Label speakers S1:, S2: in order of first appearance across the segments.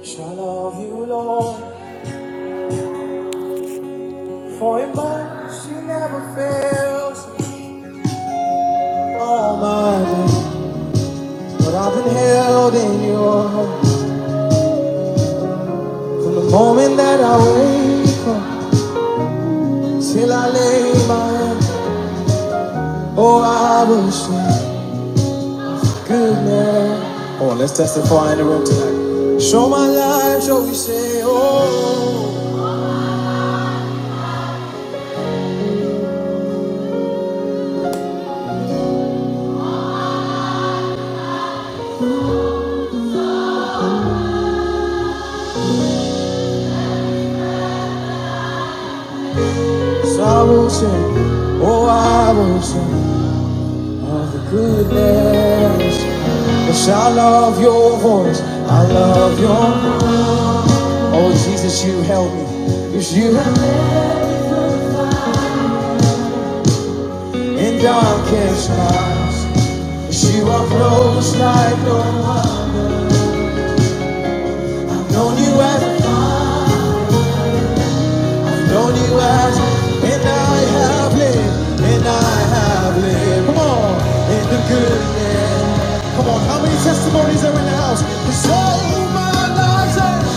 S1: Shall love you, Lord, for your mercy never fails me. All my days, but I've been held in your hand from the moment that I wake up till I lay my head. Oh, I will sing goodness. Come on, let's testify in the room tonight. Show my life, shall we say, oh, so I will sing, oh, I will sing. of the goodness. Yes, I love your voice. I love your voice. Oh Jesus, you help me. Yes, you help me in darkest nights. Yes, you are close like no one. I've Known you as, I've known you as, and I have lived, and I have lived. Come on, in the goodness. Come on, how many testimonies are in the house? Cause all my life.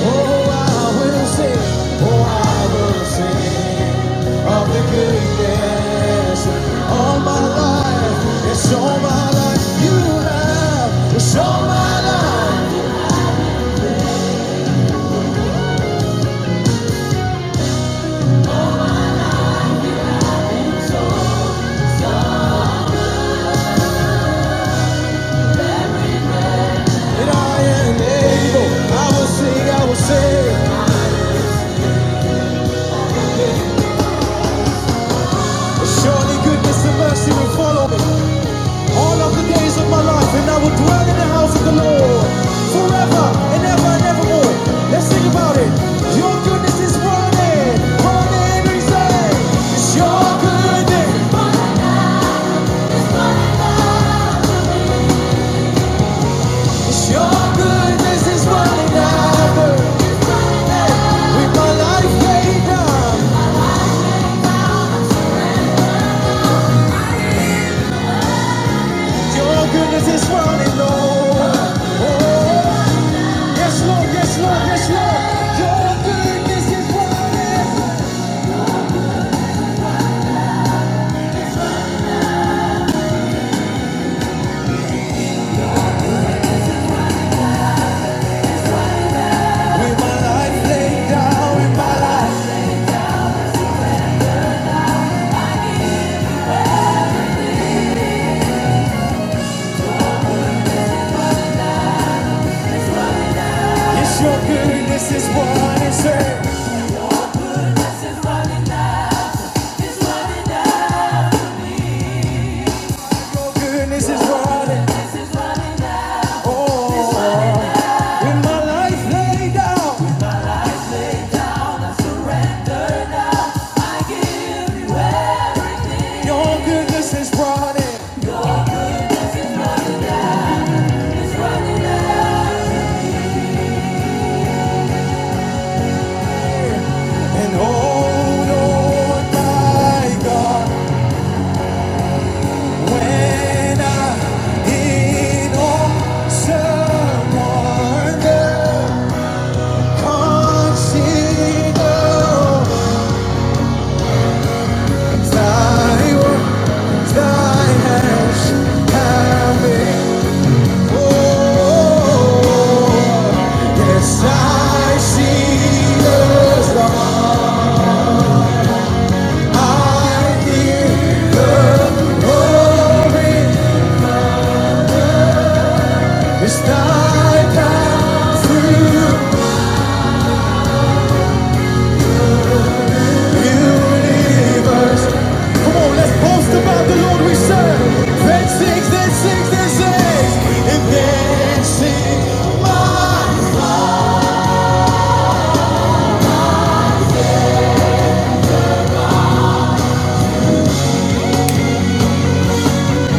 S1: Oh, I will sing, oh, I will sing of the goodness all my life. It's all my life you have. It's my life that I am able. I will sing, I will sing. Surely goodness and mercy will follow me all of the days of my life, and I will dwell in the house of the Lord forever and ever and evermore. Let's think about it. Your goodness is running, running every day. It's your goodness, it's your goodness is running after. With my life laid down, your goodness is running over. Oh, yes, Lord, yes, Lord, yes, Lord. Your goodness is running. With my life laid down, with my life. It's your goodness is what I deserve. Your goodness is what I Oh, With my life laid down, your goodness is running. And oh, Lord, my God, when I in all surrender, consider thy work, thy hands have been. Yes, I see the star. I hear the glory. It's thy through the universe. Come on, let's boast about the Lord we serve. Then sings, then sings, then sings, and then sings.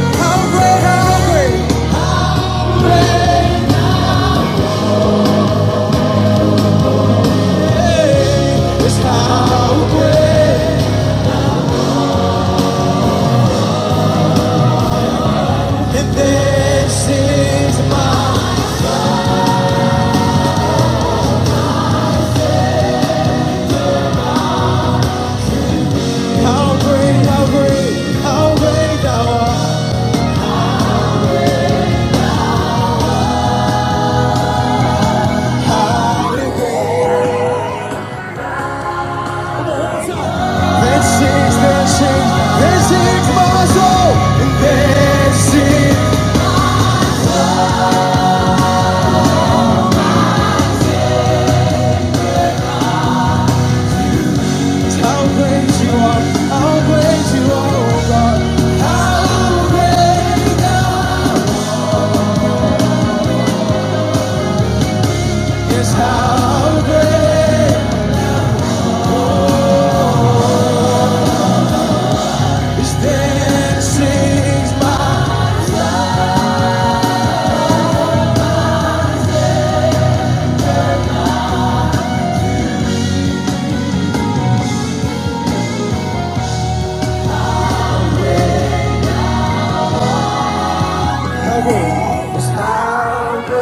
S1: How great, how great, great, great is how great. And this is my how great, how great, how great thou art. This is, this is, this is my soul. And this is how great you are, how great you are, oh God. How great thou Yes, how great is this is my yes, how great.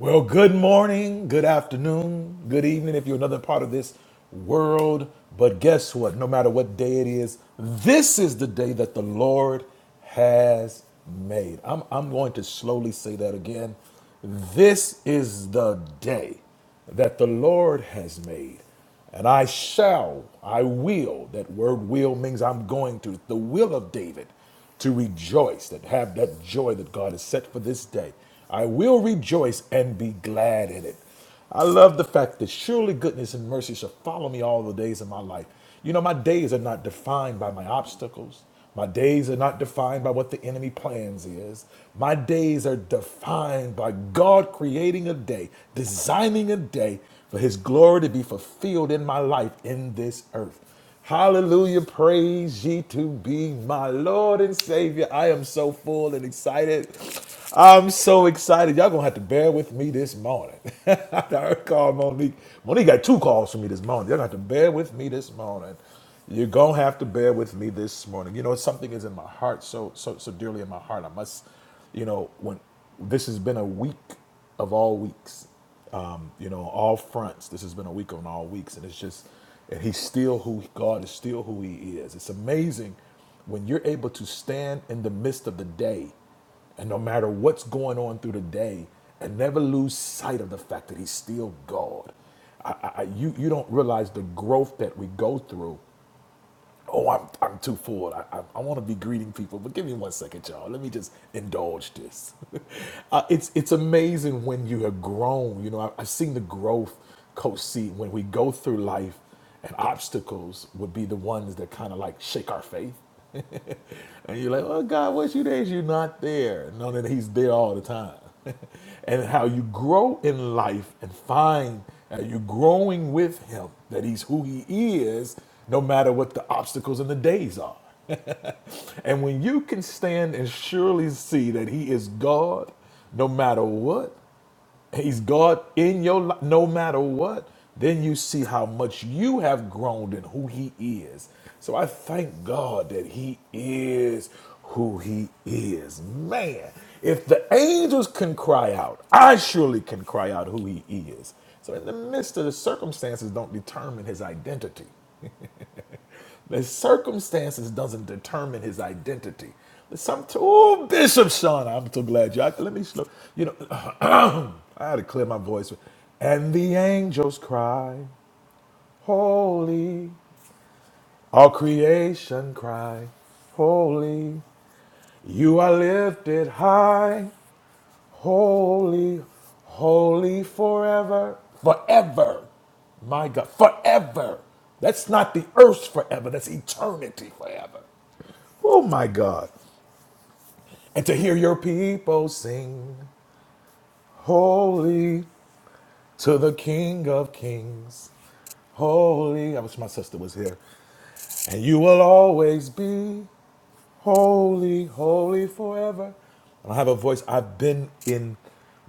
S1: Well, good morning, good afternoon, good evening if you're another part of this world. But guess what? No matter what day it is, this is the day that the Lord has made. I'm, I'm going to slowly say that again. This is the day that the Lord has made. And I shall, I will, that word will means I'm going to, the will of David, to rejoice, that have that joy that God has set for this day. I will rejoice and be glad in it. I love the fact that surely goodness and mercy shall follow me all the days of my life. You know, my days are not defined by my obstacles. My days are not defined by what the enemy plans is. My days are defined by God creating a day, designing a day for his glory to be fulfilled in my life in this earth. Hallelujah. Praise ye to be my Lord and Savior. I am so full and excited. I'm so excited. Y'all gonna have to bear with me this morning. I heard call Monique. Monique got two calls from me this morning. Y'all gonna have to bear with me this morning. You're gonna have to bear with me this morning. You know, something is in my heart, so so so dearly in my heart. I must, you know, when this has been a week of all weeks. Um, you know, all fronts. This has been a week on all weeks, and it's just, and he's still who God is still who he is. It's amazing when you're able to stand in the midst of the day, and no matter what's going on through the day, and never lose sight of the fact that he's still God. I, I, I- you you don't realize the growth that we go through Oh, I'm, I'm too full. I, I, I want to be greeting people, but give me one second, y'all. Let me just indulge this. uh, it's it's amazing when you have grown. You know, I, I've seen the growth, Coach C, when we go through life, and obstacles would be the ones that kind of like shake our faith. And you're like, oh God, what's you days you're not there? No, that He's there all the time. and how you grow in life and find that you're growing with Him, that He's who He is, no matter what the obstacles and the days are. and when you can stand and surely see that He is God, no matter what, He's God in your life, no matter what. Then you see how much you have grown in who He is. So I thank God that He is who He is. Man, if the angels can cry out, I surely can cry out who He is. So in the midst of the circumstances, don't determine His identity. The circumstances doesn't determine his identity. But Some oh Bishop Sean, I'm so glad you. I, let me slow. You know, I had to clear my voice. And the angels cry, holy. All creation cry, holy. You are lifted high, holy, holy forever, forever. My God, forever. That's not the earth forever. That's eternity forever. Oh my God. And to hear your people sing, Holy to the King of Kings, Holy. I wish my sister was here. And you will always be holy, holy forever. And I have a voice. I've been in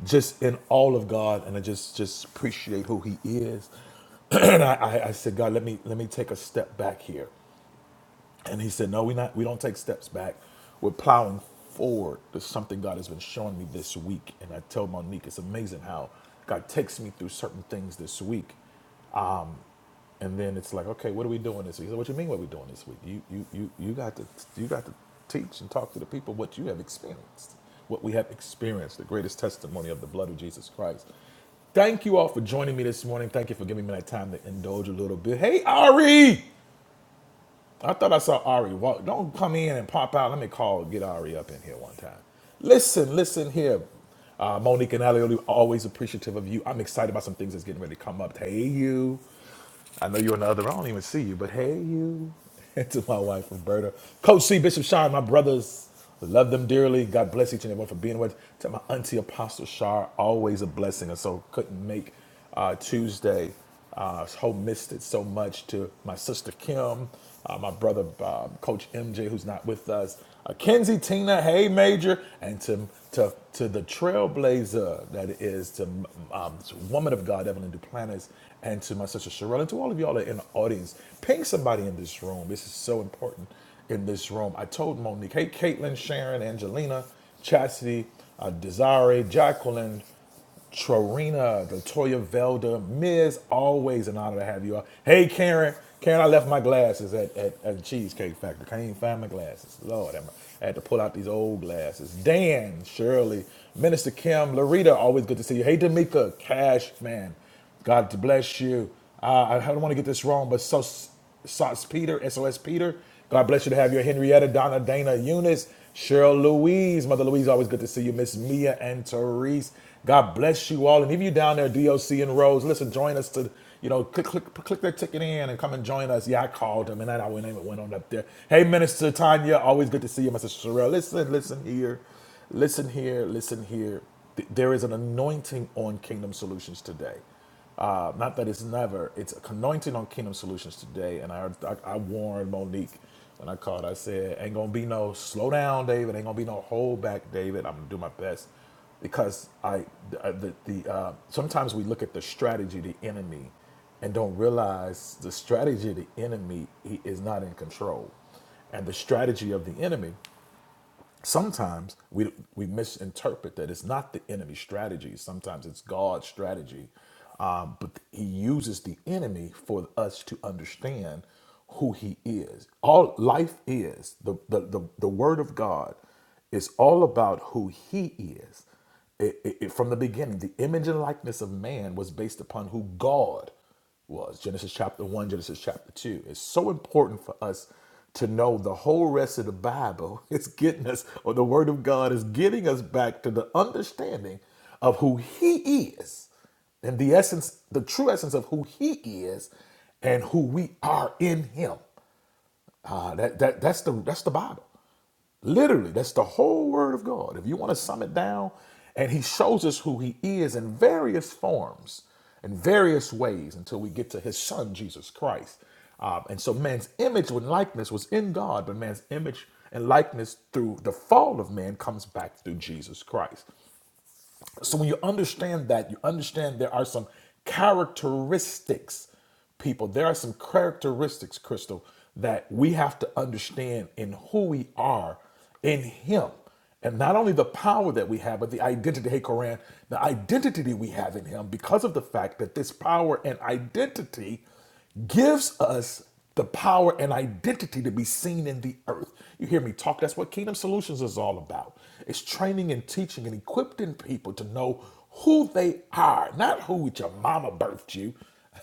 S1: just in all of God, and I just just appreciate who He is. and I, I, I said, God, let me let me take a step back here. And he said, No, we not we don't take steps back. We're plowing forward. There's something God has been showing me this week. And I tell Monique, it's amazing how God takes me through certain things this week. And then it's like, okay, what are we doing this week? He said, What you mean what are we doing this week? You you you you got to you got to teach and talk to the people what you have experienced. What we have experienced, the greatest testimony of the blood of Jesus Christ. Thank you all for joining me this morning. Thank you for giving me that time to indulge a little bit. Hey, Ari! I thought I saw Ari walk. Don't come in and pop out. Let me call, get Ari up in here one time. Listen, listen here. Uh, Monique and Elliot, always appreciative of you. I'm excited about some things that's getting ready to come up. Hey, you. I know you're on the other I don't even see you, but hey, you. to my wife, Roberta. Coach C, Bishop Shire, my brothers. Love them dearly. God bless each and everyone for being with. To my auntie, Apostle Shire, always a blessing. And so couldn't make uh, Tuesday. Uh, so missed it so much to my sister Kim, uh, my brother uh, Coach MJ, who's not with us. Akenzie Tina Hay Major, and to to to the trailblazer that is to um, to woman of God Evelyn Duplantis, and to my sister Sherelle, and to all of y'all that are in the audience. Ping somebody in this room. This is so important in this room. I told Monique, hey, Caitlin, Sharon, Angelina, Chastity, uh, Desiree, Jacqueline. Trorina, Latoya Velda, Miz, always an honor to have you all. Hey, Karen. Karen, I left my glasses at, at, at Cheesecake Factory. Can't even find my glasses. Lord, i had to pull out these old glasses. Dan, Shirley, Minister Kim, Larita, always good to see you. Hey, D'Amica, Cash, man. God to bless you. Uh, I don't want to get this wrong, but Sos Sauce Peter, SOS Peter. God bless you to have your Henrietta, Donna, Dana, Eunice, Cheryl Louise. Mother Louise, always good to see you. Miss Mia and Therese. God bless you all. And if you down there, DOC and Rose, listen, join us to, you know, click, click, click their ticket in and come and join us. Yeah, I called them and that our name it went on up there. Hey, Minister Tanya, always good to see you, Mr. Cheryl. Listen, listen here. Listen here, listen here. There is an anointing on Kingdom Solutions today. Uh, not that it's never, it's an anointing on Kingdom Solutions today. And I, I, I warned Monique when I called. I said, ain't going to be no slow down, David. Ain't going to be no hold back, David. I'm going to do my best. Because I, the, the, uh, sometimes we look at the strategy, of the enemy, and don't realize the strategy of the enemy he is not in control and the strategy of the enemy sometimes we we misinterpret that it's not the enemy's strategy. Sometimes it's God's strategy, um, but He uses the enemy for us to understand who He is. All life is the the the, the Word of God is all about who He is. It- it- it- from the beginning, the image and likeness of man was based upon who God was Genesis chapter 1, Genesis chapter 2. It's so important for us to know the whole rest of the Bible is getting us, or the Word of God is getting us back to the understanding of who He is and the essence, the true essence of who He is and who we are in Him. Uh, that, that, that's, the, that's the Bible. Literally, that's the whole word of God. If you want to sum it down, and he shows us who he is in various forms, in various ways, until we get to his son, Jesus Christ. Um, and so man's image and likeness was in God, but man's image and likeness through the fall of man comes back through Jesus Christ. So when you understand that, you understand there are some characteristics, people. There are some characteristics, Crystal, that we have to understand in who we are in Him. And not only the power that we have, but the identity. Hey, Koran, the identity we have in Him because of the fact that this power and identity gives us the power and identity to be seen in the earth. You hear me talk? That's what Kingdom Solutions is all about. It's training and teaching and equipping people to know who they are, not who your mama birthed you.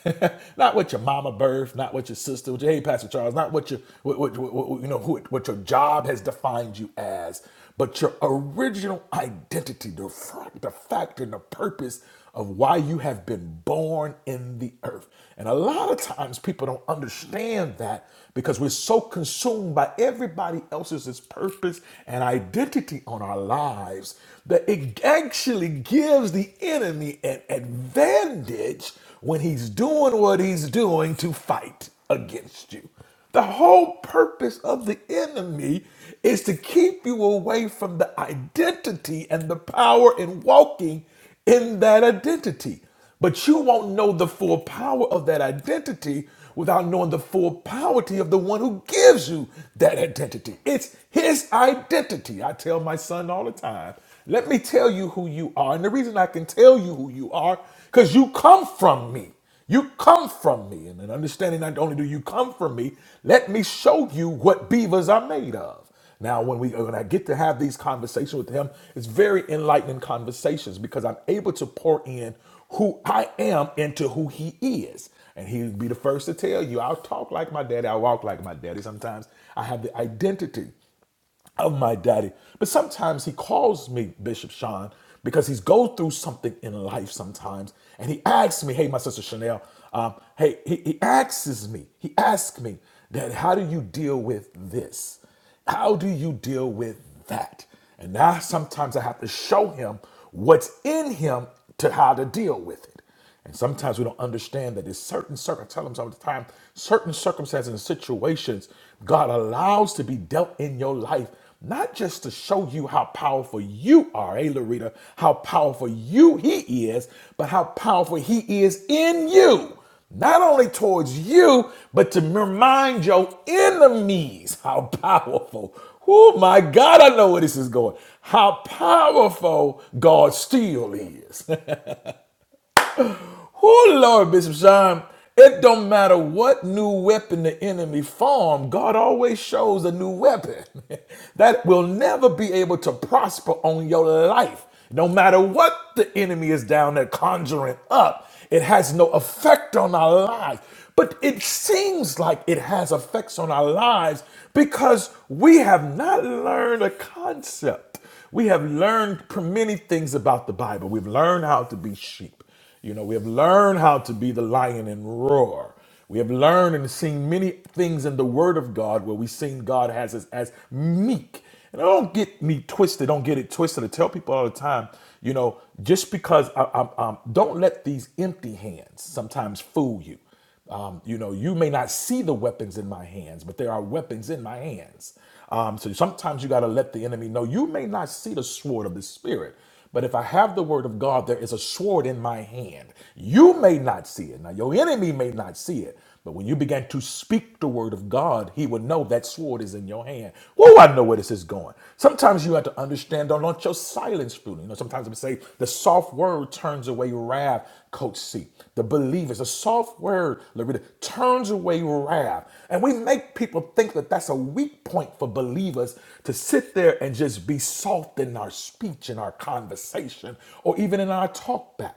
S1: not what your mama birthed, not what your sister, what your, hey, Pastor Charles, not what your, what, what, what- you know, who, what your job has defined you as, but your original identity, the fact, the fact and the purpose of why you have been born in the earth. And a lot of times people don't understand that because we're so consumed by everybody else's purpose and identity on our lives that it actually gives the enemy an advantage when he's doing what he's doing to fight against you. The whole purpose of the enemy is to keep you away from the identity and the power in walking in that identity. But you won't know the full power of that identity without knowing the full poverty of the one who gives you that identity. It's his identity. I tell my son all the time, let me tell you who you are. And the reason I can tell you who you are, because you come from me. You come from me. And then understanding not only do you come from me, let me show you what beavers are made of. Now, when we when I get to have these conversations with him, it's very enlightening conversations because I'm able to pour in who I am into who he is. And he'll be the first to tell you, I'll talk like my daddy, I walk like my daddy. Sometimes I have the identity of my daddy. But sometimes he calls me Bishop Sean because he's go through something in life sometimes, and he asks me, "Hey, my sister Chanel, um, hey," he, he asks me, he asks me, that how do you deal with this? How do you deal with that?" And now sometimes I have to show him what's in him to how to deal with it. And sometimes we don't understand that there's certain circum. I tell them all the time, certain circumstances and situations God allows to be dealt in your life, not just to show you how powerful you are, hey Loretta, how powerful you He is, but how powerful He is in you. Not only towards you, but to remind your enemies how powerful. Oh my God, I know where this is going. How powerful God still is. Oh Lord, Bishop Sean, it don't matter what new weapon the enemy form, God always shows a new weapon that will never be able to prosper on your life. No matter what the enemy is down there conjuring up, it has no effect on our lives. But it seems like it has effects on our lives because we have not learned a concept. We have learned many things about the Bible. We've learned how to be sheep. You know, we have learned how to be the lion and roar. We have learned and seen many things in the Word of God where we've seen God has us as meek. And I don't get me twisted. Don't get it twisted. I tell people all the time, you know, just because I, I, um, don't let these empty hands sometimes fool you. Um, you know, you may not see the weapons in my hands, but there are weapons in my hands. Um, so sometimes you got to let the enemy know you may not see the sword of the spirit, but if I have the word of God, there is a sword in my hand. You may not see it. Now, your enemy may not see it, but when you began to speak the word of God, he would know that sword is in your hand. Whoa, I know where this is going. Sometimes you have to understand, don't let your silence fool you. You know, sometimes we say the soft word turns away wrath, Coach C. The believers, the soft word, Loretta, turns away wrath. And we make people think that that's a weak point for believers to sit there and just be soft in our speech, in our conversation, or even in our talk back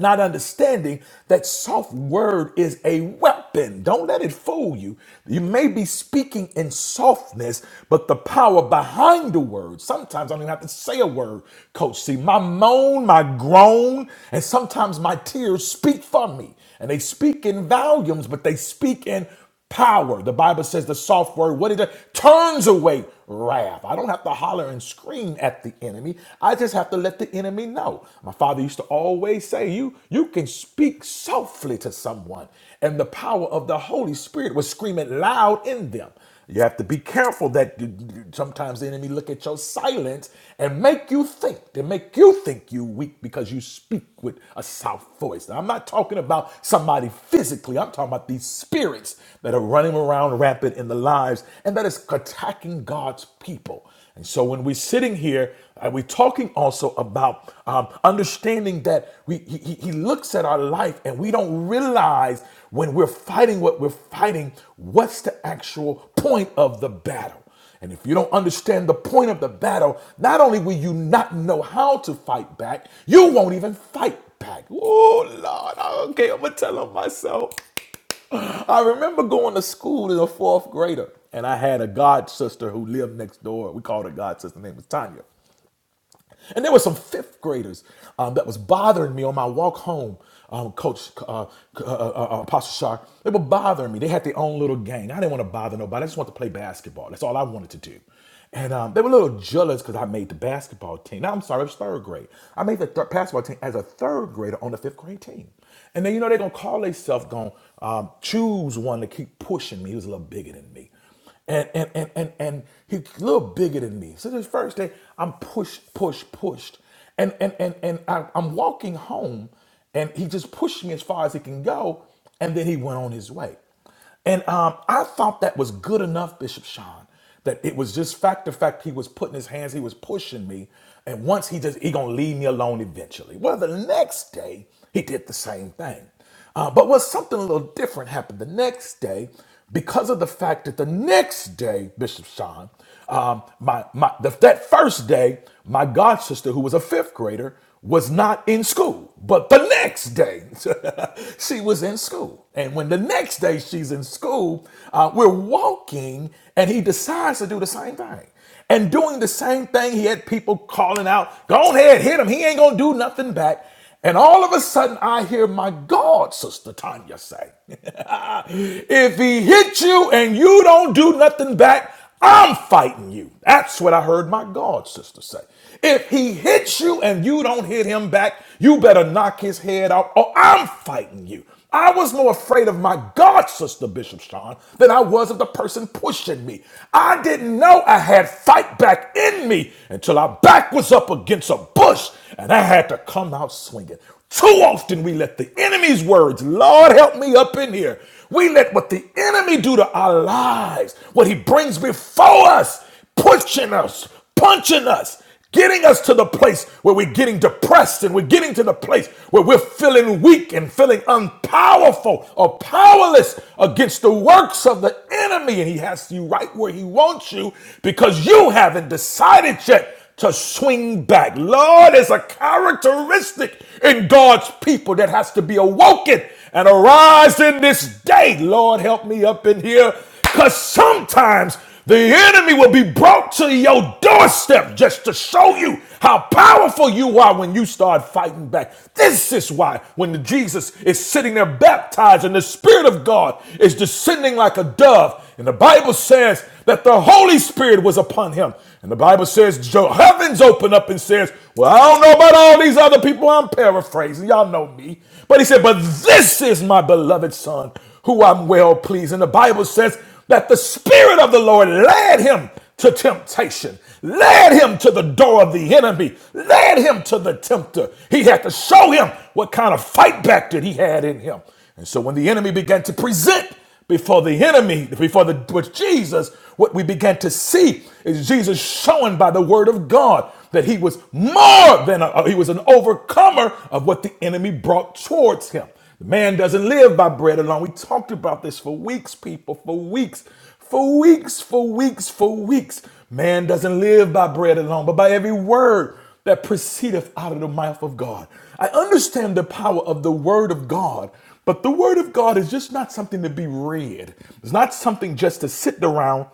S1: not understanding that soft word is a weapon. Don't let it fool you. You may be speaking in softness, but the power behind the word. Sometimes I don't even have to say a word, Coach C. My moan, my groan, and sometimes my tears speak for me. And they speak in volumes, but they speak in power. The Bible says the soft word, What is it turns away wrath. I don't have to holler and scream at the enemy. I just have to let the enemy know. My father used to always say, you, you can speak softly to someone. And the power of the Holy Spirit was screaming loud in them. You have to be careful that you- you- sometimes the enemy look at your silence and make you think, They make you think you weak because you speak with a soft voice. Now, I'm not talking about somebody physically. I'm talking about these spirits that are running around rampant in the lives and that is attacking God's people. And so when we're sitting here, uh, we're talking also about um, understanding that we, he, he he looks at our life and we don't realize when we're fighting what we're fighting, what's the actual point of the battle. And if you don't understand the point of the battle, not only will you not know how to fight back, you won't even fight back. Oh, Lord. Okay, I'm going to tell on myself. I remember going to school as a fourth grader, and I had a god sister who lived next door. We called her god sister. Her name was Tanya. And there were some fifth graders um, that was bothering me on my walk home, um, Coach uh, uh, uh, uh, Apostle Shark. They were bothering me. They had their own little gang. I didn't want to bother nobody. I just wanted to play basketball. That's all I wanted to do. And um, they were a little jealous because I made the basketball team. Now, I'm sorry, it was third grade. I made the third basketball team as a third grader on the fifth grade team. And then, you know, they're going to call themselves, going to um, choose one to keep pushing me. He was a little bigger than me and and and and, and he's a little bigger than me. So this first day, I'm pushed, pushed, pushed, and and and and I, I'm walking home, and he just pushed me as far as he can go, and then he went on his way, and um, I thought that was good enough, Bishop Sean. That it was just fact to fact, he was putting his hands, he was pushing me. And once he just, he gonna leave me alone eventually. Well, the next day, he did the same thing. Uh, but what something a little different happened the next day because of the fact that the next day, Bishop Sean, um, my, my, the, that first day, my god sister, who was a fifth grader, was not in school, but the next day she was in school. And when the next day she's in school, uh, we're walking and he decides to do the same thing. And doing the same thing, he had people calling out, Go ahead, hit him. He ain't going to do nothing back. And all of a sudden, I hear my God, Sister Tanya say, If he hit you and you don't do nothing back, I'm fighting you. That's what I heard my God sister say. If he hits you and you don't hit him back, you better knock his head off or I'm fighting you. I was more afraid of my God, Sister Bishop Sean, than I was of the person pushing me. I didn't know I had fight back in me until our back was up against a bush and I had to come out swinging. Too often we let the enemy's words, Lord help me up in here. We let what the enemy do to our lives, what he brings before us, pushing us, punching us getting us to the place where we're getting depressed and we're getting to the place where we're feeling weak and feeling unpowerful or powerless against the works of the enemy. And he has you right where he wants you because you haven't decided yet to swing back. Lord, is a characteristic in God's people that has to be awoken and arise in this day. Lord, help me up in here because sometimes the enemy will be brought to your doorstep just to show you how powerful you are when you start fighting back. This is why when the Jesus is sitting there baptized and the Spirit of God is descending like a dove, and the Bible says that the Holy Spirit was upon him. And the Bible says, "Jo- heavens open up and says, Well, I don't know about all these other people. I'm paraphrasing. Y'all know me. But he said, But this is my beloved Son who I'm well pleased. And the Bible says that the Spirit of the Lord led him to temptation, led him to the door of the enemy, led him to the tempter. He had to show him what kind of fight back that he had in him. And so when the enemy began to present before the enemy, before the with Jesus, what we began to see is Jesus showing by the word of God that he was more than a, he was an overcomer of what the enemy brought towards him. The man doesn't live by bread alone. We talked about this for weeks, people, for weeks, for weeks, for weeks, for weeks. Man doesn't live by bread alone, but by every word that proceedeth out of the mouth of God. I understand the power of the word of God, but the word of God is just not something to be read. It's not something just to sit around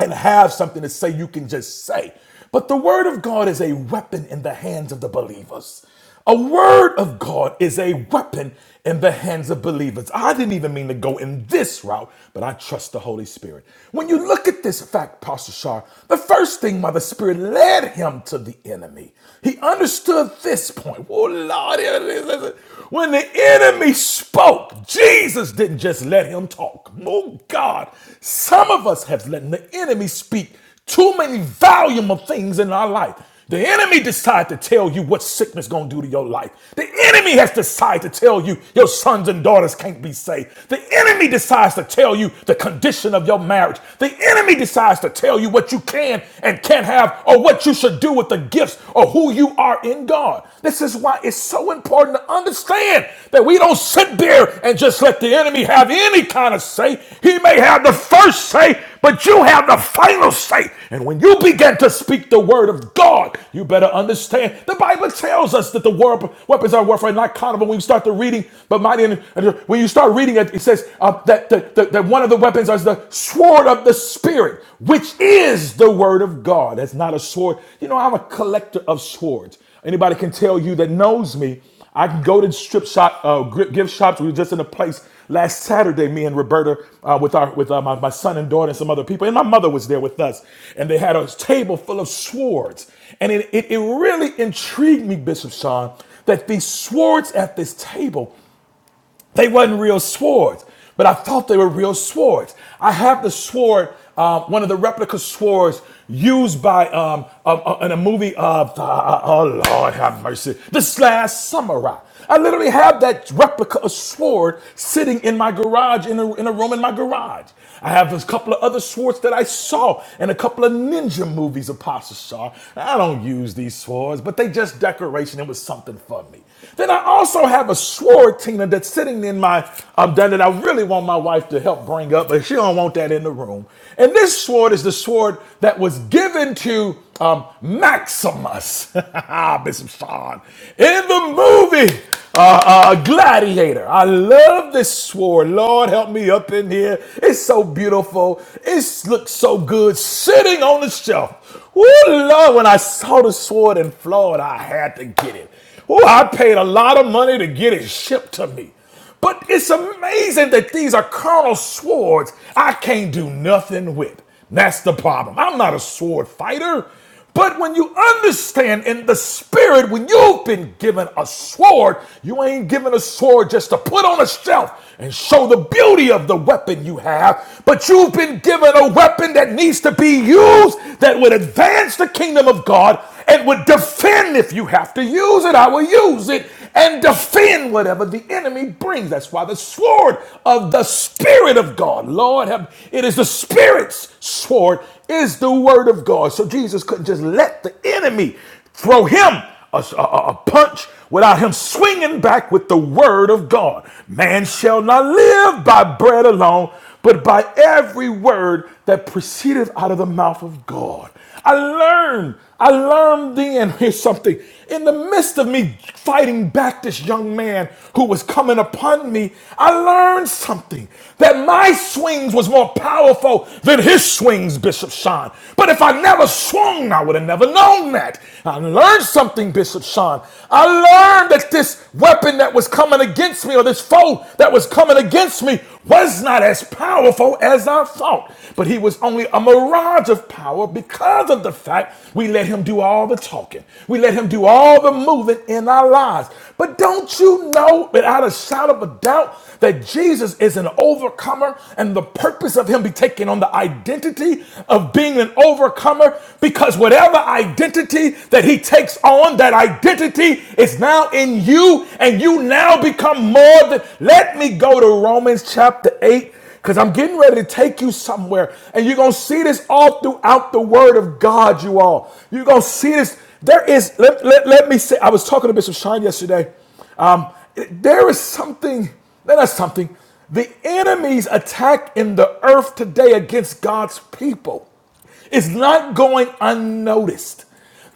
S1: and have something to say you can just say. But the word of God is a weapon in the hands of the believers. A word of God is a weapon in the hands of believers. I didn't even mean to go in this route, but I trust the Holy Spirit. When you look at this fact, Pastor Shar, the first thing why the Spirit led him to the enemy, he understood this point. Oh, Lord, when the enemy spoke, spoke. Jesus didn't just let him talk. Oh God, some of us have let the enemy speak too many volume of things in our life. The enemy decided to tell you what sickness gonna do to your life. The enemy has decided to tell you your sons and daughters can't be saved. The enemy decides to tell you the condition of your marriage. The enemy decides to tell you what you can and can't have or what you should do with the gifts or or who you are in God. This is why it's so important to understand that we don't sit there and just let the enemy have any kind of say. He may have the first say, but you have the final say. And when you begin to speak the word of God, you better understand. The Bible tells us that the word weapons of our warfare are not carnal. But When you start the reading, but mighty, when you start reading it, it says uh, that, that that one of the weapons is the sword of sword of the Spirit, which is the word of God. That's not a sword. You know, I'm a collector of swords. Anybody can tell you that knows me, I can go to strip shop, uh, gri- gift shops. We were just in a place last Saturday, me and Roberta, uh, with our with uh, my, my son and daughter and some other people, and my mother was there with us, and they had a table full of swords, and it it, it really intrigued me, Bishop Sean, that these swords at this table they wasn't real swords, but I thought they were real swords. I have the sword, uh, one of the replica swords used by um, uh, uh, in a movie of uh, uh, uh, oh Lord have mercy, this last samurai. I literally have that replica of sword sitting in my garage in a, in a room in my garage. I have a couple of other swords that I saw in a couple of ninja movies. Apostle Shah. I don't use these swords, but they just decoration. It was something for me. Then I also have a sword, Tina, that's sitting in my um, that I really want my wife to help bring up, but she don't want that in the room. And this sword is the sword that was given to um, Maximus, Bishop Sean, in the movie uh, uh, Gladiator. I love this sword. Lord, help me up in here. It's so beautiful. It looks so good sitting on the shelf. Woo, Lord, when I saw the sword in Florida, I had to get it. Oh, I paid a lot of money to get it shipped to me. But it's amazing that these are carnal swords I can't do nothing with. That's the problem. I'm not a sword fighter. But when you understand in the spirit, when you've been given a sword, you ain't given a sword just to put on a shelf and show the beauty of the weapon you have, but you've been given a weapon that needs to be used that would advance the kingdom of God and would defend if you have to use it. I will use it and defend whatever the enemy brings. That's why the sword of the Spirit of God, Lord, have, it is the Spirit's sword, is the word of God. So Jesus couldn't just let the enemy throw him a, a- a punch without him swinging back with the word of God. Man shall not live by bread alone, but by every word that proceedeth out of the mouth of God. I learned. I learned then, here's something. In the midst of me fighting back this young man who was coming upon me, I learned something. That my swings was more powerful than his swings, Bishop Sean. But if I never swung, I would have never known that. I learned something, Bishop Sean. I learned that this weapon that was coming against me, or this foe that was coming against me, was not as powerful as I thought. But he was only a mirage of power because of the fact we let him do all the talking. We let him do all the moving in our lives. But don't you know, without a shadow of a doubt, that Jesus is an overcomer and the purpose of him be taking on the identity of being an overcomer? Because whatever identity that he takes on, that identity is now in you and you now become more than. Let me go to Romans chapter 8 because I'm getting ready to take you somewhere. And you're going to see this all throughout the word of God, you all. You're going to see this. There is, let, let, let me say, I was talking to Bishop Shine yesterday. Um, there is something, no, that's something. The enemy's attack in the earth today against God's people. It's not going unnoticed.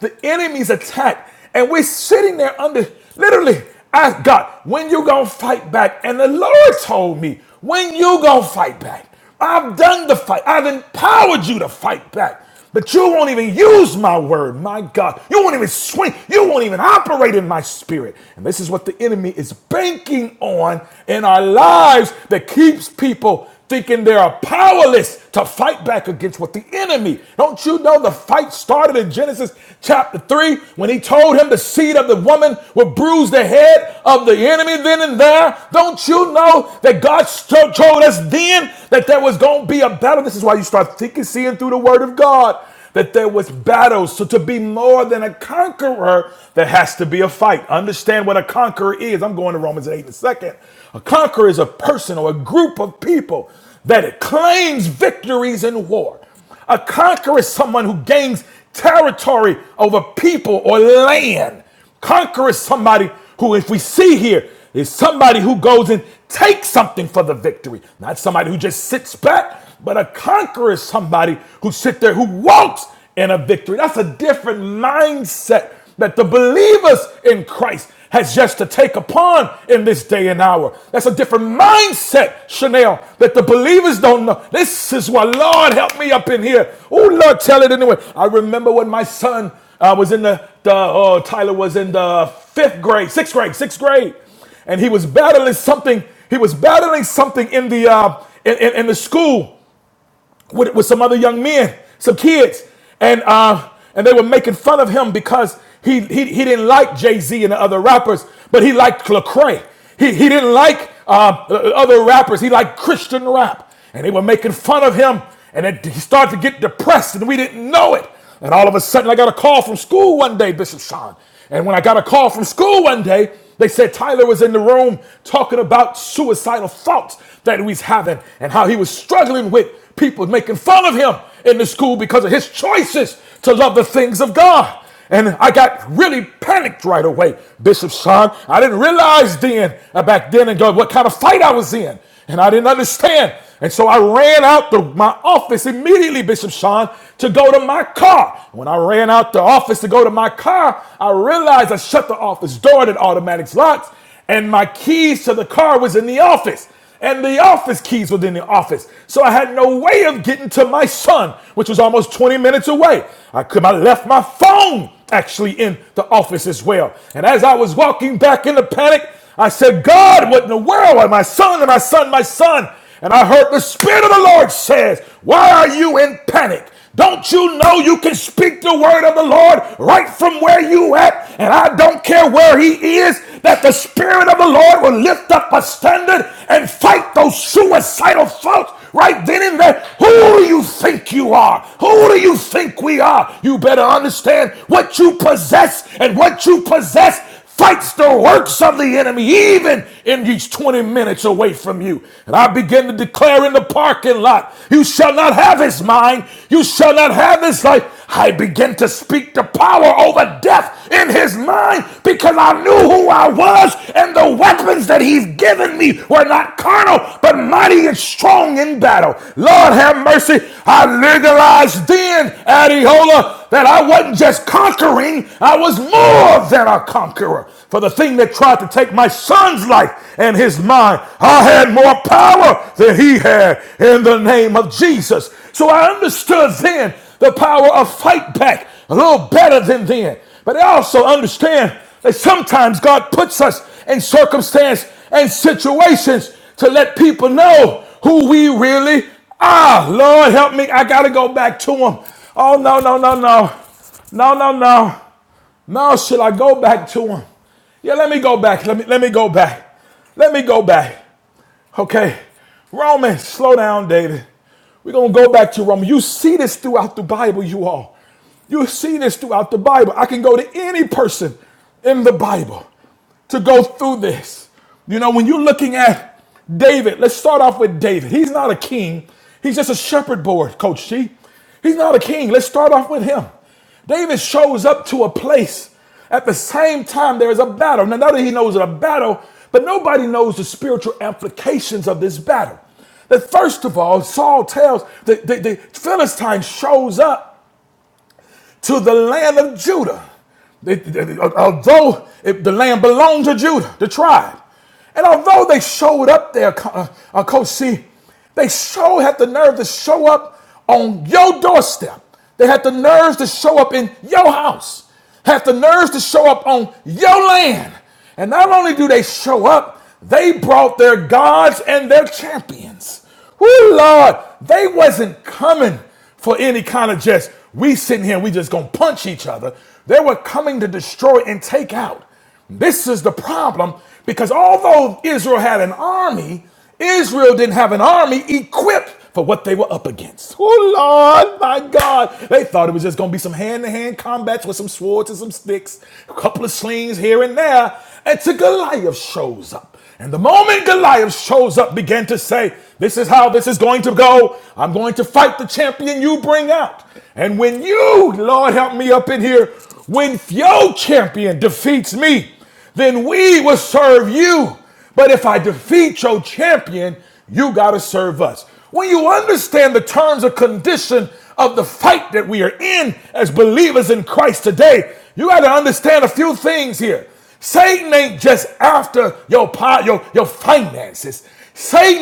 S1: The enemy's attack, and we're sitting there under literally. Ask God, when you gonna fight back? And the Lord told me, when you gonna fight back? I've done the fight. I've empowered you to fight back. But you won't even use my word, my God. You won't even swing. You won't even operate in my spirit. And this is what the enemy is banking on in our lives that keeps people thinking they are powerless to fight back against what the enemy. Don't you know the fight started in Genesis chapter 3 when he told him the seed of the woman would bruise the head of the enemy then and there? Don't you know that God told us then that there was going to be a battle? This is why you start thinking, seeing seeing through the word of God that there was battles. So to be more than a conqueror, there has to be a fight. Understand what a conqueror is. I'm going to Romans 8 in a second. A conqueror is a person or a group of people that it claims victories in war. A conqueror is someone who gains territory over people or land. Conqueror is somebody who, if we see here, is somebody who goes and takes something for the victory, not somebody who just sits back. But a conqueror is somebody who sits there who walks in a victory. That's a different mindset that the believers in Christ has just to take upon in this day and hour. That's a different mindset, Chanel, that the believers don't know. This is why, Lord, help me up in here. Oh, Lord, tell it anyway. I remember when my son I was in the, the oh, Tyler was in the fifth grade, sixth grade, sixth grade, and he was battling something. He was battling something in the uh, in, in, in the school, with, with some other young men, some kids, and uh, and they were making fun of him because he he, he didn't like Jay Z and the other rappers, but he liked Lecrae. He he didn't like uh, other rappers. He liked Christian rap, and they were making fun of him, and it, he started to get depressed, and we didn't know it. And all of a sudden, I got a call from school one day, Bishop Sean. And when I got a call from school one day, they said Tyler was in the room talking about suicidal thoughts that he was having and how he was struggling with people making fun of him in the school because of his choices to love the things of God. And I got really panicked right away, Bishop Sean. I didn't realize then, uh, back then, and God, what kind of fight I was in. And I didn't understand. And so I ran out to my office immediately, Bishop Sean, to go to my car. When I ran out the office to go to my car, I realized I shut the office door that automatic's locks and my keys to the car was in the office and the office keys was in the office so i had no way of getting to my son which was almost 20 minutes away i could i left my phone actually in the office as well and as i was walking back in the panic i said god what in the world Why my son and my son my son and i heard the spirit of the lord says why are you in panic don't you know you can speak the word of the Lord right from where you at? And I don't care where he is, that the Spirit of the Lord will lift up a standard and fight those suicidal thoughts right then and there. Who do you think you are? Who do you think we are? You better understand what you possess and what you possess fights the works of the enemy, even in these 20 minutes away from you. And I begin to declare in the parking lot, you shall not have his mind, you shall not have his life. I begin to speak the power over death in his mind because I knew who I was and the weapons that he's given me were not carnal but mighty and strong in battle. Lord have mercy. I legalized then, Adiola, that I wasn't just conquering, I was more more than a conqueror. For the thing that tried to take my son's life and his mind, I had more power than he had in the name of Jesus. So I understood then the power of fight back a little better than then. But I also understand that sometimes God puts us in circumstance and situations to let people know who we really are. Lord, help me. I got to go back to him. Oh, no, no, no, no. No, no, no. Now should I go back to him? Yeah, let me go back. Let me let me go back. Let me go back. Okay. Romans, slow down, David. We're gonna go back to Romans. You see this throughout the Bible, you all. You see this throughout the Bible. I can go to any person in the Bible to go through this. You know, when you're looking at David, let's start off with David. He's not a king, he's just a shepherd boy, Coach G. He's not a king. Let's start off with him. David shows up to a place at the same time there is a battle. Now, not that he knows a battle, but nobody knows the spiritual implications of this battle. That first of all, Saul tells the, the, the Philistine shows up to the land of Judah. They- they- although it- the land belonged to Judah, the tribe. And although they showed up there, Co- uh, uh, Coach C, they sure had the nerve to show up on your doorstep. They had the nerves to show up in your house, had the nerves to show up on your land. And not only do they show up, they brought their gods and their champions. Woo Lord, they wasn't coming for any kind of just we sitting here, we just gonna punch each other. They were coming to destroy and take out. This is the problem because although Israel had an army, Israel didn't have an army equipped for what they were up against. Oh, Lord, my God. They thought it was just going to be some hand to hand combats with some swords and some sticks, a couple of slings here and there, until Goliath shows up. And the moment Goliath shows up, began to say, This is how this is going to go. I'm going to fight the champion you bring out. And when you, Lord, help me up in here, when your champion defeats me, then we will serve you. But if I defeat your champion, you got to serve us. When you understand the terms and condition of the fight that we are in as believers in Christ today, you got to understand a few things here. Satan ain't just after your, your, your finances.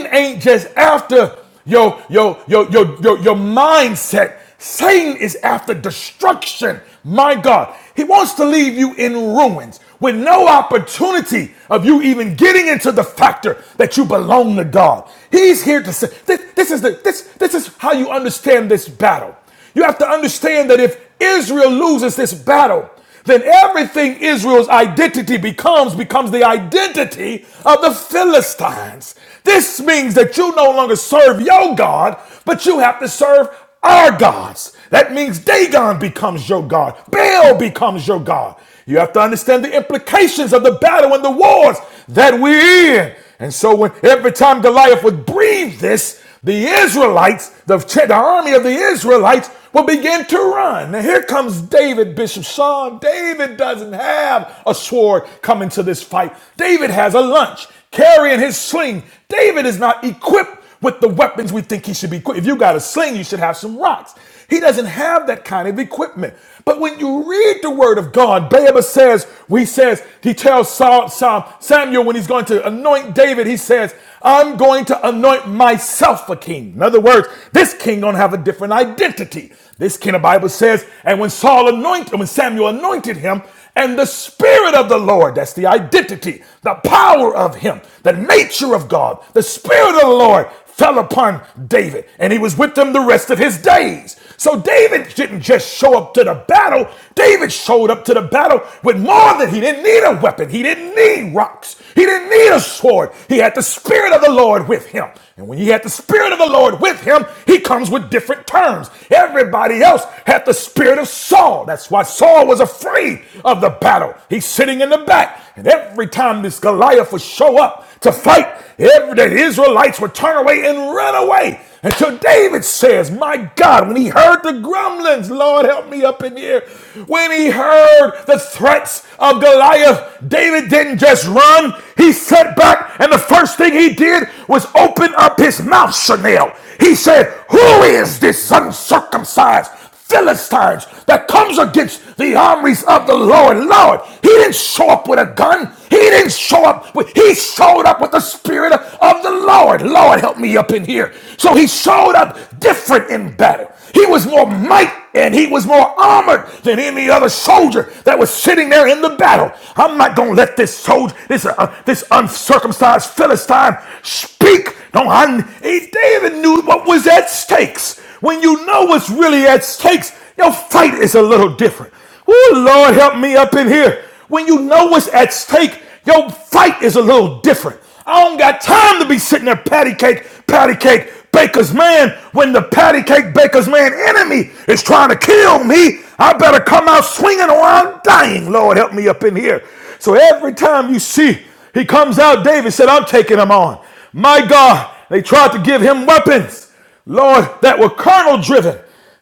S1: Satan ain't just after your your your your your, your mindset. Satan is after destruction. My God, he wants to leave you in ruins with no opportunity of you even getting into the factor that you belong to God. He's here to say this, this is the this this is how you understand this battle. You have to understand that if Israel loses this battle, then everything Israel's identity becomes becomes the identity of the Philistines. This means that you no longer serve your God, but you have to serve our gods. That means Dagon becomes your God, Baal becomes your God. You have to understand the implications of the battle and the wars that we're in. And so when every time Goliath would breathe this, the Israelites, the, the army of the Israelites, will begin to run. Now, here comes David, Bishop Sean. David doesn't have a sword coming to this fight. David has a lunch carrying his sling. David is not equipped with the weapons we think he should be equipped. If you got a sling, you should have some rocks. He doesn't have that kind of equipment. But when you read the word of God, Baaba says, we says, he tells Saul, Saul, Samuel when he's going to anoint David, he says, I'm going to anoint myself a king. In other words, this king gonna have a different identity. This king, the Bible says, and when Saul anointed, when Samuel anointed him, and the spirit of the Lord, that's the identity, the power of him, the nature of God, the spirit of the Lord fell upon David, and he was with them the rest of his days. So David didn't just show up to the battle. David showed up to the battle with more than he didn't need a weapon. He didn't need rocks. He didn't need a sword. He had the spirit of the Lord with him. And when he had the spirit of the Lord with him, he comes with different terms. Everybody else had the spirit of Saul. That's why Saul was afraid of the battle. He's sitting in the back. And every time this Goliath would show up to fight, every day the Israelites would turn away and run away. And so David says, My God, when he heard the grumblings, Lord help me up in here. When he heard the threats of Goliath, David didn't just run. He sat back, and the first thing he did was open up his mouth, Chanel. He said, Who is this uncircumcised? Philistines that comes against the armies of the Lord. Lord, he didn't show up with a gun. He didn't show up with, he showed up with the spirit of the Lord. Lord, help me up in here. So he showed up different in battle. He was more might and he was more armored than any other soldier that was sitting there in the battle. I'm not going to let this soldier, this, uh, this uncircumcised Philistine speak. No, I, he- David knew what was at stakes. When you know what's really at stakes, your fight is a little different. Oh, Lord, help me up in here. When you know what's at stake, your fight is a little different. I don't got time to be sitting there patty cake, patty cake, baker's man. When the patty cake, baker's man enemy is trying to kill me, I better come out swinging or I'm dying. Lord, help me up in here. So every time you see he comes out, David said, I'm taking him on. My God, they tried to give him weapons. Lord, that were carnal driven.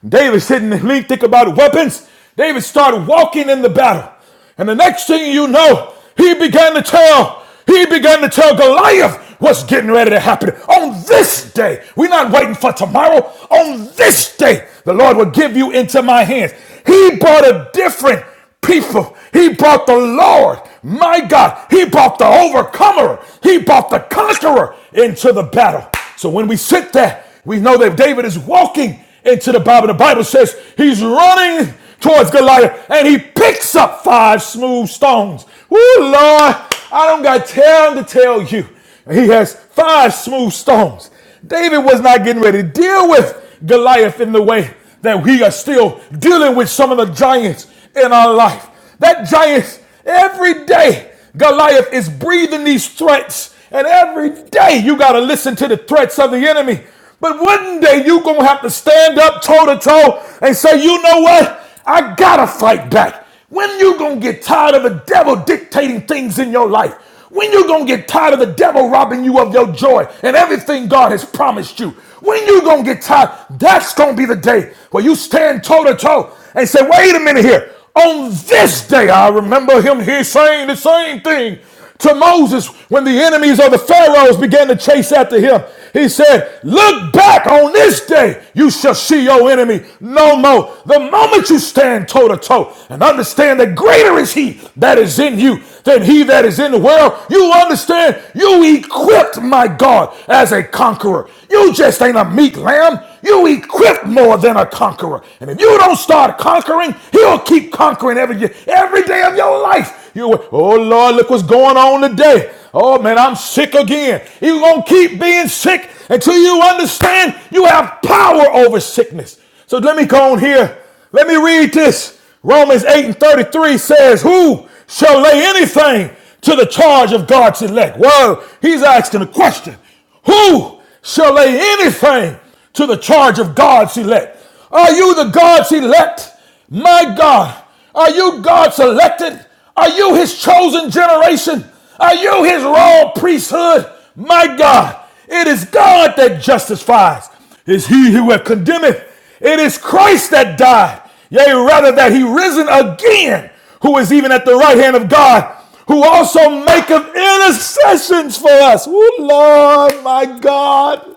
S1: David didn't think think about weapons. David started walking in the battle. And the next thing you know, he began to tell, he began to tell Goliath what's getting ready to happen. On this day, we're not waiting for tomorrow. On this day, the Lord will give you into my hands. He brought a different people. He brought the Lord, my God. He brought the overcomer. He brought the conqueror into the battle. So when we sit there, we know that David is walking into the Bible. The Bible says he's running towards Goliath and he picks up five smooth stones. Woo, Lord, I don't got time to tell you. He has five smooth stones. David was not getting ready to deal with Goliath in the way that we are still dealing with some of the giants in our life. That giant, every day, Goliath is breathing these threats, and every day you got to listen to the threats of the enemy. But one day you are going to have to stand up toe to toe and say, you know what? I got to fight back. When you gonna get tired of the devil dictating things in your life? When you gonna get tired of the devil robbing you of your joy and everything God has promised you? When you gonna get tired? That's gonna be the day where you stand toe to toe and say, "Wait a minute here." On this day, I remember him here saying the same thing to Moses when the enemies of the Pharaohs began to chase after him. He said, Look back on this day, you shall see your enemy no more. The moment you stand toe to toe and understand that greater is he that is in you than he that is in the world, you understand you equipped my God as a conqueror. You just ain't a meek lamb. You equipped more than a conqueror. And if you don't start conquering, he'll keep conquering every day, every day of your life. You, oh Lord, look what's going on today. Oh man, I'm sick again. You're gonna keep being sick until you understand you have power over sickness. So let me go on here. Let me read this. Romans 8 and 33 says, Who shall lay anything to the charge of God's elect? Well, he's asking a question. Who shall lay anything to the charge of God's elect? Are you the God's elect? My God, are you God's elected? Are you his chosen generation? Are you his royal priesthood? My God, it is God that justifies. Is he who hath condemned? It is Christ that died, yea, rather that he risen again who is even at the right hand of God, who also maketh intercessions for us. Oh, Lord, my God.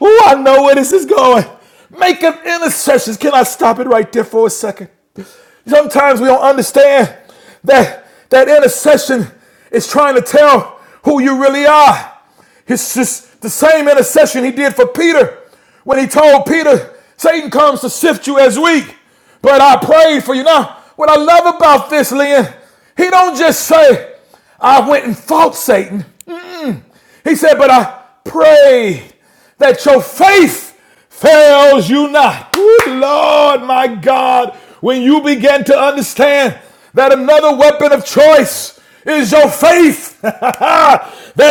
S1: Oh, I know where this is going. Maketh intercessions. Can I stop it right there for a second? Sometimes we don't understand that that intercession is trying to tell who you really are. It's just the same intercession he did for Peter when he told Peter, Satan comes to sift you as wheat, but I prayed for you. Now, what I love about this, Lynn, he don't just say, I went and fought Satan. Mm-mm. He said, but I pray that your faith fails you not. Good Lord, my God, when you begin to understand that another weapon of choice is your faith, that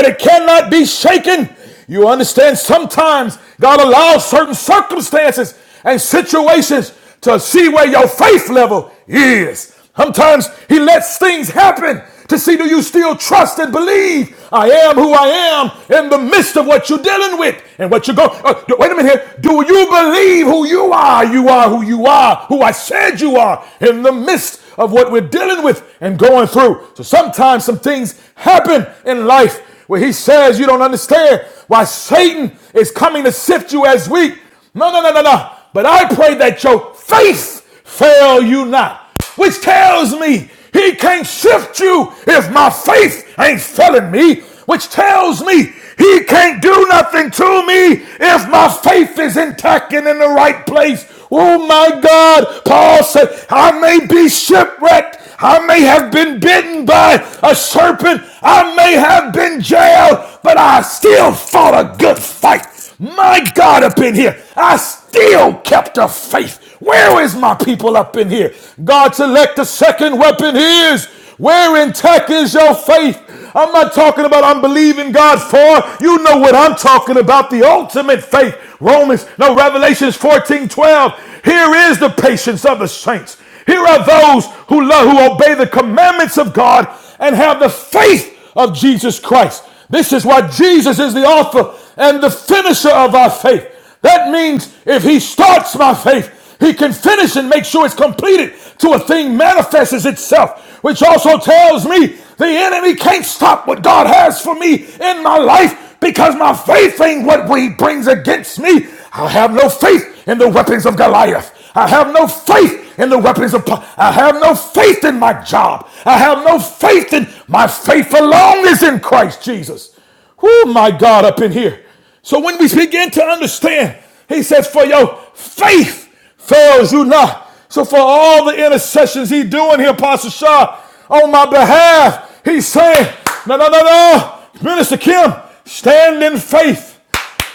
S1: it cannot be shaken, you understand sometimes God allows certain circumstances and situations to see where your faith level is. Sometimes he lets things happen to see do you still trust and believe I am who I am in the midst of what you're dealing with and what you're going. Uh, wait a minute here. Do you believe who you are? You are who you are, who I said you are in the midst of what we're dealing with and going through. So sometimes some things happen in life where he says you don't understand why Satan is coming to sift you as wheat. No, no, no, no, no. But I pray that your faith fail you not, which tells me he can't shift you if my faith ain't failing me, which tells me he can't do nothing to me if my faith is intact and in the right place. Oh my God, Paul said, I may be shipwrecked. I may have been bitten by a serpent. I may have been jailed, but I still fought a good fight. My God, up in here, I still kept the faith. Where is my people up in here? God, select the second weapon is. Where intact is your faith? I'm not talking about I'm believing God for. You know what I'm talking about. The ultimate faith. Romans, no, Revelations 14, 12. Here is the patience of the saints. Here are those who love, who obey the commandments of God and have the faith of Jesus Christ. This is why Jesus is the author and the finisher of our faith. That means if he starts my faith, he can finish and make sure it's completed till a thing manifests itself, which also tells me the enemy can't stop what God has for me in my life because my faith ain't what he brings against me. I have no faith in the weapons of Goliath. I have no faith in the weapons of po- I have no faith in my job. I have no faith in my faith alone is in Christ Jesus. Oh my God, up in here. So when we begin to understand, he says, for your faith fails you not. So for all the intercessions he doing here, Pastor Shaw, on my behalf, he's saying, no, no, no, no. Minister Kim, stand in faith.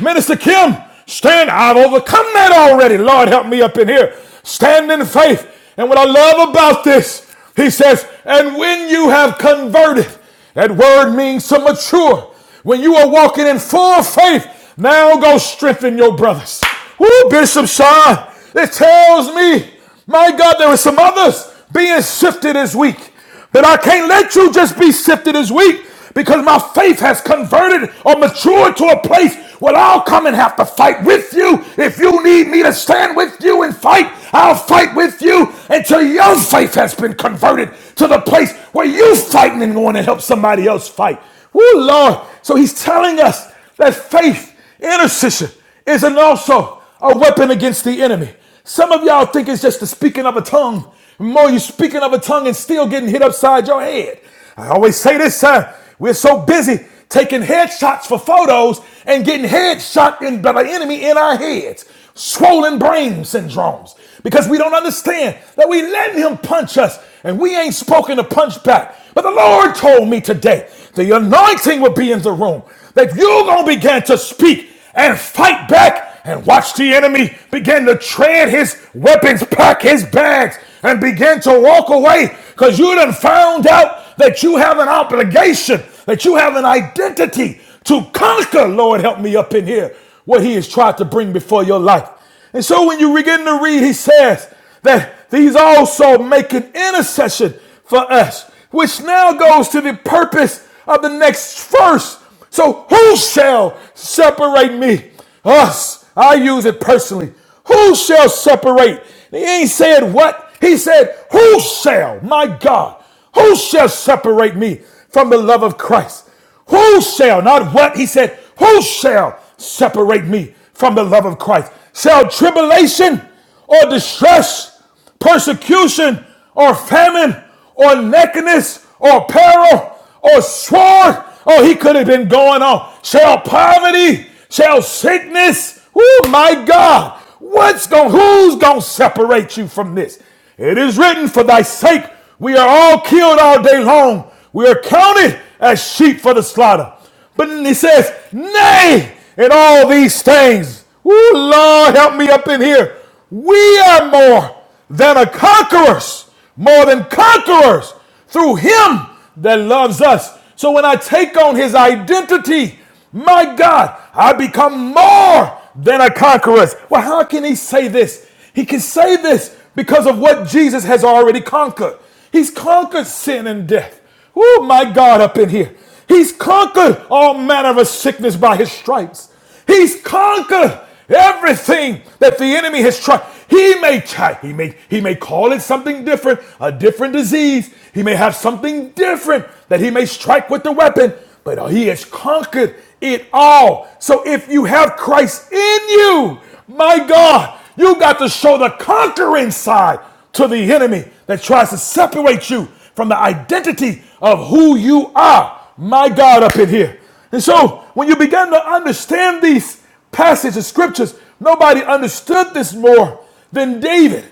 S1: Minister Kim, stand. I've overcome that already. Lord, help me up in here. Stand in faith. And what I love about this, he says, and when you have converted, that word means to mature. When you are walking in full faith, now go strengthen your brothers. Woo, Bishop Sean, it tells me, my God, there are some others being shifted this week. That I can't let you just be sifted as weak, because my faith has converted or matured to a place where I'll come and have to fight with you. If you need me to stand with you and fight, I'll fight with you until your faith has been converted to the place where you are fighting and going to help somebody else fight. Oh Lord. So he's telling us that faith Intercession is an also a weapon against the enemy. Some of y'all think it's just the speaking of a tongue. More you speaking of a tongue and still getting hit upside your head. I always say this, sir. We're so busy taking headshots for photos and getting headshot in, by the enemy in our heads. Swollen brain syndromes because we don't understand that we let him punch us and we ain't spoken to punch back. But the Lord told me today the anointing will be in the room, that you're going to begin to speak and fight back and watch the enemy begin to tread his weapons, pack his bags, and begin to walk away because you done found out that you have an obligation, that you have an identity to conquer. Lord, help me up in here what he has tried to bring before your life. And so when you begin to read, he says that these also make an intercession for us, which now goes to the purpose of the next verse. So who shall separate me? Us. I use it personally. Who shall separate? He ain't said what. He said, Who shall, my God, who shall separate me from the love of Christ? Who shall, not what, he said, who shall separate me from the love of Christ? Shall tribulation or distress, persecution or famine or nakedness or peril or sword? Oh, he could have been going on. Shall poverty, shall sickness? Oh my God. What's going, who's going to separate you from this? It is written, For thy sake we are all killed all day long. We are counted as sheep for the slaughter. But then he says, Nay, in all these things, Ooh, Lord, help me up in here. We are more than a conquerors, more than conquerors through him that loves us. So when I take on his identity, my God, I become more than a conqueror. Well, how can he say this? He can say this because of what Jesus has already conquered. He's conquered sin and death. Oh, my God, up in here. He's conquered all manner of sickness by his stripes. He's conquered everything that the enemy has tried. He may try, he may he may call it something different, a different disease. He may have something different that he may strike with the weapon, but he has conquered it all. So if you have Christ in you, my God, you got to show the conquering side to the enemy that tries to separate you from the identity of who you are. My God, up in here. And so, when you begin to understand these passages of scriptures, nobody understood this more than David.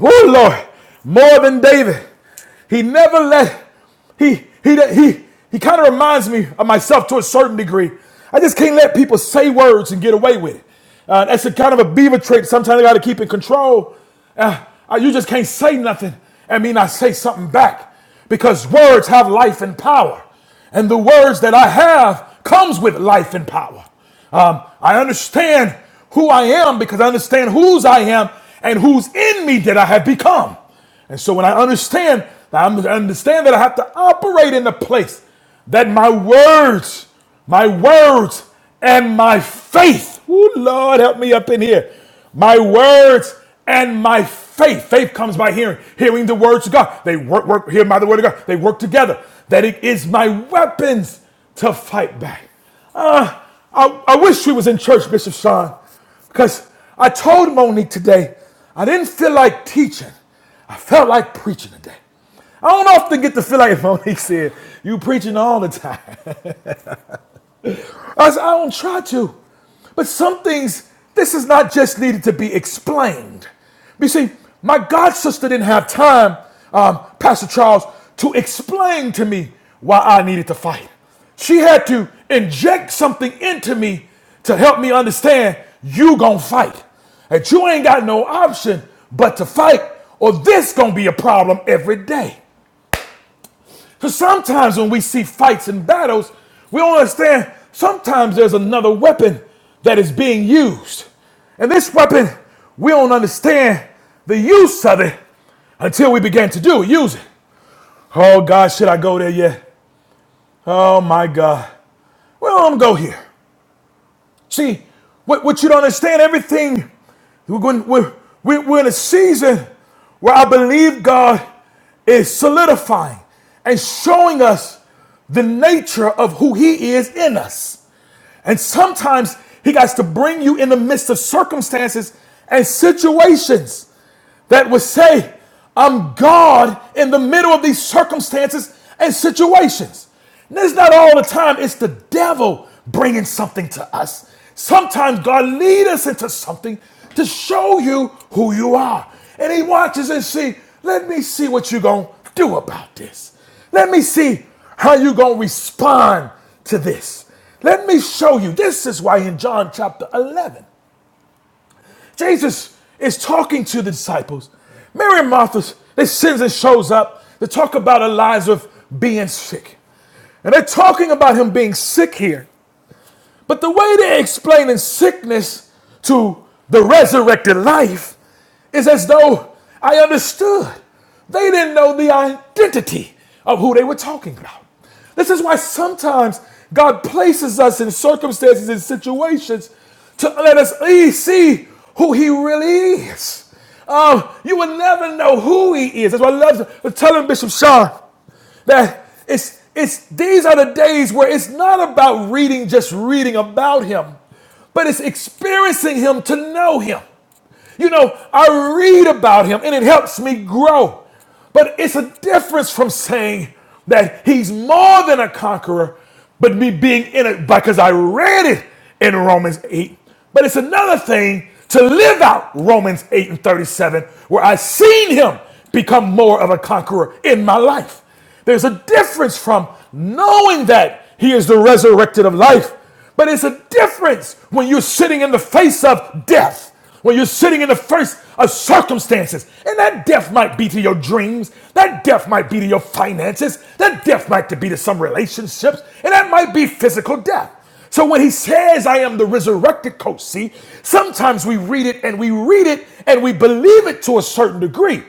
S1: Oh Lord, more than David. He never let he he he he kind of reminds me of myself to a certain degree. I just can't let people say words and get away with it. Uh, that's a kind of a beaver trait. Sometimes I got to keep in control. Uh, uh, you just can't say nothing and mean I say something back because words have life and power and the words that I have comes with life and power. Um, I understand who I am because I understand whose I am and who's in me that I have become. And so when I understand, I understand that I have to operate in the place that my words my words and my faith. Ooh, Lord, help me up in here. My words and my faith. Faith comes by hearing, hearing the words of God. They work, work, hear by the word of God. They work together. That it is my weapons to fight back. Ah, I, I wish we was in church, Bishop Sean, because I told Monique today I didn't feel like teaching. I felt like preaching today. I don't often get to feel like Monique said, you preaching all the time. I, don't try to. But some things, this is not just needed to be explained. You see, my god sister didn't have time, um, Pastor Charles, to explain to me why I needed to fight. She had to inject something into me to help me understand you gonna fight. And you ain't got no option but to fight, or this gonna be a problem every day. Because sometimes when we see fights and battles, we don't understand sometimes there's another weapon that is being used. And this weapon, we don't understand the use of it until we begin to do it, use it. Oh God, should I go there yet? Oh my God. Well, I'm gonna go here. See, what, what you don't understand, everything, we're, going, we're, we're we're in a season where I believe God is solidifying and showing us the nature of who He is in us. And sometimes He has to bring you in the midst of circumstances and situations that would say, I'm God in the middle of these circumstances and situations. And it's not all the time, it's the devil bringing something to us. Sometimes God leads us into something to show you who you are. And he watches and see, let me see what you're going to do about this. Let me see how you're going to respond to this. Let me show you. This is why in John chapter 11, Jesus is talking to the disciples. Mary and Martha, they sends and shows up. They talk about Eliza being sick. And they're talking about him being sick here. But the way they're explaining sickness to the resurrected life is as though I understood. They didn't know the identity of who they were talking about. This is why sometimes God places us in circumstances and situations to let us e, see who He really is. Um, you will never know who He is. That's why I love telling Bishop Sean. That it's it's these are the days where it's not about reading just reading about him, but it's experiencing him to know him. You know, I read about him and it helps me grow. But it's a difference from saying that he's more than a conqueror, but me being in it because I read it in Romans 8. But it's another thing to live out Romans 8 and 37, where I've seen him become more of a conqueror in my life. There's a difference from knowing that he is the resurrected of life, but it's a difference when you're sitting in the face of death, when you're sitting in the face of circumstances. And that death might be to your dreams, that death might be to your finances, that death might be to some relationships, and that might be physical death. So when he says, I am the resurrected coach, see, sometimes we read it and we read it and we believe it to a certain degree.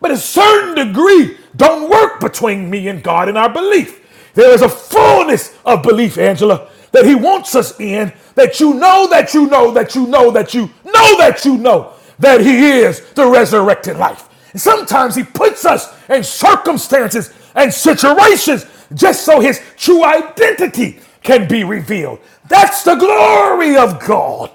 S1: But a certain degree don't work between me and God in our belief. There is a fullness of belief, Angela, that He wants us in, that you know, that you know, that you know, that you know, that you know, that He is the resurrected life. And sometimes He puts us in circumstances and situations just so His true identity can be revealed. That's the glory of God.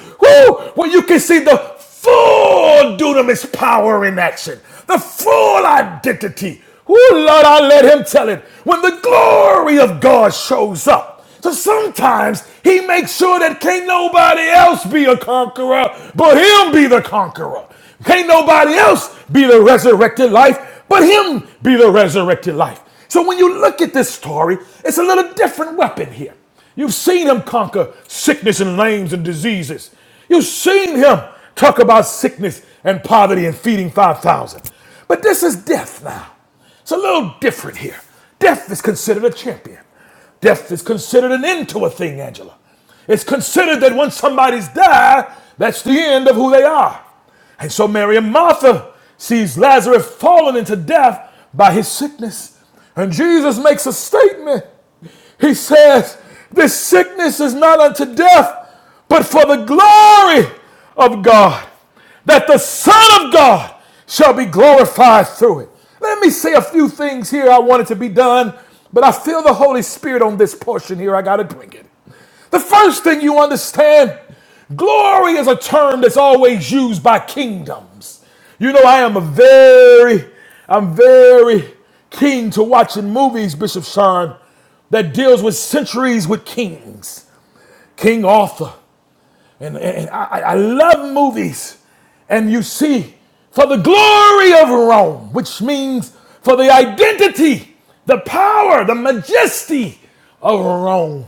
S1: Woo! When you can see the full dunamis power in action, the full identity. Oh Lord, I let him tell it. When the glory of God shows up. So sometimes he makes sure that can't nobody else be a conqueror, but him be the conqueror. Can't nobody else be the resurrected life, but him be the resurrected life. So when you look at this story, it's a little different weapon here. You've seen him conquer sickness and lames and diseases. You've seen him talk about sickness and poverty and feeding 5,000. But this is death now. It's a little different here. Death is considered a champion. Death is considered an end to a thing, Angela. It's considered that once somebody's died, that's the end of who they are. And so Mary and Martha sees Lazarus fallen into death by his sickness. And Jesus makes a statement. He says, This sickness is not unto death, but for the glory of God, that the Son of God shall be glorified through it. Let me say a few things here. I wanted to be done, but I feel the Holy Spirit on this portion here. I got to bring it. The first thing you understand glory is a term that's always used by kingdoms. You know, I am a very, I'm very keen to watching movies, Bishop Sean, that deals with centuries with kings. King Arthur, and, and I, I I love movies. And you see, for the glory of Rome, which means for the identity, the power, the majesty of Rome.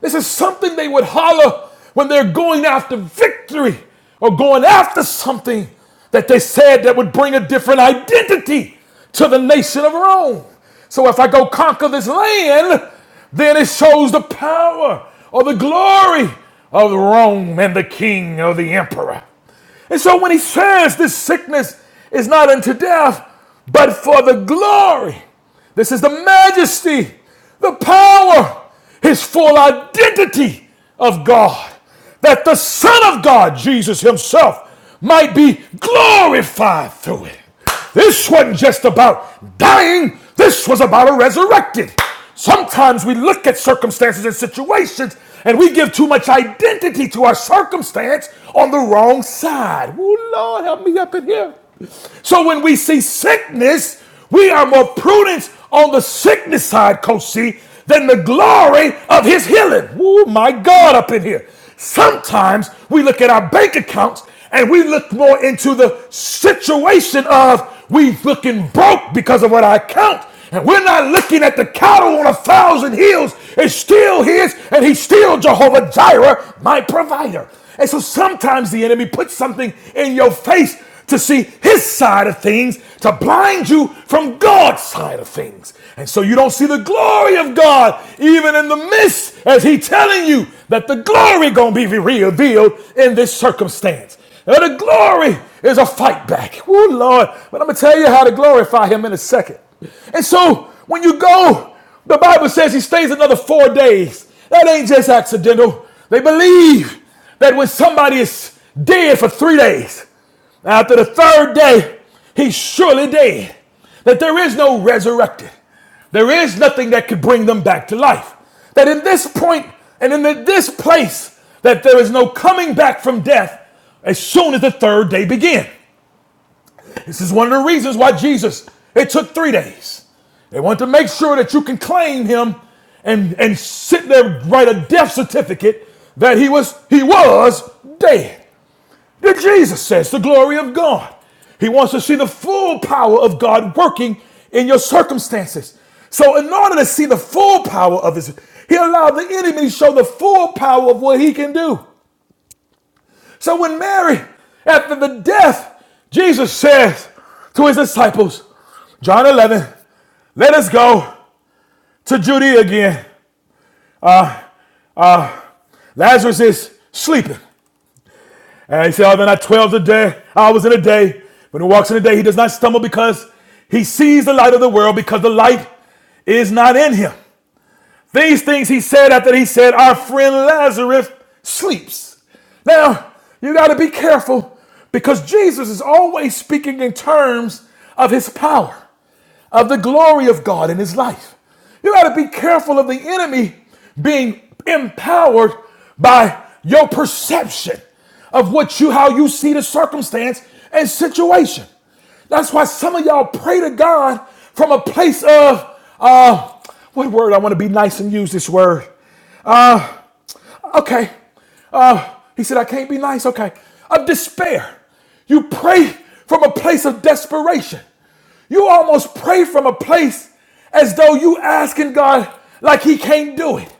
S1: This is something they would holler when they're going after victory or going after something that they said that would bring a different identity to the nation of Rome. So if I go conquer this land, then it shows the power or the glory of Rome and the king or the emperor. And so when he says this sickness is not unto death, but for the glory, this is the majesty, the power, his full identity of God, that the Son of God, Jesus himself, might be glorified through it. This wasn't just about dying, this was about a resurrected. Sometimes we look at circumstances and situations and we give too much identity to our circumstance on the wrong side. Oh, Lord, help me up in here. So when we see sickness, we are more prudent on the sickness side, Coach C, than the glory of his healing. Oh, my God, up in here. Sometimes we look at our bank accounts and we look more into the situation of we looking broke because of what I count. And we're not looking at the cattle on a thousand hills. It's still his, and he's still Jehovah Jireh, my provider. And so sometimes the enemy puts something in your face to see his side of things to blind you from God's side of things. And so you don't see the glory of God even in the midst as he telling you that the glory going to be revealed in this circumstance. Now, the glory is a fight back. Oh Lord, but I'm going to tell you how to glorify him in a second. And so when you go, the Bible says he stays another four days. That ain't just accidental. They believe that when somebody is dead for three days, after the third day, he's surely dead. That there is no resurrected. There is nothing that could bring them back to life. That in this point and in this place, that there is no coming back from death as soon as the third day began. This is one of the reasons why Jesus, it took three days. They want to make sure that you can claim him and, and sit there, write a death certificate that he was he was dead that Jesus says, the glory of God. He wants to see the full power of God working in your circumstances. So, in order to see the full power of His, He allowed the enemy to show the full power of what He can do. So, when Mary, after the death, Jesus says to His disciples, John 11, let us go to Judea again. Lazarus is sleeping. And he said, Are there not 12 a day, hours in a day? When he walks in the day, he does not stumble because he sees the light of the world, because the light is not in him. These things he said after he said, Our friend Lazarus sleeps. Now, you got to be careful because Jesus is always speaking in terms of his power, of the glory of God in his life. You got to be careful of the enemy being empowered by your perception of what you how you see the circumstance and situation. That's why some of y'all pray to God from a place of uh, what word? I want to be nice and use this word. Okay. Uh, he said, I can't be nice. Okay. Of despair. You pray from a place of desperation. You almost pray from a place as though you asking God like he can't do it.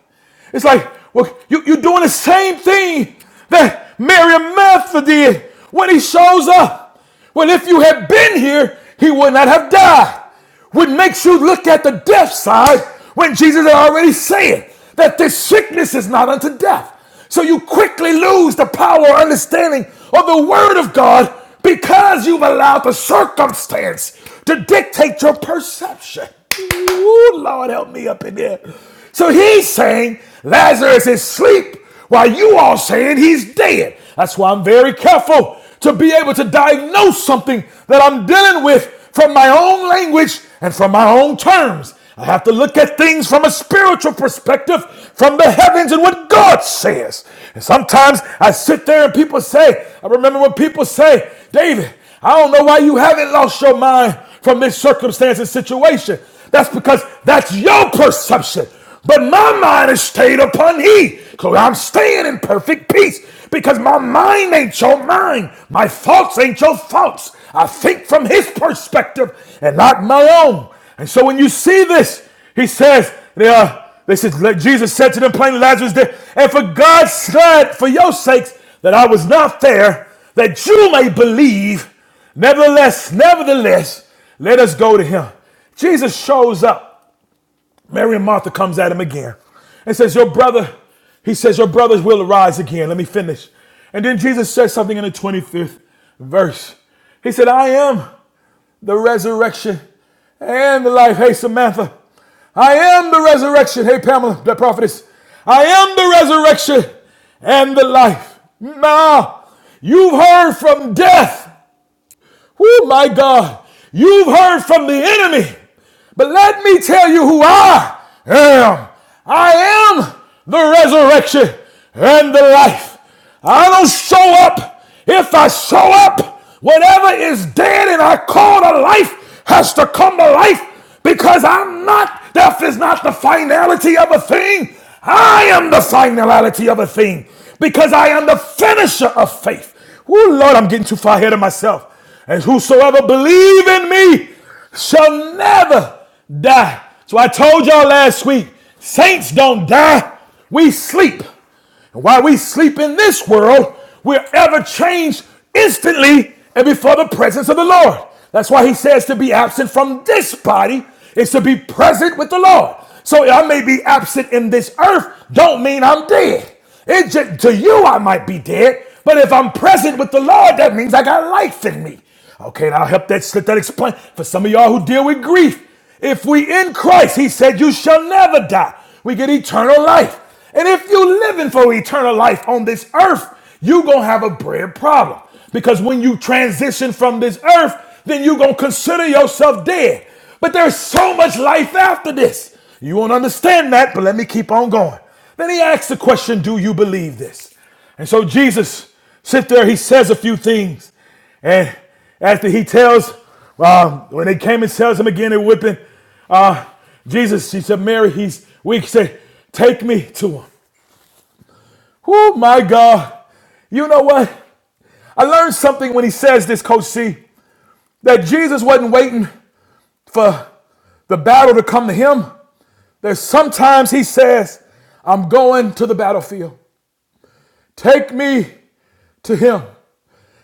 S1: It's like, well, you, you're doing the same thing that Miriam Mather did when he shows up. Well, if you had been here, he would not have died what makes you look at the death side when Jesus had already said that this sickness is not unto death. So you quickly lose the power or understanding of the Word of God because you've allowed the circumstance to dictate your perception. Ooh, Lord, help me up in there. So he's saying Lazarus is asleep while you all saying he's dead. That's why I'm very careful to be able to diagnose something that I'm dealing with from my own language and from my own terms. I have to look at things from a spiritual perspective, from the heavens and what God says. And sometimes I sit there and people say, I remember when people say, David, I don't know why you haven't lost your mind from this circumstance and situation. That's because that's your perception. But my mind is stayed upon He. So I'm staying in perfect peace because my mind ain't your mind. My thoughts ain't your thoughts. I think from His perspective and not my own. And so when you see this, He says, yeah, they said, Jesus said to them plainly, Lazarus dead. And for God said, for your sakes, that I was not there, that you may believe. Nevertheless, nevertheless, let us go to him. Jesus shows up Mary and Martha comes at him again and says, Your brother, he says, Your brothers will arise again. Let me finish. And then Jesus says something in the 25th verse. He said, I am the resurrection and the life. Hey, Samantha, I am the resurrection. Hey, Pamela, the prophetess, I am the resurrection and the life. Now, you've heard from death Oh my God, you've heard from the enemy, but let me tell you who I am. I am the resurrection and the life. I don't show up if I show up. Whatever is dead and I call to life has to come to life because I'm not, death is not the finality of a thing. I am the finality of a thing because I am the finisher of faith. Oh Lord, I'm getting too far ahead of myself. And whosoever believe in me shall never die. So I told y'all last week, saints don't die. We sleep. And while we sleep in this world, we're ever changed instantly and before the presence of the Lord. That's why he says to be absent from this body is to be present with the Lord. So I may be absent in this earth, don't mean I'm dead. It ju- to you, I might be dead, but if I'm present with the Lord, that means I got life in me. Okay, and I'll help that let that explain for some of y'all who deal with grief. If we in Christ, He said, "You shall never die." We get eternal life, and if you living for eternal life on this earth, you gonna have a bread problem because when you transition from this earth, then you gonna consider yourself dead. But there's so much life after this. You won't understand that, but let me keep on going. Then he asks the question, Do you believe this? And so Jesus sits there, he says a few things. And after he tells, uh, when they came and tells him again, they're whipping uh, Jesus. He said, Mary, he's weak. He said, Take me to him. Oh my God. You know what? I learned something when he says this, Coach C, that Jesus wasn't waiting for the battle to come to him. There's sometimes he says, I'm going to the battlefield. Take me to him.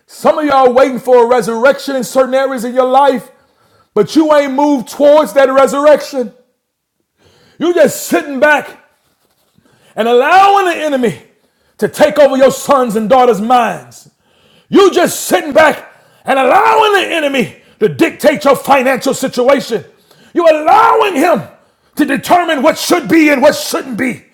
S1: Some of y'all waiting for a resurrection in certain areas of your life, but you ain't moved towards that resurrection. You just sitting back and allowing the enemy to take over your sons and daughters' minds. You just sitting back and allowing the enemy to dictate your financial situation. You're allowing him to determine what should be and what shouldn't be.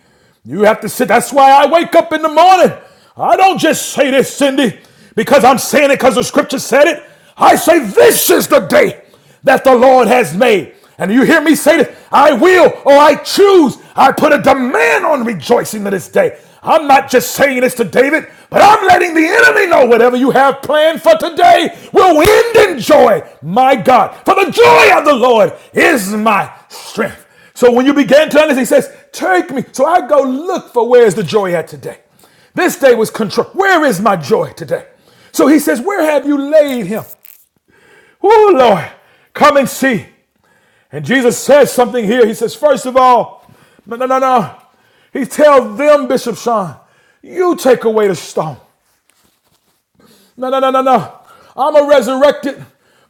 S1: You have to sit. That's why I wake up in the morning. I don't just say this, Cindy, because I'm saying it because the scripture said it. I say, This is the day that the Lord has made. And you hear me say this I will or I choose. I put a demand on rejoicing to this day. I'm not just saying this to David, but I'm letting the enemy know whatever you have planned for today will end in joy. My God, for the joy of the Lord is my strength. So when you began to understand, he says, Take me. So I go look for where's the joy at today. This day was control. Where is my joy today? So he says, Where have you laid him? Oh, Lord, come and see. And Jesus says something here. He says, first of all, no, no, no, no. He tells them, Bishop Sean, you take away the stone. No, no, no, no, no. I'm a resurrected,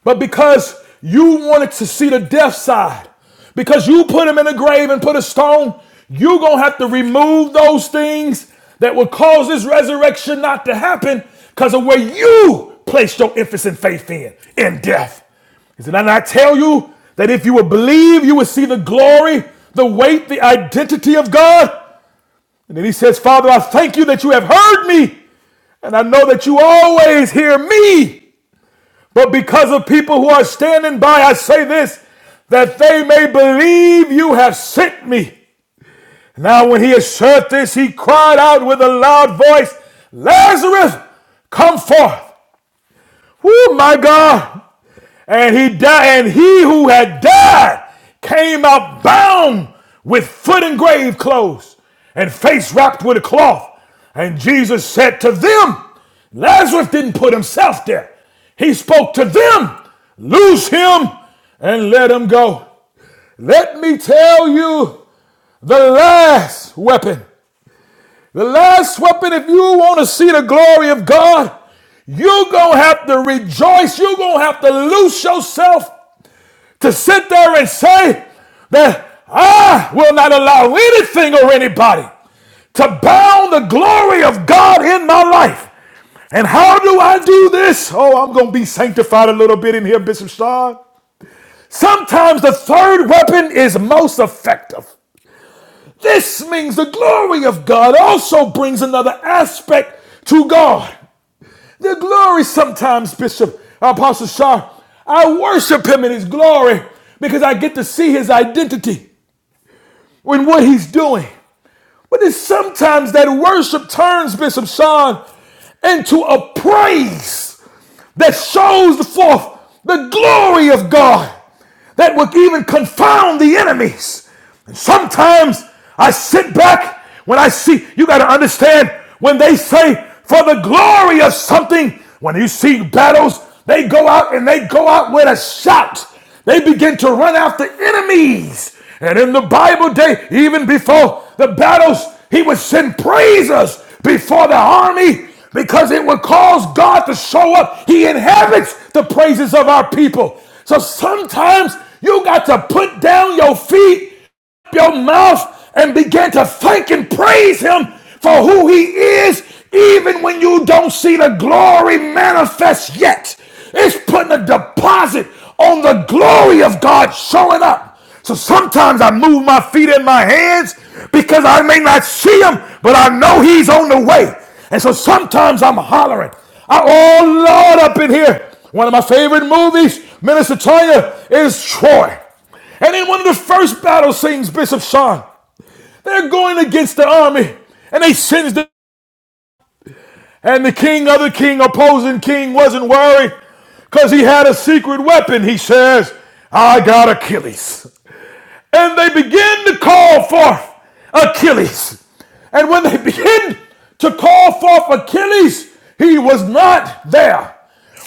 S1: but because you wanted to see the death side, because you put him in a grave and put a stone, you're going to have to remove those things that would cause this resurrection not to happen because of where you placed your emphasis and faith in, in death. He said, and I tell you that if you would believe, you would see the glory, the weight, the identity of God. And then he says, Father, I thank you that you have heard me. And I know that you always hear me. But because of people who are standing by, I say this, that they may believe you have sent me. Now, when he had said this, he cried out with a loud voice, Lazarus, come forth. Whoo, my God. And he died, and he who had died came out bound with foot and grave clothes and face wrapped with a cloth. And Jesus said to them, Lazarus didn't put himself there. He spoke to them, Loose him and let him go. Let me tell you the last weapon the last weapon, if you want to see the glory of God, you're going to have to rejoice. You're going to have to loose yourself to sit there and say that I will not allow anything or anybody to bound the glory of God in my life. And how do I do this? Oh, I'm going to be sanctified a little bit in here, Bishop Sean. Sometimes the third weapon is most effective. This means the glory of God also brings another aspect to God. The glory sometimes, Bishop Apostle Shah, I worship him in his glory because I get to see his identity in what he's doing. But it's sometimes that worship turns, Bishop Sean, into a praise that shows forth the glory of God that would even confound the enemies. And sometimes I sit back when I see, you got to understand, when they say for the glory of something, when you see battles, they go out and they go out with a shout. They begin to run after enemies. And in the Bible day, even before the battles, he would send praises before the army because it would cause God to show up. He inhabits the praises of our people. So sometimes you got to put down your feet your mouth and begin to thank and praise him for who he is, even when you don't see the glory manifest yet. It's putting a deposit on the glory of God showing up. So sometimes I move my feet and my hands because I may not see him, but I know he's on the way. And so sometimes I'm hollering, I, oh Lord, up in here. One of my favorite movies, Minister Tonya, is Troy. And in one of the first battles, scenes, Bishop Sean, they're going against the army, and they sends the and the king, other king, opposing king, wasn't worried, cause he had a secret weapon. He says, "I got Achilles." and they begin to call forth Achilles. And when they begin to call forth Achilles, he was not there.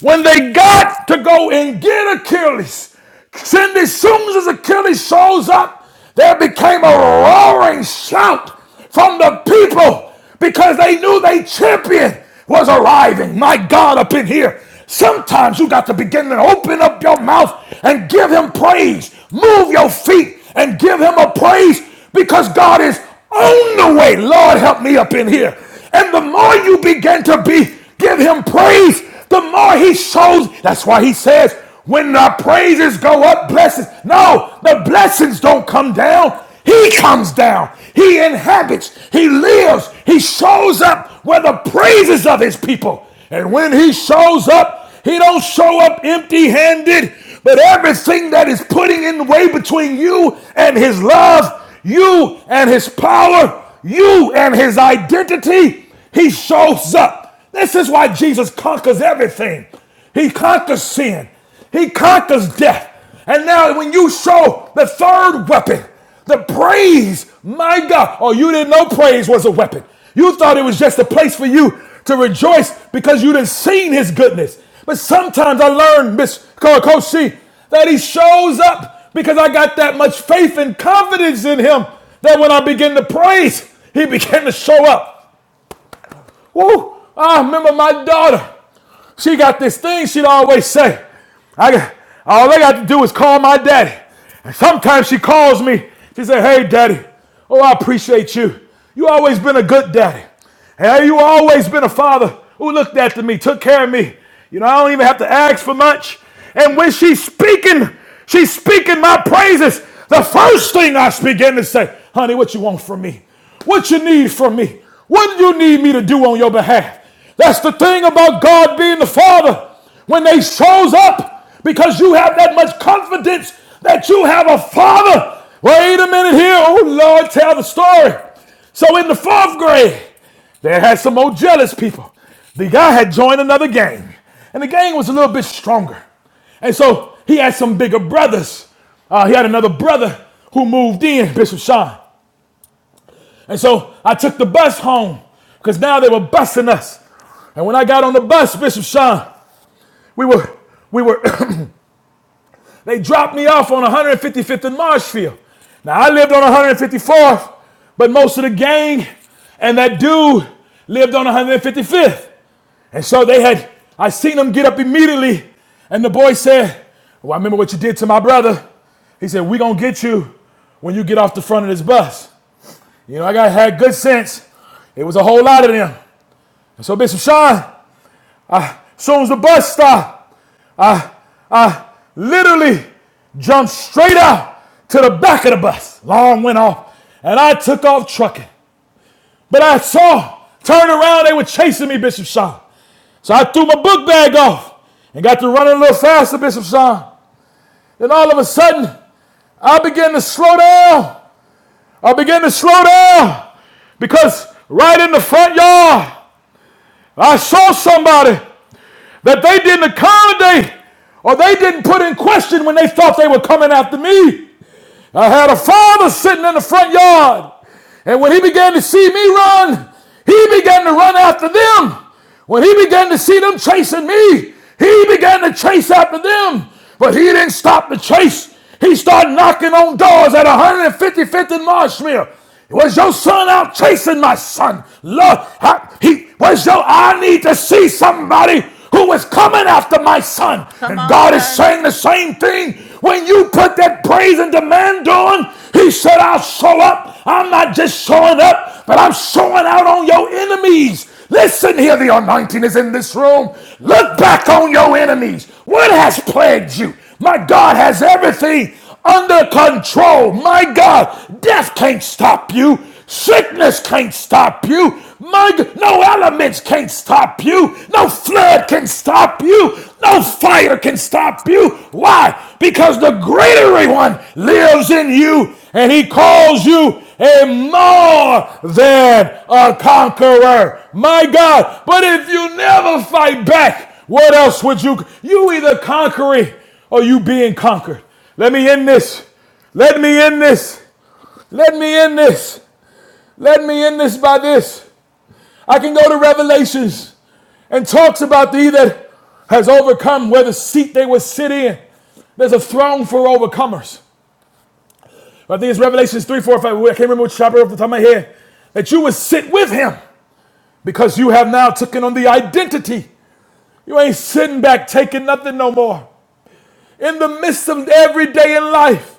S1: When they got to go and get Achilles, Cindy, as soon as Achilles shows up, there became a roaring shout from the people because they knew their champion was arriving. My God, up in here. Sometimes you got to begin to open up your mouth and give him praise. Move your feet and give him a praise because God is on the way. Lord, help me up in here. And the more you begin to be, give him praise, the more he shows. That's why he says, when the praises go up, blessings. No, the blessings don't come down. He comes down. He inhabits. He lives. He shows up where the praises of his people. And when he shows up, he don't show up empty handed, but everything that is putting in the way between you and his love, you and his power, you and his identity, he shows up. This is why Jesus conquers everything. He conquers sin. He conquers death. And now, when you show the third weapon, the praise, my God. Oh, you didn't know praise was a weapon. You thought it was just a place for you to rejoice because you didn't seen his goodness. But sometimes I learned, Miss Co- Coach C, that he shows up because I got that much faith and confidence in him that when I begin to praise, he began to show up. Woo! I remember my daughter. She got this thing she'd always say. I got, all I got to do is call my daddy. And sometimes she calls me. She said, Hey, daddy. Oh, I appreciate you. You always been a good daddy. Hey, you always been a father who looked after me, took care of me. You know, I don't even have to ask for much. And when she's speaking, she's speaking my praises. The first thing I begin to say, honey, what you want from me? What you need from me? What do you need me to do on your behalf? That's the thing about God being the Father. When they shows up, because you have that much confidence that you have a Father. Wait a minute here. Oh, Lord, tell the story. So in the fourth grade, they had some old jealous people. The guy had joined another gang, and the gang was a little bit stronger. And so he had some bigger brothers. Uh, he had another brother who moved in, Bishop Sean. And so I took the bus home because now they were busing us. And when I got on the bus, Bishop Sean, we were, we were, they dropped me off on 155th and Marshfield. Now I lived on 154th, but most of the gang and that dude lived on 155th. And so they had, I seen them get up immediately. And the boy said, Well, I remember what you did to my brother. He said, We're going to get you when you get off the front of this bus. You know, I got had good sense. It was a whole lot of them. And so Bishop Sean, ah, soon as the bus stopped, I, I literally jumped straight out to the back of the bus. Alarm went off, and I took off trucking. But I saw, turned around, they were chasing me, Bishop Sean. So I threw my book bag off and got to running a little faster, Bishop Sean. Then all of a sudden, I began to slow down. I began to slow down because right in the front yard, I saw somebody that they didn't accommodate or they didn't put in question when they thought they were coming after me. I had a father sitting in the front yard, and when he began to see me run, he began to run after them. When he began to see them chasing me, he began to chase after them. But he didn't stop the chase. He started knocking on doors at 155th and Marshmere. Was your son out chasing my son? Lord, I, he was your. I need to see somebody who is coming after my son.
S2: Come
S1: And
S2: on,
S1: God is
S2: sir.
S1: saying the same thing. When you put that praise and demand on, He said, I'll show up. I'm not just showing up, but I'm showing out on your enemies. Listen here, the anointing is in this room. Look back on your enemies. What has plagued you? My God has everything under control. My God, death can't stop you. Sickness can't stop you. My no elements can't stop you. No flood can stop you. No fire can stop you. Why? Because the greater one lives in you and he calls you a more than a conqueror. My God. But if you never fight back, what else would you? You either conquering are you being conquered? Let me in this. Let me in this. Let me in this. Let me in this by this. I can go to Revelations and talks about thee that has overcome where the seat they would sit in. There's a throne for overcomers. I think it's Revelations 3, 4, 5. I can't remember which chapter off the top of my head. That you would sit with him because you have now taken on the identity. You ain't sitting back taking nothing no more. In the midst of every day in life,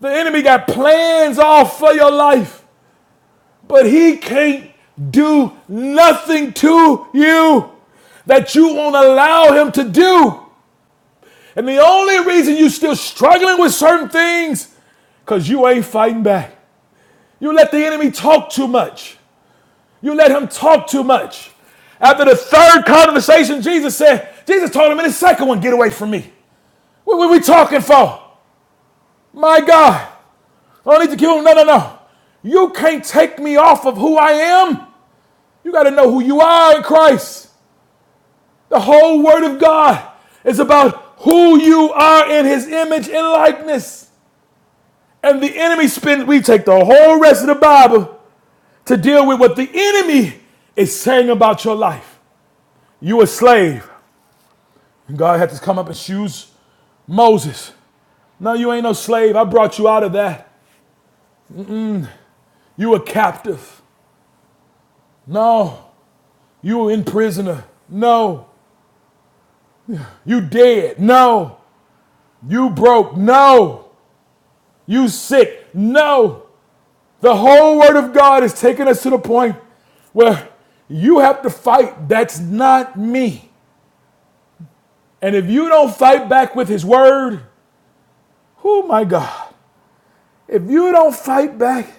S1: The enemy got plans all for your life, but he can't do nothing to you that you won't allow him to do. And the only reason you are still struggling with certain things, because you ain't fighting back. You let the enemy talk too much. You let him talk too much. After the third conversation, Jesus said, Jesus told him in the second one, get away from me. What were we talking for? My God. I don't need to kill him. No, no, no. You can't take me off of who I am. You got to know who you are in Christ. The whole Word of God is about who you are in His image and likeness. And the enemy spends, we take the whole rest of the Bible to deal with what the enemy is saying about your life. You a slave. And God had to come up and choose Moses. No, you ain't no slave. I brought you out of that. You a captive. No, you were in prisoner. No, You dead. No. You broke. No. You sick. No. The whole word of God is taking us to the point where you have to fight. That's not me. And if you don't fight back with his word, oh my God. If you don't fight back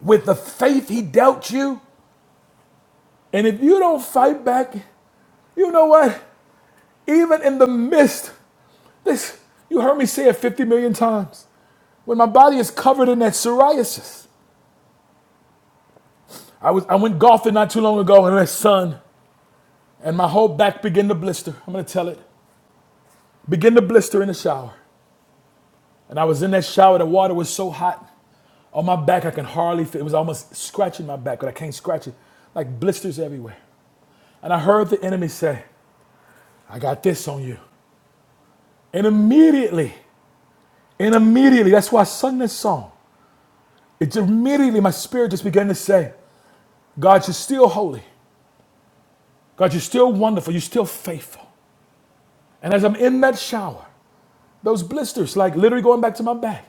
S1: with the faith he dealt you, and if you don't fight back, you know what? Even in the midst, this you heard me say it 50 million times. When my body is covered in that psoriasis, I was I went golfing not too long ago in the sun, and my whole back began to blister. I'm gonna tell it. Began to blister in the shower. And I was in that shower, the water was so hot. On my back, I can hardly feel it It was almost scratching my back, but I can't scratch it. Like blisters everywhere. And I heard the enemy say, I got this on you. And immediately, and immediately, that's why I sung this song. It's immediately my spirit just began to say, God, you're still holy. God, you're still wonderful. You're still faithful. And as I'm in that shower, Those blisters, like literally going back to my back,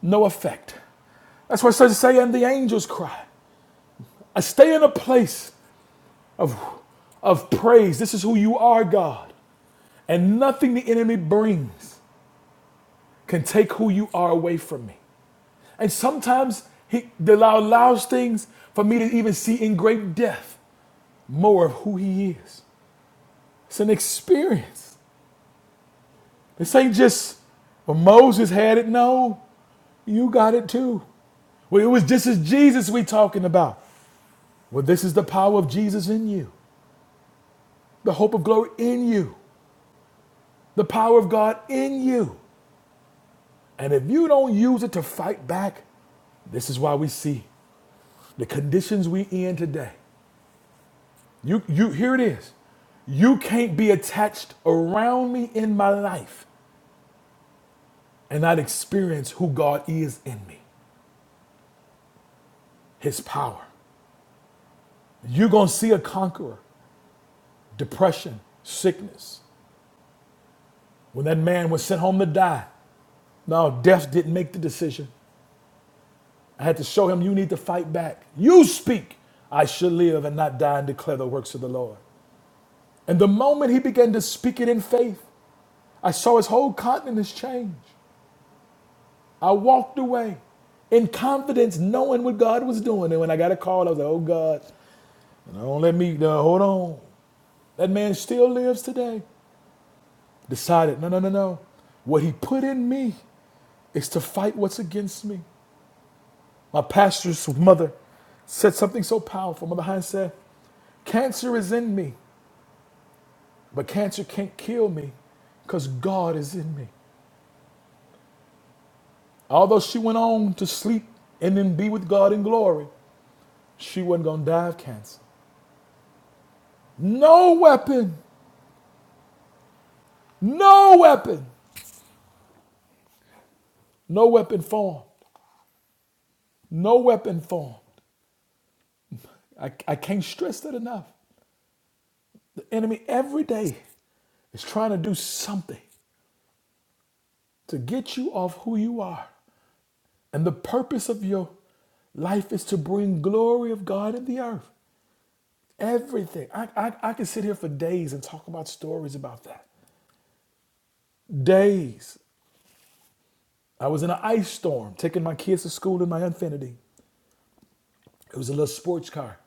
S1: no effect. That's why it says, say, and the angels cry. I stay in a place of, of praise. This is who you are, God. And nothing the enemy brings can take who you are away from me. And sometimes he allow- allows things for me to even see in great depth more of who he is. It's an experience. This ain't just, well, Moses had it. No, you got it too. Well, it was just as Jesus we talking about. Well, this is the power of Jesus in you, the hope of glory in you, the power of God in you. And if you don't use it to fight back, this is why we see the conditions we in today. You, you, here it is. You can't be attached around me in my life and not experience who God is in me, his power. You're going to see a conqueror, depression, sickness. When that man was sent home to die, now death didn't make the decision. I had to show him you need to fight back. You speak, I shall live and not die and declare the works of the Lord. And the moment he began to speak it in faith, I saw his whole countenance change. I walked away in confidence, knowing what God was doing. And when I got a call, I was like, oh God, don't let me, uh, hold on. That man still lives today. Decided, no, no, no, no. What he put in me is to fight what's against me. My pastor's mother said something so powerful. Mother Hines said, Cancer is in me. But cancer can't kill me because God is in me. Although she went on to sleep and then be with God in glory, she wasn't going to die of cancer. No weapon, no weapon, no weapon formed, no weapon formed. I, I can't stress that enough. The enemy every day is trying to do something to get you off who you are. And the purpose of your life is to bring glory of God in the earth. Everything. I, I, I could sit here for days and talk about stories about that. Days. I was in an ice storm taking my kids to school in my Infiniti. It was a little sports car.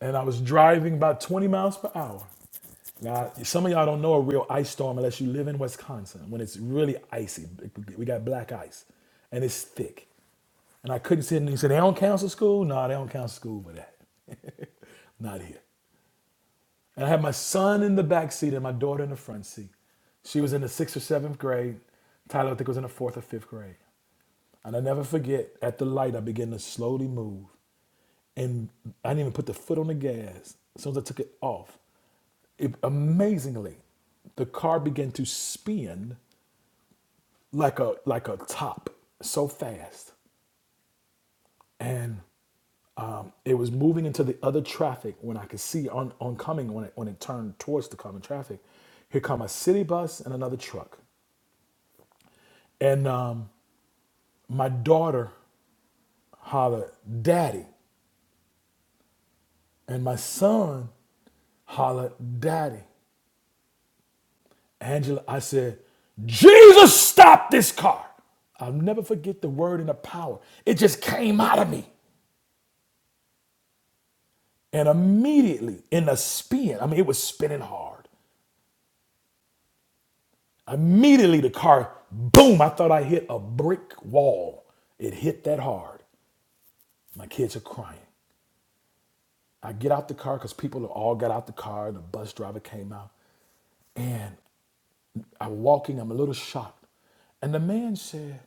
S1: And I was driving about 20 miles per hour. Now, some of y'all don't know a real ice storm unless you live in Wisconsin when it's really icy. We got black ice and it's thick. And I couldn't sit in. He said, they don't cancel school? No, they don't cancel school for that. Not here. And I had my son in the back seat and my daughter in the front seat. She was in the sixth or seventh grade. Tyler, I think, was in the fourth or fifth grade. And I never forget, at the light, I began to slowly move. And I didn't even put the foot on the gas. As soon as I took it off, it, amazingly, the car began to spin like a like a top so fast and um, it was moving into the other traffic when I could see on, on coming when it when it turned towards the common traffic. Here come a city bus and another truck, and um, my daughter hollered "Daddy," and my son hollered "Daddy." Angela, I said, "Jesus, stop this car!" I'll never forget the word and the power. It just came out of me, and immediately in a spin, I mean, it was spinning hard. Immediately the car, boom, I thought I hit a brick wall. It hit that hard. My kids are crying. I get out the car because people all got out the car. The bus driver came out. And I'm walking, I'm a little shocked. And the man said,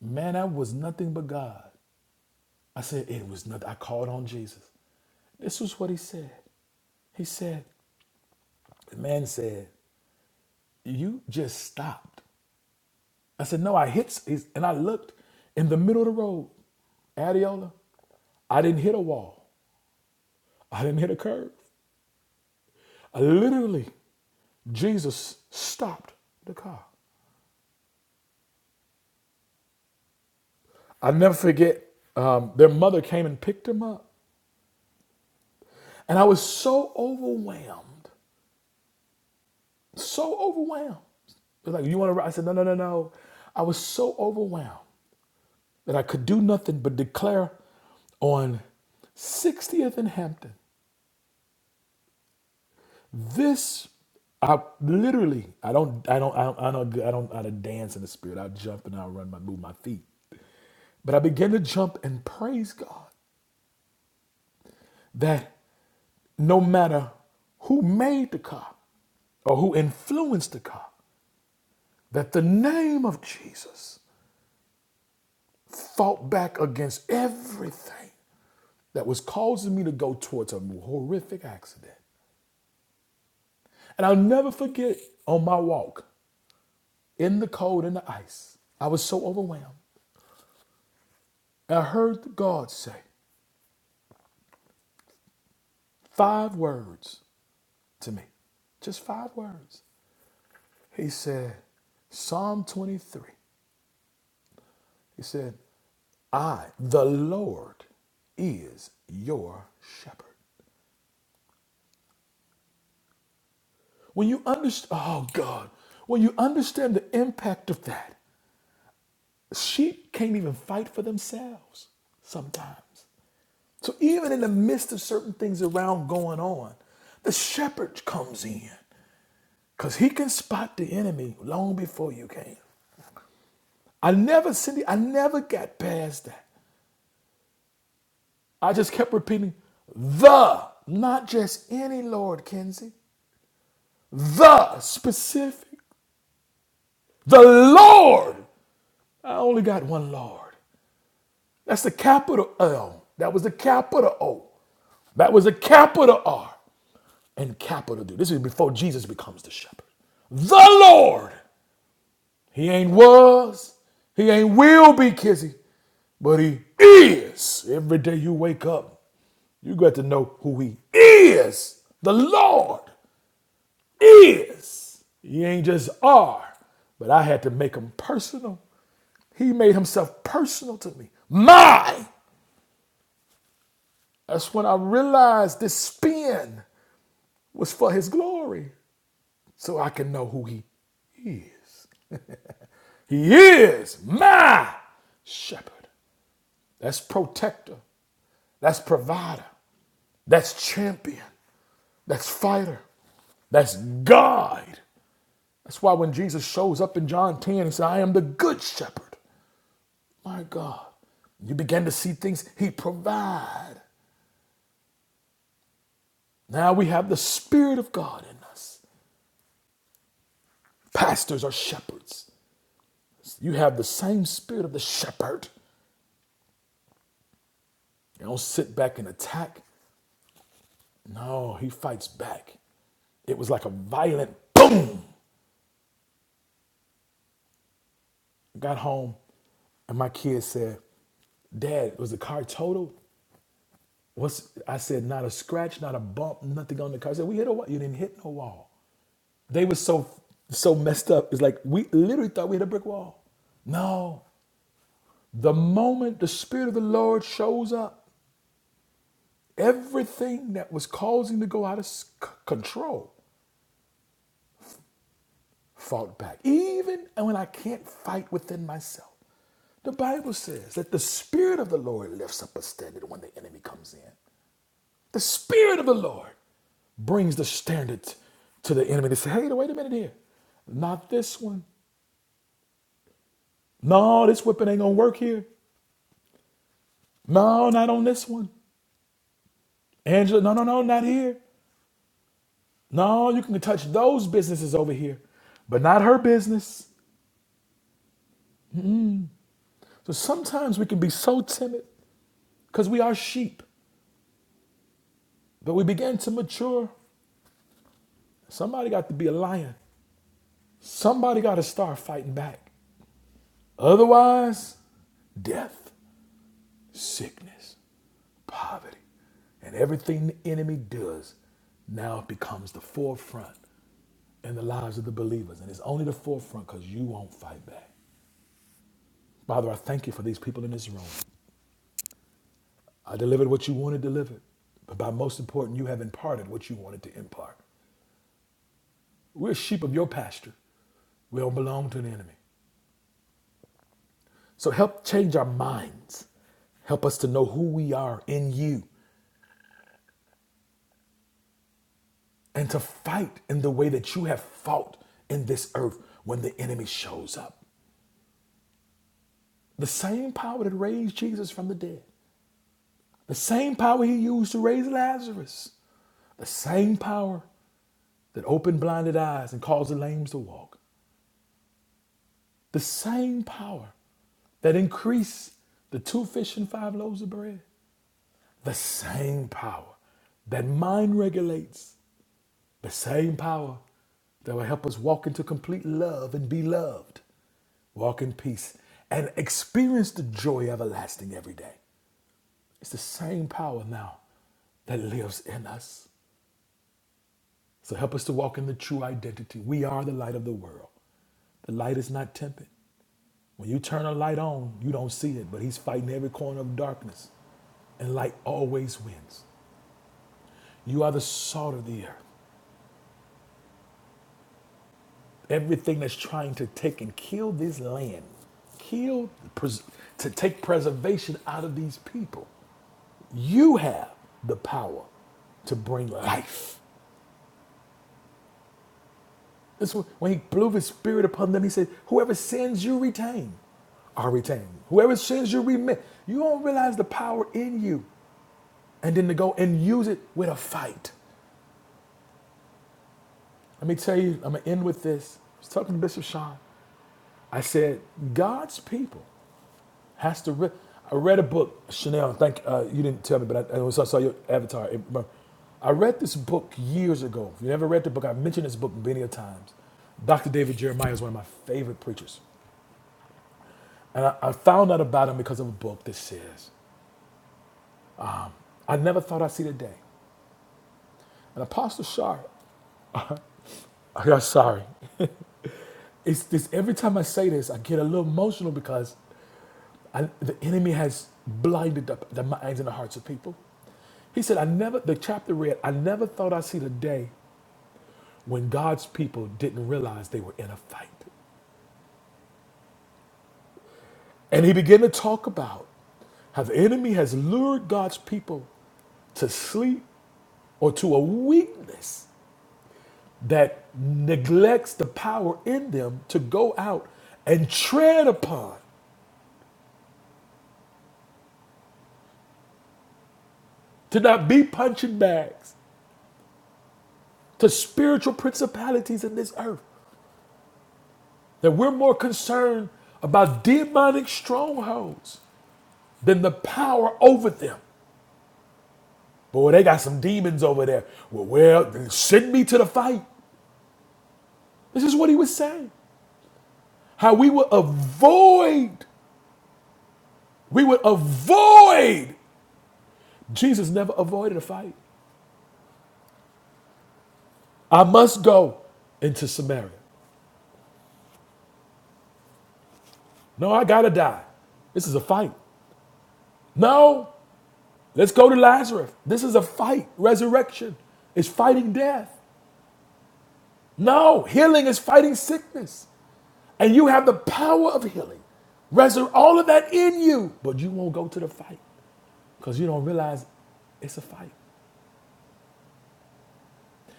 S1: Man, that was nothing but God. I said, It was nothing. I called on Jesus. This was what he said. He said, The man said, You just stopped. I said, no, I hit. He's, and I looked in the middle of the road, Adiola. I didn't hit a wall. I didn't hit a curve. I literally, Jesus stopped the car. I never forget. Um, their mother came and picked him up, and I was so overwhelmed, so overwhelmed. They're like, "You want to?" ride?" I said, "No, no, no, no." I was so overwhelmed that I could do nothing but declare on 60th and Hampton This, I literally, I don't, I don't, I don't, I don't, I don't, I don't dance in the spirit. I jump and I run my, move my feet. But I began to jump and praise God that no matter who made the car or who influenced the car, that the name of Jesus fought back against everything that was causing me to go towards a horrific accident. And I'll never forget on my walk in the cold and the ice, I was so overwhelmed. I heard God say five words to me, just five words. He said, Psalm 23, he said, I, the Lord, is your shepherd. When you understand, oh God, when you understand the impact of that, sheep can't even fight for themselves sometimes. So even in the midst of certain things around going on, the shepherd comes in Cause he can spot the enemy long before you can. I never Cindy, I never got past that. I just kept repeating the, not just any Lord, Kenzie. The specific, the Lord. I only got one Lord. That's the capital L. That was the capital O. That was the capital R and capital D. This is before Jesus becomes the shepherd. The Lord. He ain't was, he ain't will be Kizzy, but he is. Every day you wake up, you got to know who he is. The Lord is. He ain't just are, but I had to make him personal. He made himself personal to me. My! That's when I realized this spin was for his glory, so I can know who he is. He is my shepherd. That's protector. That's provider. That's champion. That's fighter. That's guide. That's why when Jesus shows up in John 10 and says, I am the good shepherd. My God. You begin to see things he provides. Now we have the Spirit of God in us. Pastors are shepherds. You have the same spirit of the shepherd. You don't sit back and attack. No, he fights back. It was like a violent boom I got home and my kid said, Dad, was the car totaled?" What's I said, not a scratch, not a bump, nothing on the car. I said, we hit a wall. You didn't hit no wall. They were so so messed up. It's like we literally thought we hit a brick wall. No. The moment the Spirit of the Lord shows up, everything that was causing to go out of s- c- control fought back. Even when I can't fight within myself. The Bible says that the Spirit of the Lord lifts up a standard when the enemy comes in. The Spirit of the Lord brings the standard to the enemy. They say, hey, wait a minute here. Not this one. No, this whipping ain't gonna work here. No, not on this one. Angela, no, no, no, not here. No, you can touch those businesses over here, but not her business. So sometimes we can be so timid because we are sheep, but we begin to mature. Somebody got to be a lion. Somebody got to start fighting back. Otherwise, death, sickness. poverty. And everything the enemy does now becomes the forefront in the lives of the believers. And it's only the forefront because you won't fight back. Father, I thank you for these people in this room. I delivered what you wanted delivered, but by most important, you have imparted what you wanted to impart. We're sheep of your pasture. We don't belong to the enemy. So help change our minds. Help us to know who we are in you and to fight in the way that you have fought in this earth when the enemy shows up. The same power that raised Jesus from the dead, the same power he used to raise Lazarus, the same power that opened blinded eyes and caused the lames to walk, the same power that increased the two fish and five loaves of bread, the same power that mind regulates, the same power that will help us walk into complete love and be loved walk in peace, and experience the joy everlasting every day. It's the same power now that lives in us. So help us to walk in the true identity. We are the light of the world. The light is not tempered. When you turn a light on, you don't see it, but he's fighting every corner of darkness. And light always wins. You are the salt of the earth. Everything that's trying to take and kill this land, kill, pres- to take preservation out of these people, you have the power to bring life. This was when he blew his spirit upon them. He said, Whoever sins you retain are retained. Whoever sins you remit. You don't realize the power in you. And then to go and use it with a fight. Let me tell you, I'm gonna end with this. I was talking to Bishop Sean. I said, God's people has to re- I read a book, Chanel, thank uh, you didn't tell me, but I, I saw your avatar. It- I read this book years ago. If you never read the book, I've mentioned this book many a times. Dr. David Jeremiah is one of my favorite preachers. And I, I found out about him because of a book that says, I never thought I'd see the day. And Apostle Sharp, I'm sorry. It's this every time I say this, I get a little emotional because I, the enemy has blinded the, the minds and the hearts of people. He said, I never, the chapter read, I never thought I'd see the day when God's people didn't realize they were in a fight. And he began to talk about how the enemy has lured God's people to sleep or to a weakness that neglects the power in them to go out and tread upon, to not be punching bags, to spiritual principalities in this earth. That we're more concerned about demonic strongholds than the power over them. Boy, they got some demons over there. Well, well, then send me to the fight. This is what he was saying. How we would avoid, we would avoid. Jesus never avoided a fight. I must go into Samaria. No, I gotta die. This is a fight. No, let's go to Lazarus. This is a fight. Resurrection is fighting death. No, healing is fighting sickness. And you have the power of healing. Resur- all of that in you, but you won't go to the fight because you don't realize it's a fight.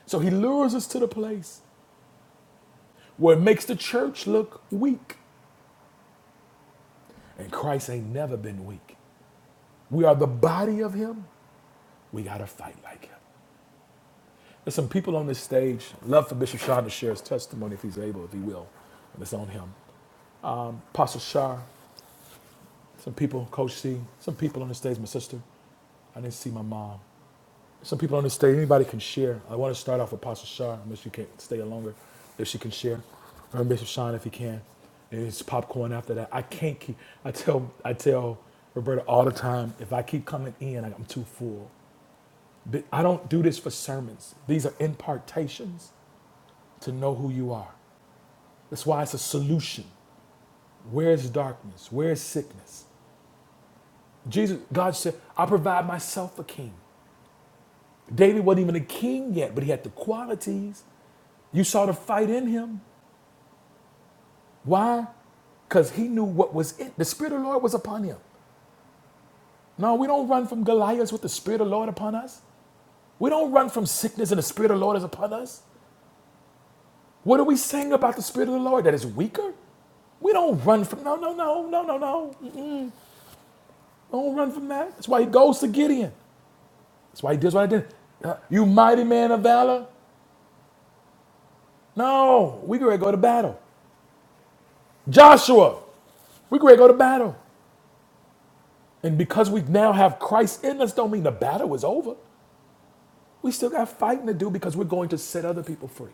S1: So he lures us to the place where it makes the church look weak. And Christ ain't never been weak. We are the body of him. We got to fight like him. There's some people on this stage. I'd Love for Bishop Shah to share his testimony if he's able, if he will, and it's on him. Apostle Shah, some people, Coach C, some people on the stage, my sister. I didn't see my mom. Some people on the stage, anybody can share. I want to start off with Apostle Shah, unless you can stay longer, if she can share. Or Bishop Sean if he can. And it's popcorn after that. I can't keep I tell I tell Roberta all the time, if I keep coming in, I'm too full. But I don't do this for sermons. These are impartations to know who you are. That's why it's a solution. Where is darkness? Where is sickness? Jesus, God said, I provide myself a king. David wasn't even a king yet, but he had the qualities. You saw the fight in him. Why? Because he knew what was it. The Spirit of the Lord was upon him. No, we don't run from Goliath with the Spirit of the Lord upon us. We don't run from sickness and the Spirit of the Lord is upon us. What are we saying about the Spirit of the Lord? That is weaker? We don't run from, no, no, no, no, no, no. Don't run from that. That's why he goes to Gideon. That's why he does what I did. Uh, You mighty man of valor? No, we can ready to go to battle. Joshua, we can ready to go to battle. And because we now have Christ in us, don't mean the battle is over. We still got fighting to do because we're going to set other people free.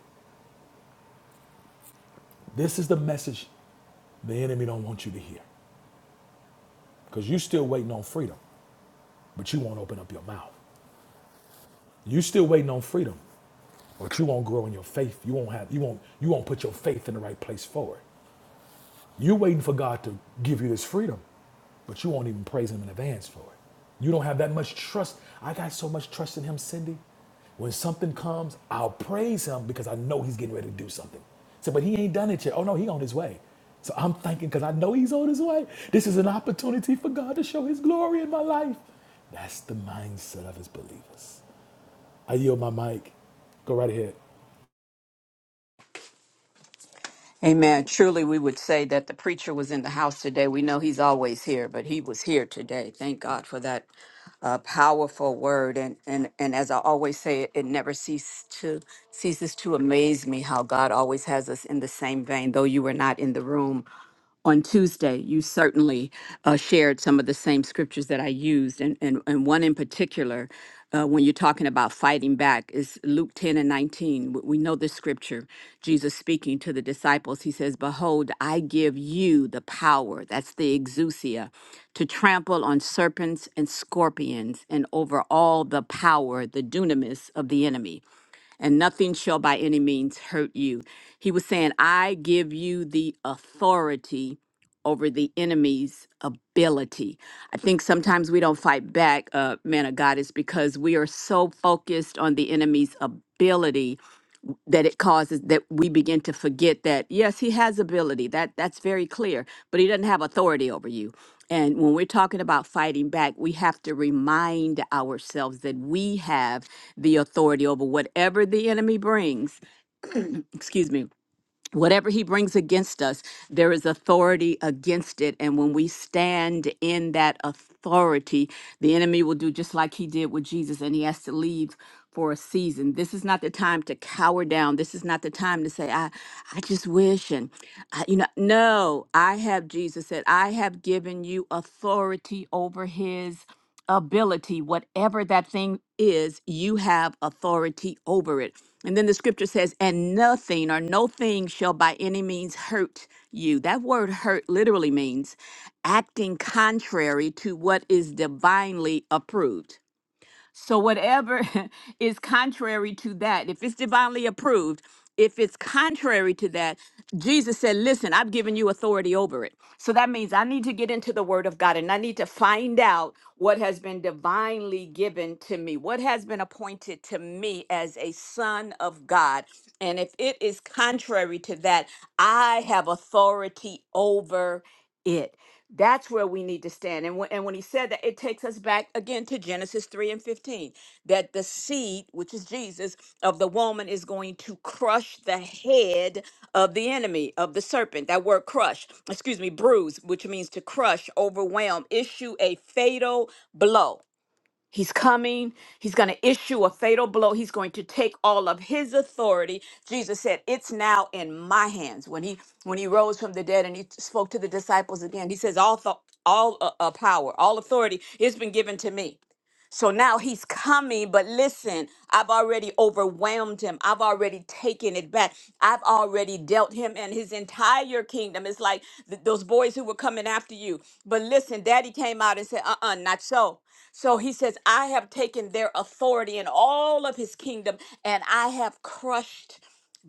S1: This is the message the enemy don't want you to hear. Because you still waiting on freedom, but you won't open up your mouth. You still waiting on freedom, but you won't grow in your faith. You won't have you won't you won't put your faith in the right place forward. You're waiting for God to give you this freedom, but you won't even praise Him in advance for it. You don't have that much trust. I got so much trust in Him, Cindy. When something comes, I'll praise Him because I know He's getting ready to do something. So, but He ain't done it yet. Oh no, He on His way. So I'm thinking because I know He's on His way. This is an opportunity for God to show His glory in my life. That's the mindset of His believers. I yield my mic. Go right ahead.
S2: Amen. Truly, we would say that the preacher was in the house today. We know he's always here, but he was here today. Thank God for that uh, powerful word. And, and and as I always say, it, it never ceases to ceases to amaze me how God always has us in the same vein. Though you were not in the room, on Tuesday, you certainly uh, shared some of the same scriptures that I used, and and, and one in particular, uh, when you're talking about fighting back, is Luke 10 and 19. W- We know this scripture. Jesus speaking to the disciples, he says, "Behold, I give you the power. That's the exousia, to trample on serpents and scorpions, and over all the power, the dunamis of the enemy." and nothing shall by any means hurt you. He was saying, I give you the authority over the enemy's ability. I think sometimes we don't fight back, uh, man of God, is because we are so focused on the enemy's ability that it causes that we begin to forget that yes he has ability that that's very clear but he doesn't have authority over you and when we're talking about fighting back we have to remind ourselves that we have the authority over whatever the enemy brings excuse me whatever he brings against us, there is authority against it. And when we stand in that authority, the enemy will do just like he did with Jesus, and he has to leave for a season. This is not the time to cower down. This is not the time to say, I, I just wish. And, I, you know, no, I have, Jesus said, I have given you authority over his ability whatever that thing is you have authority over it and then the scripture says, and nothing or no thing shall by any means hurt you. That word hurt literally means acting contrary to what is divinely approved. So whatever is contrary to that, if it's divinely approved, if it's contrary to that, Jesus said, Listen, I've given you authority over it. So that means I need to get into the word of God and I need to find out what has been divinely given to me, what has been appointed to me as a son of God. And if it is contrary to that, I have authority over it. That's where we need to stand. And, when and when he said that, it takes us back again to Genesis 3 and 15 that the seed, which is Jesus, of the woman is going to crush the head of the enemy, of the serpent. That word crush, excuse me, bruise, which means to crush, overwhelm, issue a fatal blow. He's coming. He's going to issue a fatal blow. He's going to take all of his authority. Jesus said, "It's now in my hands." When he when he rose from the dead and he spoke to the disciples again, he says, "All th- all uh, uh, power, all authority, has been given to me." So now he's coming, but listen, I've already overwhelmed him. I've already taken it back. I've already dealt him and his entire kingdom. It's like th- those boys who were coming after you. But listen, daddy came out and said, uh uh not so. So he says, I have taken their authority in all of his kingdom and I have crushed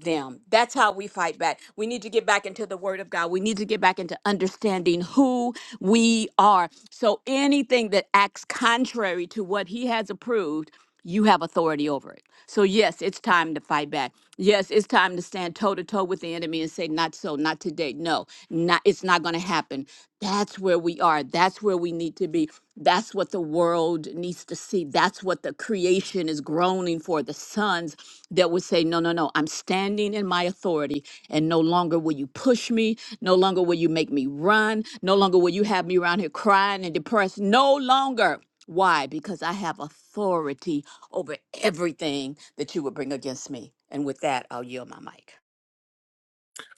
S2: them. That's how we fight back. We need to get back into the word of God. We need to get back into understanding who we are. So anything that acts contrary to what he has approved, you have authority over it. So yes, it's time to fight back. Yes, it's time to stand stand toe to toe with the enemy and say, Not so, not today. No, not it's not gonna happen. That's where we are. That's where we need to be. That's what the world needs to see. That's what the creation is groaning for. The sons that would say, No, no, no, I'm standing in my authority, and no longer will you push me. No longer will you make me run. No longer will you have me around here crying and depressed. No longer. Why? Because I have authority over everything that you would bring against me. And with that, I'll yield my mic.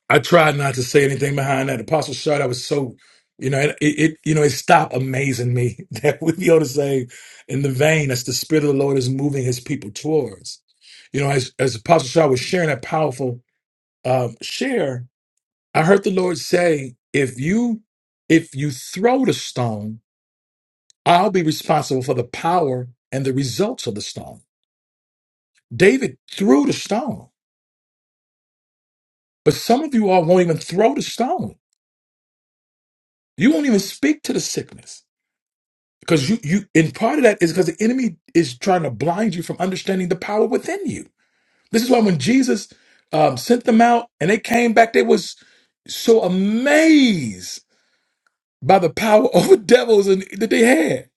S1: I tried not to say anything behind that. Apostle Shard, I was so, you know, it, it you know, it stopped amazing me that we be able to say in the vein that's the Spirit of the Lord is moving his people towards. You know, as, as Apostle Shard was sharing that powerful um, share, I heard the Lord say, if you if you throw the stone, I'll be responsible for the power and the results of the stone. David threw the stone, but some of you all won't even throw the stone. You won't even speak to the sickness. Because you, you, and part of that is because the enemy is trying to blind you from understanding the power within you. This is why when Jesus um, sent them out and they came back, they was so amazed by the power over devils and that they had.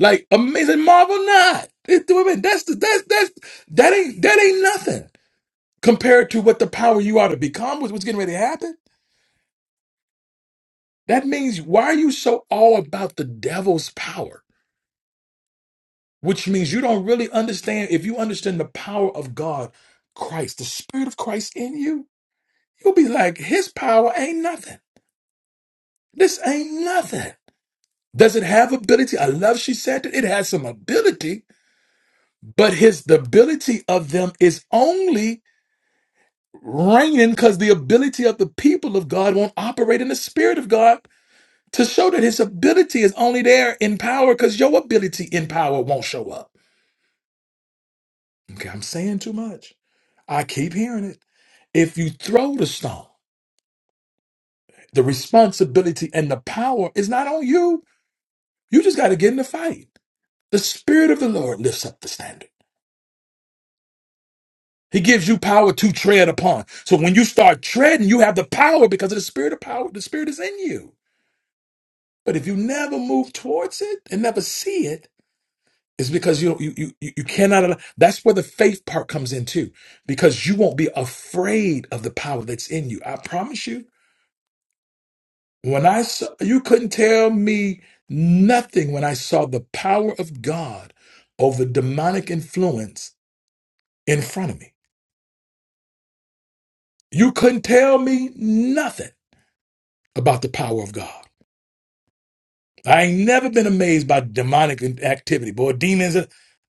S1: Like amazing marvel not. It- I mean, That's the that's that's that ain't that ain't nothing compared to what the power you are to become was what's getting ready to happen. That means why are you so all about the devil's power? which means you don't really understand. If you understand the power of God, Christ, the Spirit of Christ in you, you'll be like, His power ain't nothing. This ain't nothing. Does it have ability? I love she said that it has some ability, but his the ability of them is only reigning because the ability of the people of God won't operate in the spirit of God to show that his ability is only there in power because your ability in power won't show up. Okay, I'm saying too much. I keep hearing it. If you throw the stone, the responsibility and the power is not on you. You just got to get in the fight. The Spirit of the Lord lifts up the standard. He gives you power to tread upon. So when you start treading, you have the power because of the Spirit of power. The Spirit is in you. But if you never move towards it and never see it, it's because you you you you you cannot. allow- That's where the faith part comes in too, because you won't be afraid of the power that's in you. I promise you When I saw, you couldn't tell me nothing when I saw the power of God over demonic influence in front of me. You couldn't tell me nothing about the power of God. I ain't never been amazed by demonic in- activity, boy. Demons, uh,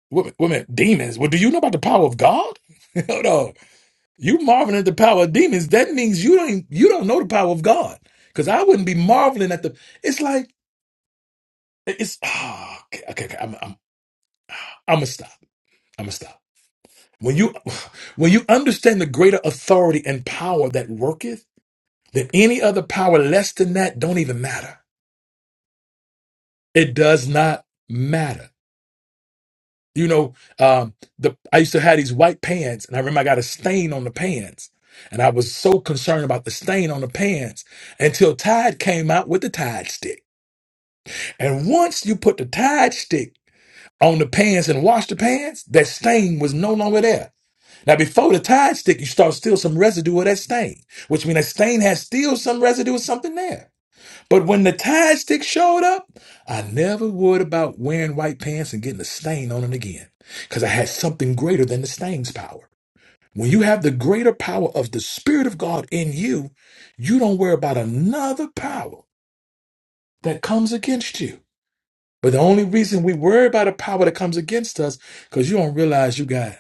S1: wait, wait a minute, demons. Well, do you know about the power of God? Hold on, you marveling at the power of demons. That means you don't even- you don't know the power of God, because I wouldn't be marveling at the. It's like it's ah, okay, okay, okay. I'm I'm I'm gonna stop. I'm gonna stop. When you when you understand the greater authority and power that worketh, then any other power less than that don't even matter. It does not matter. You know, um, the I used to have these white pants, and I remember I got a stain on the pants, and I was so concerned about the stain on the pants until Tide came out with the Tide stick. And once you put the Tide stick on the pants and washed the pants, that stain was no longer there. Now, before the Tide stick, you start still some residue of that stain, which means that stain has still some residue of something there. But when the Tide stick showed up, I never worried about wearing white pants and getting a stain on them again, because I had something greater than the stain's power. When you have the greater power of the Spirit of God in you, you don't worry about another power that comes against you. But the only reason we worry about a power that comes against us, because you don't realize you got it.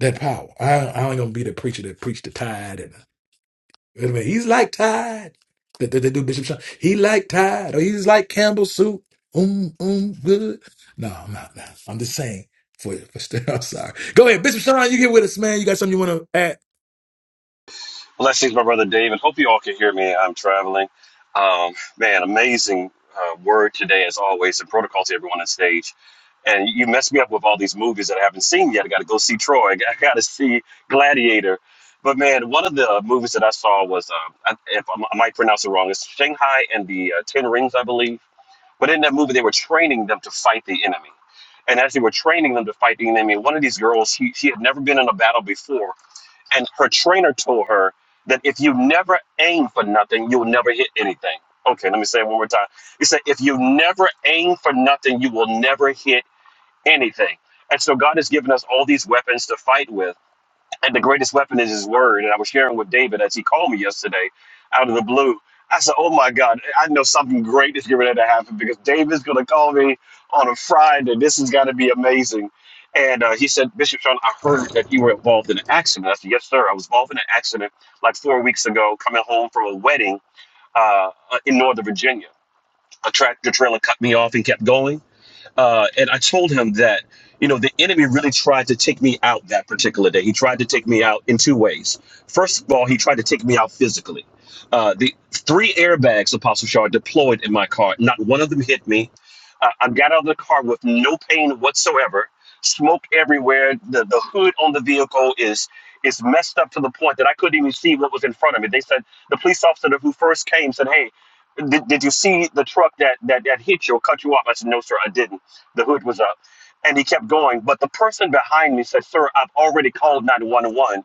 S1: that power. I, I ain't gonna be the preacher that preach the tide. And you know what he's like tide. That that- that dude Bishop Sean, he like tide, or he's like Campbell soup. Um, um, good. No, I'm not. No. I'm just saying. For for I'm sorry. Go ahead, Bishop Sean. You get with us, man. You got something you want to add?
S3: Blessings, my brother Dave, and hope you all can hear me. I'm traveling. Um, man, amazing uh, word today, as always, and protocol to everyone on stage. And you messed me up with all these movies that I haven't seen yet. I got to go see Troy. I got to see Gladiator. But man, one of the movies that I saw was, uh, I, if I m- I might pronounce it wrong, it's Shanghai and the uh, Ten Rings, I believe. But in that movie, they were training them to fight the enemy. And as they were training them to fight the enemy, one of these girls, she, she had never been in a battle before and her trainer told her that if you never aim for nothing, you'll never hit anything. Okay, let me say it one more time. He said, if you never aim for nothing, you will never hit anything. And so God has given us all these weapons to fight with. And the greatest weapon is his word. And I was sharing with David as he called me yesterday out of the blue. I said, Oh my God, I know something great is going to happen because David's going to call me on a Friday. This is going to be amazing. And uh, he said, Bishop Sean, I heard that you were involved in an accident. I said, Yes, sir. I was involved in an accident like four weeks ago, coming home from a wedding uh, in Northern Virginia. A tractor trailer cut me off and kept going uh, and I told him that you know the enemy really tried to take me out that particular day. He tried to take me out in two ways. First of all, he tried to take me out physically. Uh, the three airbags, Apostle Shaw, deployed in my car. Not one of them hit me. I, I got out of the car with no pain whatsoever. Smoke everywhere. The the hood on the vehicle is is messed up to the point that I couldn't even see what was in front of me. They said the police officer who first came said, "Hey, did, did you see the truck that, that that hit you or cut you off?" I said, "No, sir, I didn't." The hood was up. And he kept going. But the person behind me said, Sir, I've already called 911.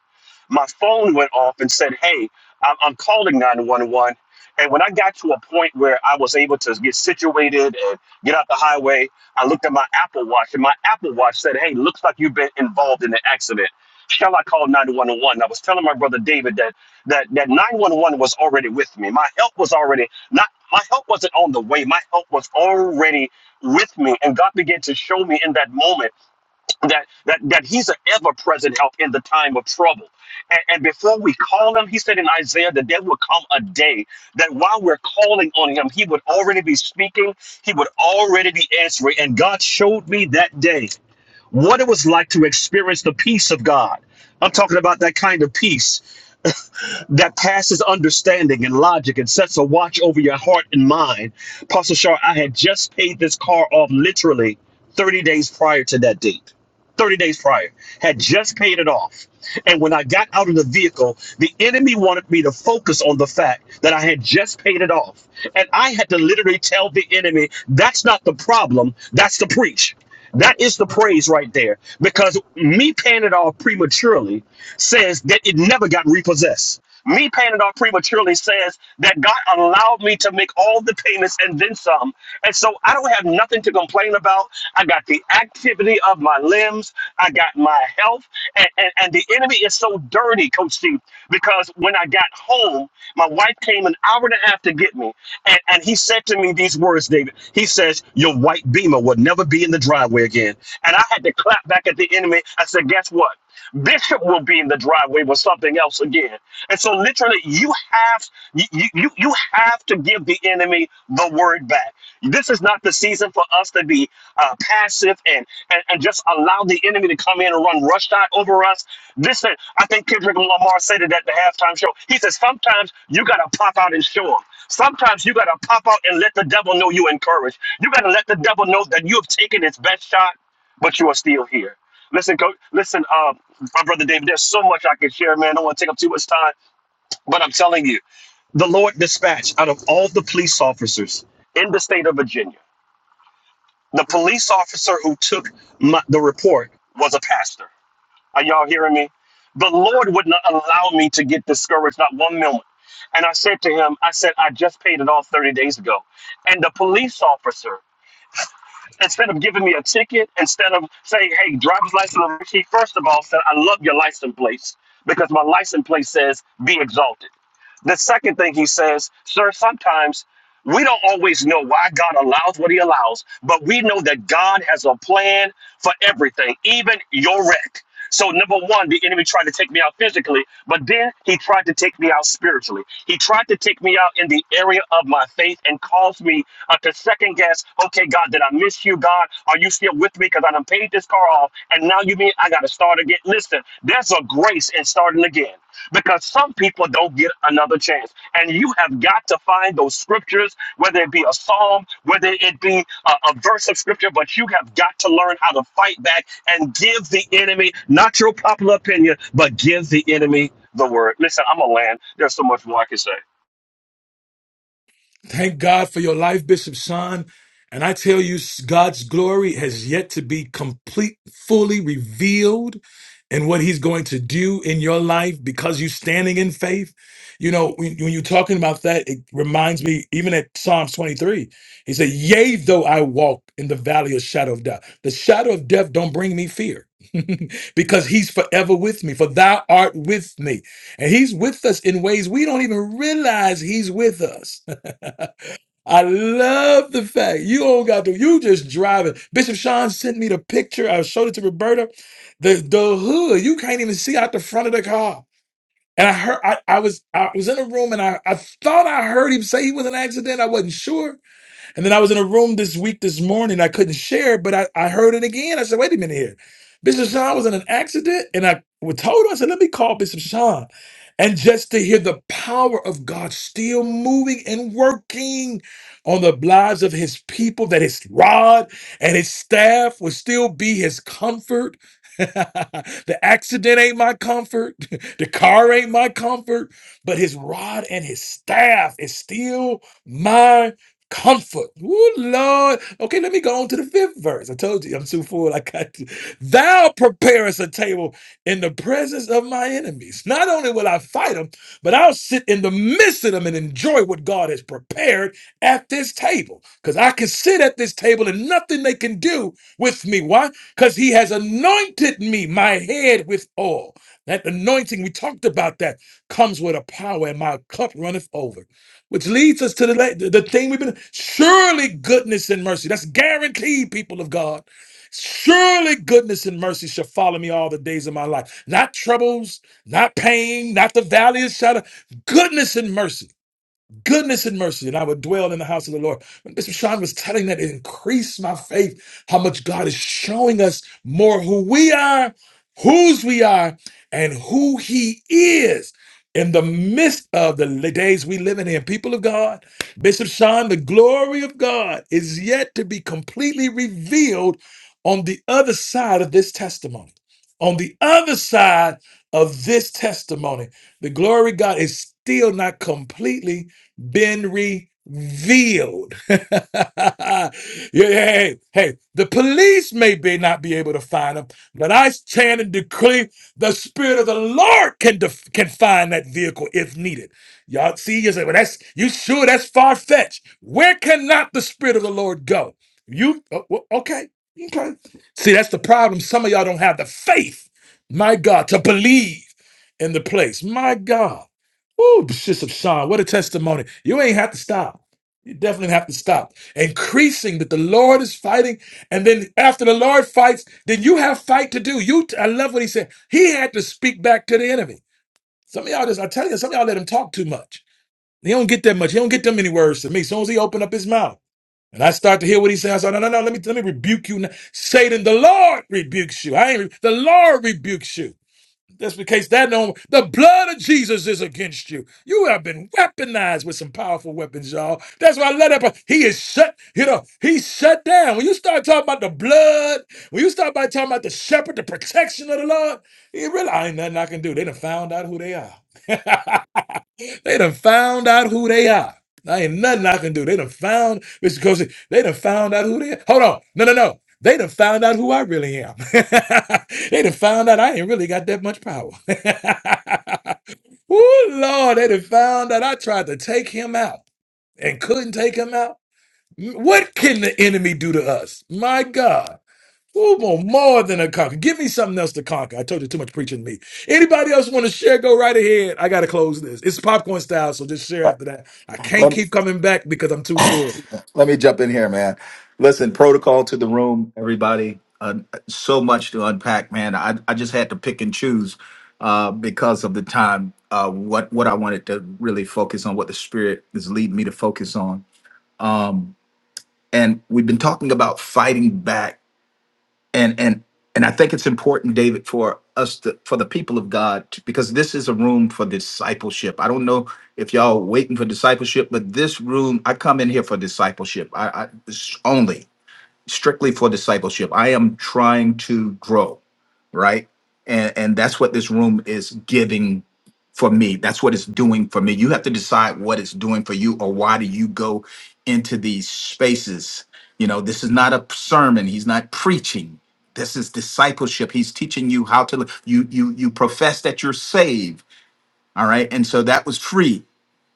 S3: My phone went off and said, Hey, I'm, I'm calling 911. And when I got to a point where I was able to get situated and get out the highway, I looked at my Apple Watch, and my Apple Watch said, Hey, looks like you've been involved in an accident. Shall I call 911? I was telling my brother David that that that 911 was already with me. My help was already not my help wasn't on the way. My help was already with me and god began to show me in that moment that that, that he's an ever-present help in the time of trouble and, and before we call him he said in isaiah that there would come a day that while we're calling on him he would already be speaking he would already be answering and god showed me that day what it was like to experience the peace of god i'm talking about that kind of peace that passes understanding and logic and sets a watch over your heart and mind. Apostle Shar, I had just paid this car off literally 30 days prior to that date. 30 days prior, had just paid it off. And when I got out of the vehicle, the enemy wanted me to focus on the fact that I had just paid it off. And I had to literally tell the enemy, that's not the problem, that's the preach. That is the praise right there. Because me paying it off prematurely says that it never got repossessed. Me paying it off prematurely says that God allowed me to make all the payments and then some. And so I don't have nothing to complain about. I got the activity of my limbs, I got my health. And, and, and the enemy is so dirty, Coach Steve, because when I got home, my wife came an hour and a half to get me. And, and he said to me these words, David. He says, Your white beamer will never be in the driveway again. And I had to clap back at the enemy. I said, Guess what? Bishop will be in the driveway with something else again. and. And so literally you have you, you you have to give the enemy the word back. This is not the season for us to be uh, passive and, and and just allow the enemy to come in and run rush shot over us. This I think Kendrick Lamar said it at the halftime show. He says sometimes you gotta pop out and show show 'em. Sometimes you gotta pop out and let the devil know you encouraged. You gotta let the devil know that you have taken his best shot, but you are still here. Listen, coach. listen, uh, my brother David, there's so much I can share, man. I don't want to take up too much time. But I'm telling you, the Lord dispatched out of all the police officers in the state of Virginia, the police officer who took my, the report was a pastor. Are y'all hearing me? The Lord would not allow me to get discouraged, not one moment. And I said to him, I said, I just paid it off 30 days ago. And the police officer, instead of giving me a ticket, instead of saying, hey, driver's license, he first of all said, I love your license plate because my license plate says, be exalted. The second thing he says, sir, sometimes we don't always know why God allows what he allows, but we know that God has a plan for everything, even your wreck. So, number one, the enemy tried to take me out physically, but then he tried to take me out spiritually. He tried to take me out in the area of my faith and caused me uh, to second guess okay, God, did I miss you, God? Are you still with me? Because I done paid this car off, and now you mean I got to start again. Listen, there's a grace in starting again because some people don't get another chance. And you have got to find those scriptures, whether it be a psalm, whether it be a, a verse of scripture, but you have got to learn how to fight back and give the enemy not your popular opinion, but give the enemy the word. Listen, I'm a land. There's so much more I can say.
S1: Thank God for your life, Bishop Sean. And I tell you, God's glory has yet to be complete, fully revealed in what he's going to do in your life because you're standing in faith. You know, when, when you're talking about that, it reminds me, even at Psalms 23, he said, yea, though I walk in the valley of shadow of death, the shadow of death don't bring me fear because he's forever with me, for thou art with me. And he's with us in ways we don't even realize he's with us. I love the fact you don't got to, you just driving. Bishop Sean sent me the picture. I showed it to Roberta. The the hood, you can't even see out the front of the car. And I heard I, I was I was in a room and I, I thought I heard him say he was in an accident. I wasn't sure. And then I was in a room this week this morning. I couldn't share, but I, I heard it again. I said, wait a minute here. Bishop Sean was in an accident. And I was told, I said, let me call Bishop Sean. And just to hear the power of God still moving and working on the lives of his people that his rod and his staff will still be his comfort. the accident ain't my comfort. The car ain't my comfort, but his rod and his staff is still my comfort. Ooh, Lord. Okay, let me go on to the fifth verse. I told you I'm too full. I got to. Thou preparest a table in the presence of my enemies. Not only will I fight them, but I'll sit in the midst of them and enjoy what God has prepared at this table because I can sit at this table and nothing they can do with me. Why? Because he has anointed me, my head with oil. That anointing, we talked about that, comes with a power, and my cup runneth over. Which leads us to the, la- the the thing we've been surely goodness and mercy. That's guaranteed, people of God. Surely goodness and mercy shall follow me all the days of my life. Not troubles, not pain, not the valley of shadow. Goodness and mercy goodness and mercy, and I would dwell in the house of the Lord. When Bishop Sean was telling that it increased my faith, how much God is showing us more who we are, whose we are, and who He is. In the midst of the li- days we live in here, people of God, Bishop Sean, the glory of God is yet to be completely revealed on the other side of this testimony on the other side of this testimony, the glory of God is still not completely been revealed. Yeah, hey, hey, the police may be not be able to find them, but I stand and decree the spirit of the Lord can def- can find that vehicle if needed. Y'all see, you say, well, that's you sure that's far fetched. Where cannot the spirit of the Lord go? You oh, well, okay? Okay. See, that's the problem. Some of y'all don't have the faith, my God, to believe in the place. My God. Woo, Bishop Sean, what a testimony. You ain't have to stop. You definitely have to stop. Increasing that the Lord is fighting. And then after the Lord fights, then you have fight to do. You I love what he said. He had to speak back to the enemy. Some of y'all just, I tell you, some of y'all let him talk too much. He don't get that much. He don't get them many words to me. As soon as he opened up his mouth. And I start to hear what he says. I said, no, no, no, let me, let me rebuke you now. Satan, the Lord rebukes you. I ain't, re- the Lord rebukes you. Just in case that no, the blood of Jesus is against you. You have been weaponized with some powerful weapons, y'all. That's why I let up. He is shut, you know, he's shut down. When you start talking about the blood, when you start by talking about the shepherd, the protection of the Lord, he realize ain't nothing I can do. They done found out who they are. They done found out who they are. I ain't nothing I can do. They done found, Mr. Cozy, they done found out who they are. Hold on. No, no, no. They done found out who I really am. they done found out I ain't really got that much power. Ooh, Lord, they done found out I tried to take him out and couldn't take him out. What can the enemy do to us? My God. Who want more than a conquer? Give me something else to conquer. I told you too much preaching to me. Anybody else want to share? Go right ahead. I gotta close this. It's popcorn style, so just share after that. I can't
S4: Let,
S1: keep coming back because I'm too full.
S4: let me jump in here, man. Listen, protocol to the room, everybody. Uh, so much to unpack, man. I, I just had to pick and choose uh, because of the time. Uh, what what I wanted to really focus on, what the spirit is leading me to focus on. Um, and we've been talking about fighting back and and and I think it's important, David, for us to for the people of God to, because this is a room for discipleship. I don't know if y'all waiting for discipleship, but this room I come in here for discipleship. I, I it's only strictly for discipleship. I am trying to grow, right? And and that's what this room is giving for me. That's what it's doing for me. You have to decide what it's doing for you or why do you go into these spaces? You know, this is not a sermon. He's not preaching. This is discipleship. He's teaching you how to li- you you you profess that you're saved, all right? And so that was free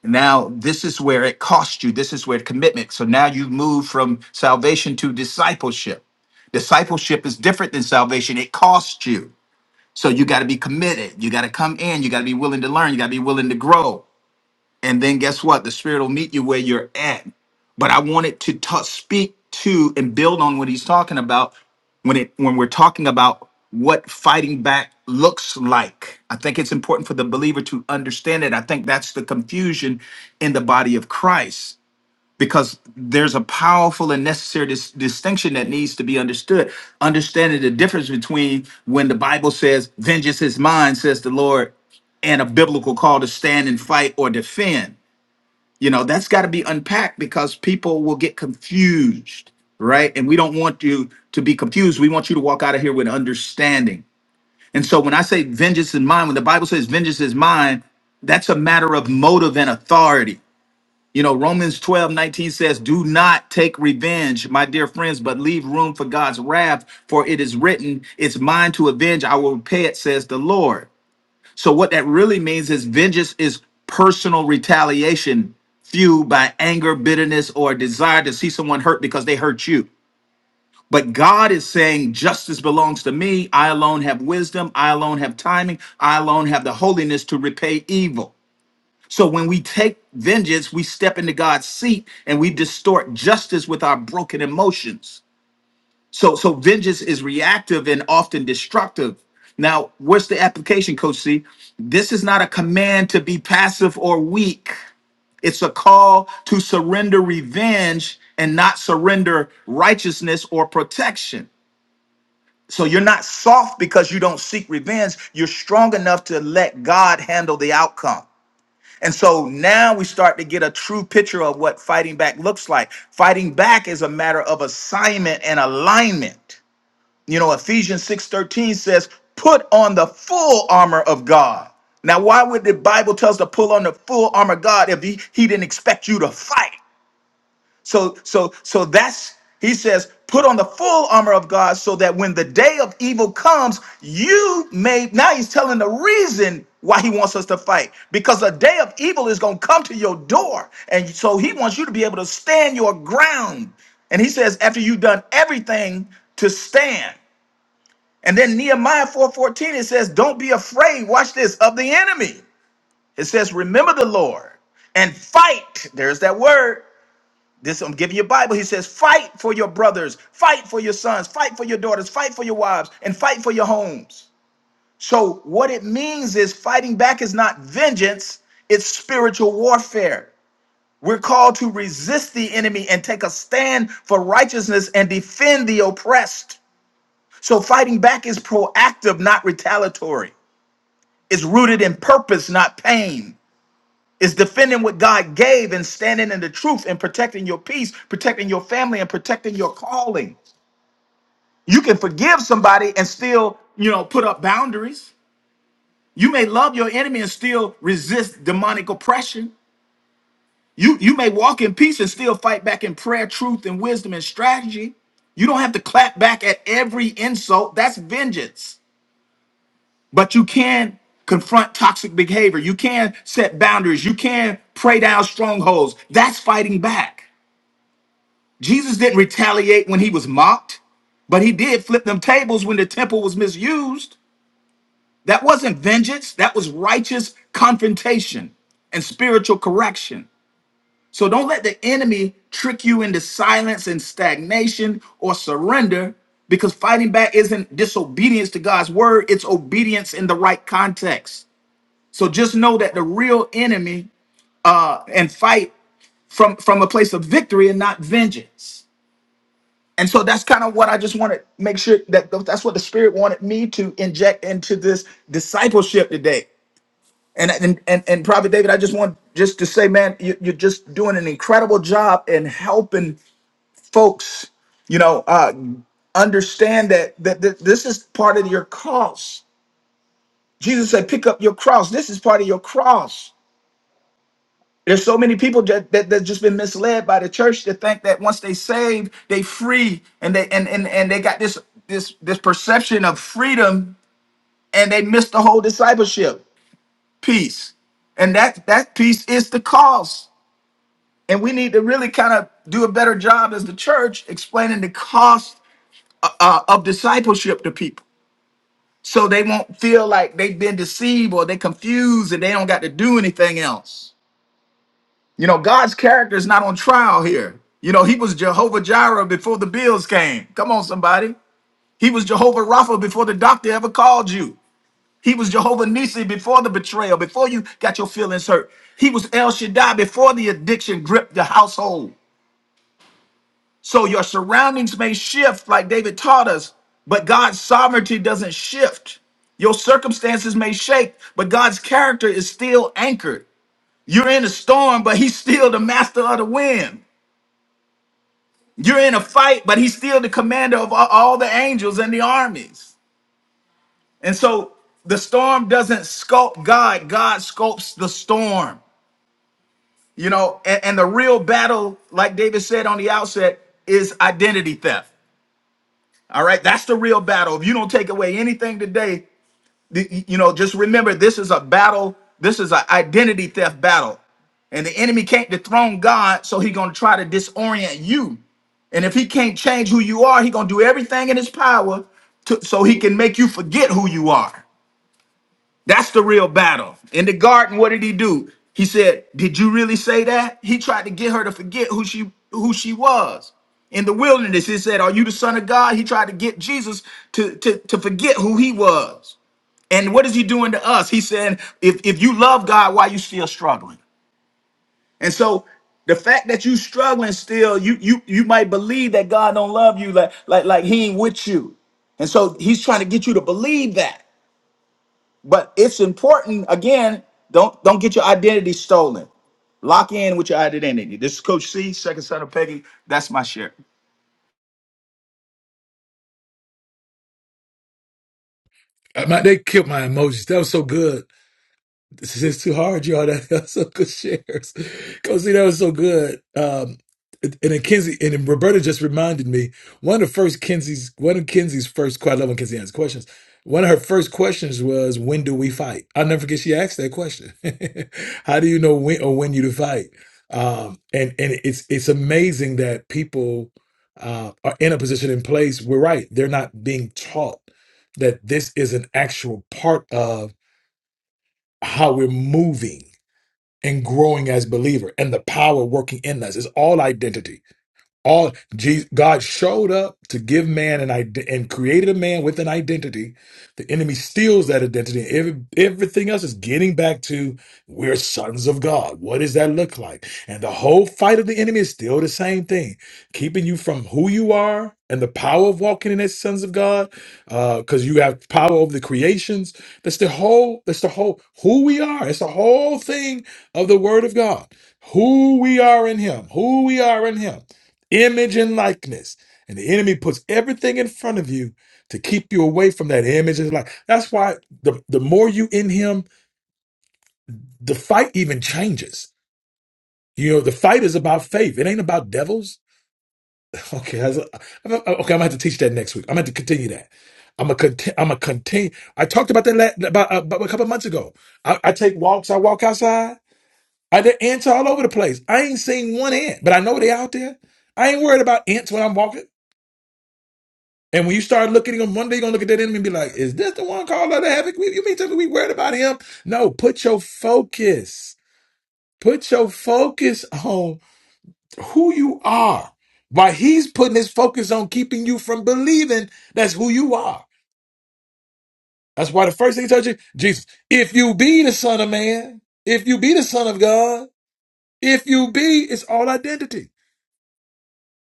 S4: now, this is where it cost you. This is where commitment. So now you've moved from salvation to discipleship. Discipleship is different than salvation, it costs you. So you got to be committed. You got to come in. You got to be willing to learn. You got to be willing to grow and then guess what the spirit will meet you where you're at but i wanted to ta- speak to and build on what he's talking about when it when we're talking about what fighting back looks like i think it's important for the believer to understand it i think that's the confusion in the body of christ because there's a powerful and necessary dis- distinction that needs to be understood understanding the difference between when the bible says vengeance is mine says the lord and a biblical call to stand and fight or defend you know, that's got to be unpacked because people will get confused, right? And we don't want you to be confused. We want you to walk out of here with understanding. And so when I say vengeance is mine, when the Bible says vengeance is mine, that's a matter of motive and authority. You know, Romans 12:19 says, Do not take revenge, my dear friends, but leave room for God's wrath, for it is written, It's mine to avenge, I will repay it, says the Lord. So what that really means is vengeance is personal retaliation fueled by anger, bitterness, or a desire to see someone hurt because they hurt you. But God is saying justice belongs to me. I alone have wisdom. I alone have timing. I alone have the holiness to repay evil. So when we take vengeance, we step into God's seat and we distort justice with our broken emotions. So so vengeance is reactive and often destructive. Now, what's the application, Coach C? This is not a command to be passive or weak. It's a call to surrender revenge and not surrender righteousness or protection. So you're not soft because you don't seek revenge. You're strong enough to let God handle the outcome. And so now we start to get a true picture of what fighting back looks like. Fighting back is a matter of assignment and alignment. You know, Ephesians 6:13 says, "Put on the full armor of God." Now, why would the Bible tell us to pull on the full armor of God if he, he didn't expect you to fight? So so so that's he says, "Put on the full armor of God so that when the day of evil comes, you may Now he's telling the reason why he wants us to fight because a day of evil is going to come to your door. And so he wants you to be able to stand your ground. And he says, after you've done everything to stand. And then Nehemiah 4:14 it says, "Don't be afraid, watch this, of the enemy." It says, "Remember the Lord and fight." There's that word. This I'm giving you a Bible. He says, "Fight for your brothers, fight for your sons, fight for your daughters, fight for your wives, and fight for your homes." So what it means is fighting back is not vengeance, it's spiritual warfare. We're called to resist the enemy and take a stand for righteousness and defend the oppressed. So fighting back is proactive, not retaliatory. It's rooted in purpose, not pain. It's defending what God gave and standing in the truth and protecting your peace, protecting your family, and protecting your calling. You can forgive somebody and still, you know, put up boundaries. You may love your enemy and still resist demonic oppression. You you may walk in peace and still fight back in prayer, truth, and wisdom and strategy. You don't have to clap back at every insult. That's vengeance. But you can confront toxic behavior. You can set boundaries. You can pray down strongholds. That's fighting back. Jesus didn't retaliate when he was mocked, but he did flip them tables when the temple was misused. That wasn't vengeance, that was righteous confrontation and spiritual correction. So don't let the enemy trick you into silence and stagnation or surrender because fighting back isn't disobedience to God's word, it's obedience in the right context. So just know that the real enemy uh, and fight from from a place of victory and not vengeance. And so that's kind of what I just want to make sure that th- that's what the Spirit wanted me to inject into this discipleship today. And and and, and Prophet David, I just want just to say, man, you, you're just doing an incredible job in helping folks, you know, uh, understand that, that that this is part of your cross. Jesus said, "Pick up your cross." This is part of your cross There's so many people that, that that's just been misled by the church to think that once they saved, they free, and they and and and they got this this this perception of freedom, and they missed the whole discipleship piece, and that that piece is the cost, and we need to really kind of do a better job as the church explaining the cost uh, of discipleship to people, so they won't feel like they've been deceived or they confused and they don't got to do anything else. You know, God's character is not on trial here. You know, he was Jehovah Jireh before the bills came. Come on, somebody. He was Jehovah Rapha before the doctor ever called you. He was Jehovah Nisi before the betrayal, before you got your feelings hurt. He was El Shaddai before the addiction gripped the household. So your surroundings may shift, like David taught us, but God's sovereignty doesn't shift. Your circumstances may shake, but God's character is still anchored. You're in a storm, but he's still the master of the wind. You're in a fight, but he's still the commander of all all the angels and the armies. And so the storm doesn't sculpt God, God sculpts the storm. You know, and, and the real battle, like David said on the outset, is identity theft. All right, that's the real battle. If you don't take away anything today, The- you know, just remember this is a battle. This is an identity theft battle. And the enemy can't dethrone God, so he gonna try to disorient you. And if he can't change who you are, he gonna do everything in his power to, so he can make you forget who you are. That's the real battle. In the garden, what did he do? He said, "Did you really say that?" He tried to get her to forget who she who she was. In the wilderness, he said, "Are you the son of God?" He tried to get Jesus to to, to forget who he was. And what is he doing to us? He's saying, if, if you love God, why you still struggling? And so the fact that you struggling still, you you you might believe that God don't love you, like like like he ain't with you. And so he's trying to get you to believe that. But it's important, again, don't don't get your identity stolen. Lock in with your identity. This is Coach C, second son of Peggy. That's my share.
S1: Uh, My, they killed my emojis. That was so good. This is too hard, y'all. That, that's some good shares. Go see, that was so good. Um, and then Kinsey and then Roberta just reminded me one of the first Kinsey's one of Kinsey's first. Quite I love when Kinsey answers questions. One of her first questions was, "When do we fight?" I'll never forget. She asked that question. How do you know when or when you to fight? Um, and and it's it's amazing that people uh, are in a position in place. We're right; they're not being taught that this is an actual part of how we're moving and growing as believer and the power working in us is all identity all Je- God showed up to give man an ide- and created a man with an identity. The enemy steals that identity. Every, everything else is getting back to we're sons of God. What does that look like? And the whole fight of the enemy is still the same thing, keeping you from who you are and the power of walking in as sons of God, because you have power over the creations. That's the whole. That's the whole who we are. It's the whole thing of the Word of God. Who we are in Him. Who we are in Him image and likeness. And the enemy puts everything in front of you to keep you away from that image and like that's why the, the more you in him, the fight even changes. You know, the fight is about faith. It ain't about devils. Okay, I was- I'm, I'm- okay, I'm gonna have to teach that next week. I'm gonna have to continue that. I'm gonna continue. I'm gonna continue. I talked about that la- about, uh, about a couple of months ago. I, I take walks. I walk outside. I there ants all over the place. I ain't seen one ant, but I know they out there. I ain't worried about ants when I'm walking. And when you start looking at him, one day you're gonna look at that enemy and be like, is this the one called out of havoc? We- You mean tell me we worried about him? No, put your focus. Put your focus on who you are. While he's putting his focus on keeping you from believing that's who you are. That's why the first thing he tells you, Jesus, if you be the son of man, if you be the son of God, if you be, it's all identity.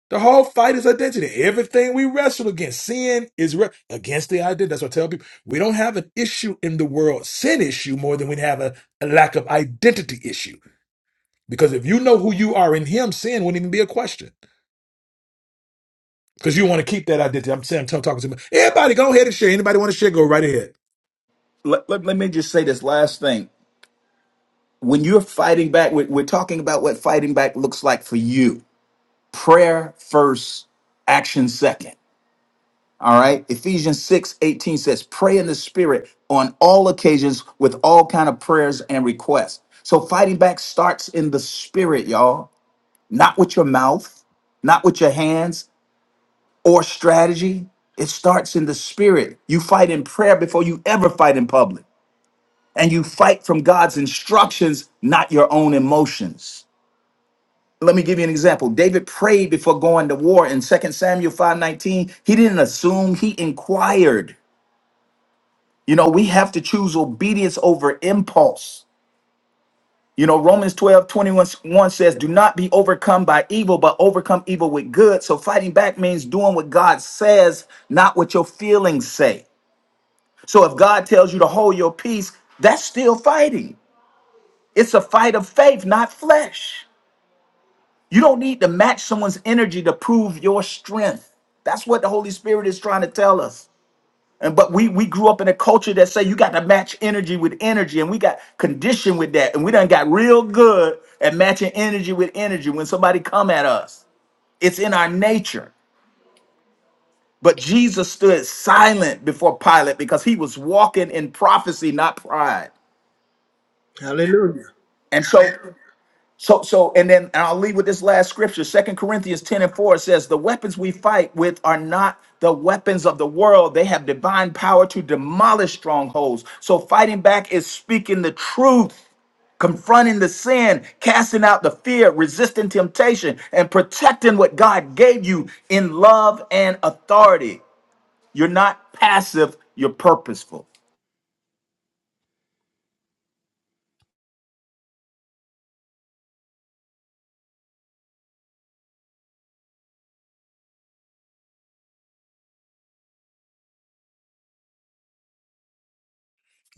S1: The whole fight is identity. Everything we wrestle against, sin is re- against the identity. That's what I tell people. We don't have an issue in the world, sin issue, more than we have a, a lack of identity issue. Because if you know who you are in Him, sin wouldn't even be a question. Because you want to keep that identity. I'm saying I'm t- talking to me. Everybody, go ahead and share. Anybody want to share? Go right ahead.
S4: Let, let, let me just say this last thing. When you're fighting back, we're, we're talking about what fighting back looks like for you prayer first, action second. All right. Ephesians 6 18 says, pray in the spirit on all occasions with all kind of prayers and requests. So fighting back starts in the spirit, y'all, not with your mouth, not with your hands or strategy. It starts in the spirit. You fight in prayer before you ever fight in public. And you fight from God's instructions, not your own emotions. let me give you an example. David prayed before going to war in Second Samuel 5:19. He didn't assume, he inquired. You know, we have to choose obedience over impulse. You know, Romans 12 21 1 says, Do not be overcome by evil, but overcome evil with good. So fighting back means doing what God says, not what your feelings say. So if God tells you to hold your peace, that's still fighting. It's a fight of faith, not flesh. You don't need to match someone's energy to prove your strength. That's what the Holy Spirit is trying to tell us. And but we we grew up in a culture that say you got to match energy with energy, and we got conditioned with that, and we done got real good at matching energy with energy when somebody come at us. It's in our nature. But Jesus stood silent before Pilate because he was walking in prophecy, not pride.
S5: Hallelujah.
S4: And so, So, so, and then and I'll leave with this last scripture. Second Corinthians 10 and 4 says, The weapons we fight with are not the weapons of the world. They have divine power to demolish strongholds. So fighting back is speaking the truth, confronting the sin, casting out the fear, resisting temptation, and protecting what God gave you in love and authority. You're not passive, you're purposeful.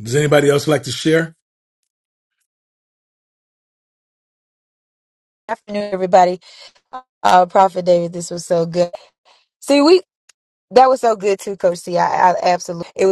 S1: Does anybody else like to share?
S6: afternoon, everybody. Uh, Prophet David, this was so good. See, we that was so good too, Coach C. I, I absolutely. It was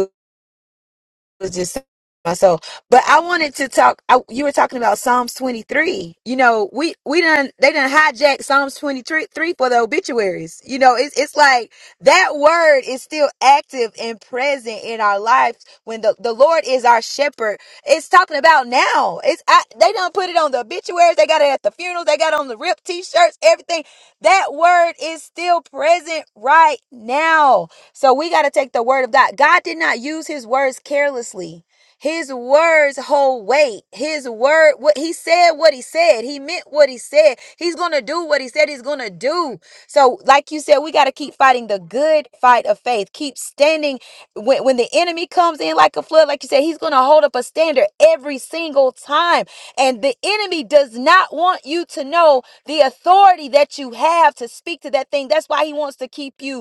S6: was just myself. But I wanted to talk. I, you were talking about Psalms 23. You know, we we done they done hijack Psalms 23 three for the obituaries. You know, it's it's like that word is still active and present in our lives when the the Lord is our shepherd. It's talking about now. It's I, they done put it on the obituaries. They got it at the funerals. They got it on the ripped t-shirts. Everything. That word is still present right now. So we got to take the word of God. God did not use his words carelessly. His words hold weight. His word, what he said, what he said. He meant what he said. He's going to do what he said he's going to do. So, like you said, we got to keep fighting the good fight of faith. Keep standing. When, when the enemy comes in like a flood, like you said, he's going to hold up a standard every single time. And the enemy does not want you to know the authority that you have to speak to that thing. That's why he wants to keep you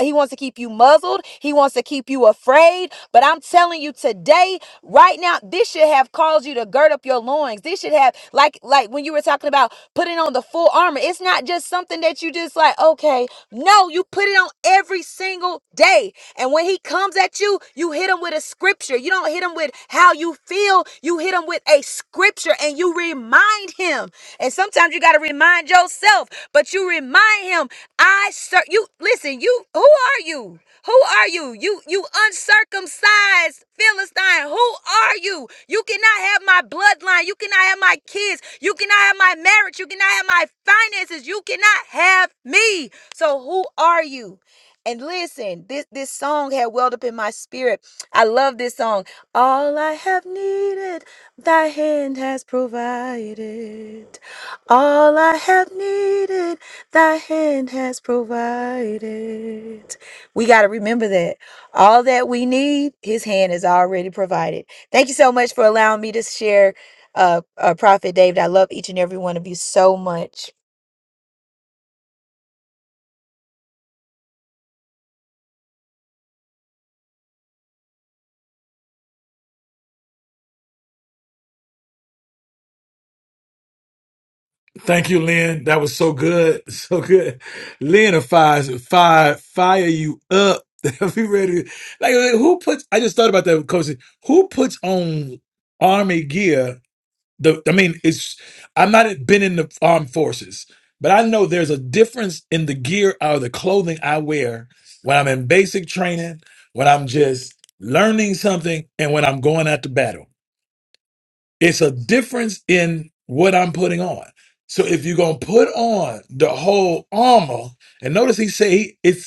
S6: he wants to keep you muzzled. He wants to keep you afraid. But I'm telling you today, right now, this should have caused you to gird up your loins. This should have, like, like when you were talking about putting on the full armor. It's not just something that you just like, okay. No, you put it on every single day. And when he comes at you, you hit him with a scripture. You don't hit him with how you feel. You hit him with a scripture and you remind him. And sometimes you got to remind yourself, but you remind him, I sir you listen, you who are you? Who are you? You you uncircumcised Philistine. Who are you? You cannot have my bloodline. You cannot have my kids. You cannot have my marriage. You cannot have my finances. You cannot have me. So who are you? And listen, this this song had welled up in my spirit. I love this song. All I have needed, thy hand has provided. All I have needed, thy hand has provided. We got to remember that. All that we need, his hand is already provided. Thank you so much for allowing me to share, uh, uh, Prophet David. I love each and every one of you so much.
S1: Thank you, Lynn. That was so good. So good. Lynn of fires fire fire you up. Be ready. to- Like who puts I just thought about that coach. Who puts on army gear? The I mean, it's I'm not been in the armed forces, but I know there's a difference in the gear or the clothing I wear when I'm in basic training, when I'm just learning something, and when I'm going out to battle. It's a difference in what I'm putting on. So if you're gonna put on the whole armor, and notice he say it's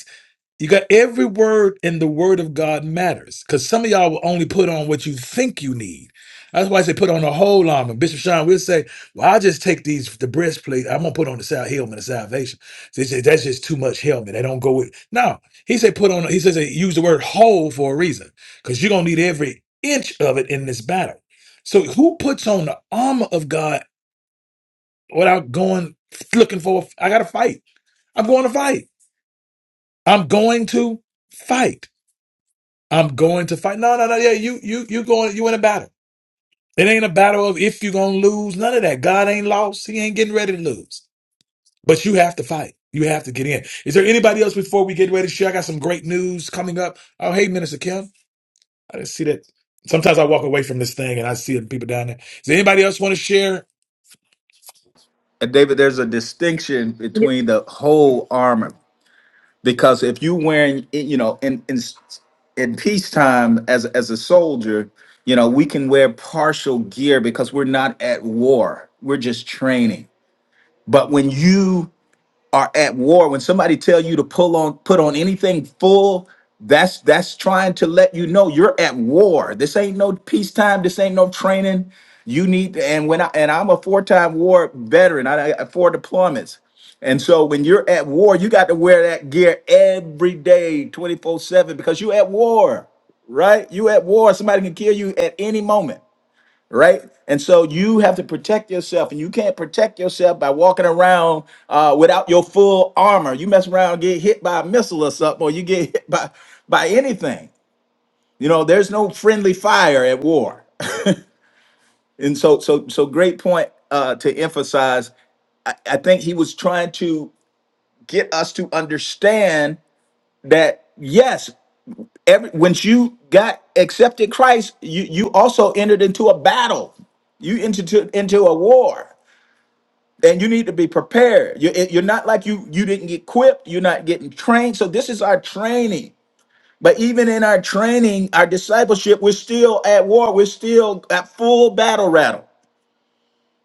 S1: you got every word in the word of God matters because some of y'all will only put on what you think you need. That's why I say put on the whole armor. Bishop Sean will say, Well, I just take these the breastplate, I'm gonna put on the sal- helmet of salvation. So he said, That's just too much helmet. They don't go with no. He said, put on he says they use the word whole for a reason, because you're gonna need every inch of it in this battle. So who puts on the armor of God without going looking for I gotta fight. I'm going to fight. I'm going to fight. I'm going to fight. No, no, no. Yeah, you, you, you going. You in a battle. It ain't a battle of if you're gonna lose. None of that. God ain't lost. He ain't getting ready to lose. But you have to fight. You have to get in. Is there anybody else before we get ready to share? I got some great news coming up. Oh, hey, Minister Kim. I didn't see that. Sometimes I walk away from this thing and I see the people down there. Does anybody else want to share?
S4: And David, there's a distinction between the whole armor. because if you wearing you know in in in peacetime as as a soldier you know we can wear partial gear because we're not at war we're just training but when you are at war when somebody tell you to pull on put on anything full that's that's trying to let you know you're at war this ain't no peacetime this ain't no training you need and when i and i'm a four-time war veteran i, I got four deployments and so when you're at war you got to wear that gear every day 24 7 because you at war right you at war somebody can kill you at any moment right? And so you have to protect yourself, and you can't protect yourself by walking around uh, without your full armor. You mess around, and get hit by a missile or something, or you get hit by by anything. You know, there's no friendly fire at war, and so so so great point uh, to emphasize. I think he was trying to get us to understand that yes, every once you got accepted Christ, you you also entered into a battle you entered into into a war and you need to be prepared. You're, you're not like you you didn't get equipped. You're not getting trained. So this is our training. But even in our training, our discipleship, we're still at war. We're still at full battle rattle.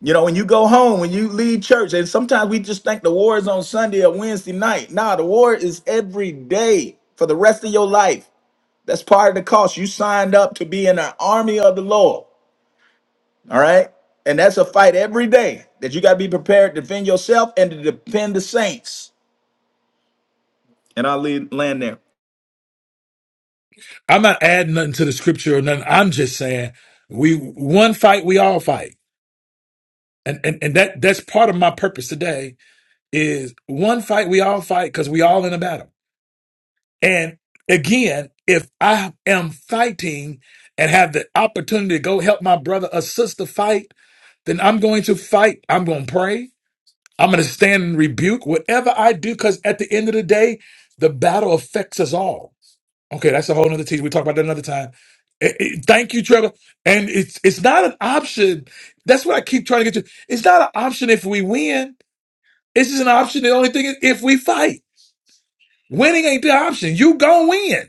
S4: You know, when you go home, when you leave church, and sometimes we just think the war is on Sunday or Wednesday night. Nah, the war is every day for the rest of your life. That's part of the cost. You signed up to be in an army of the Lord. All right. And that's a fight every day that you got to be prepared to defend yourself and to defend the saints. And I'll leave, land there.
S1: I'm not adding nothing to the scripture or nothing. I'm just saying we one fight, we all fight. And and, and that that's part of my purpose today is one fight, we all fight because we all in a battle. And again, if I am fighting and have the opportunity to go help my brother or sister fight, then I'm going to fight. I'm going to pray. I'm going to stand and rebuke whatever I do, because at the end of the day, the battle affects us all. Okay, that's a whole other teaching. We talk about that another time. Eh, eh, thank you, Trevor. And it's it's not an option. That's what I keep trying to get to. It's not an option if we win. It's just an option. The only thing is if we fight. Winning ain't the option. You gonna win.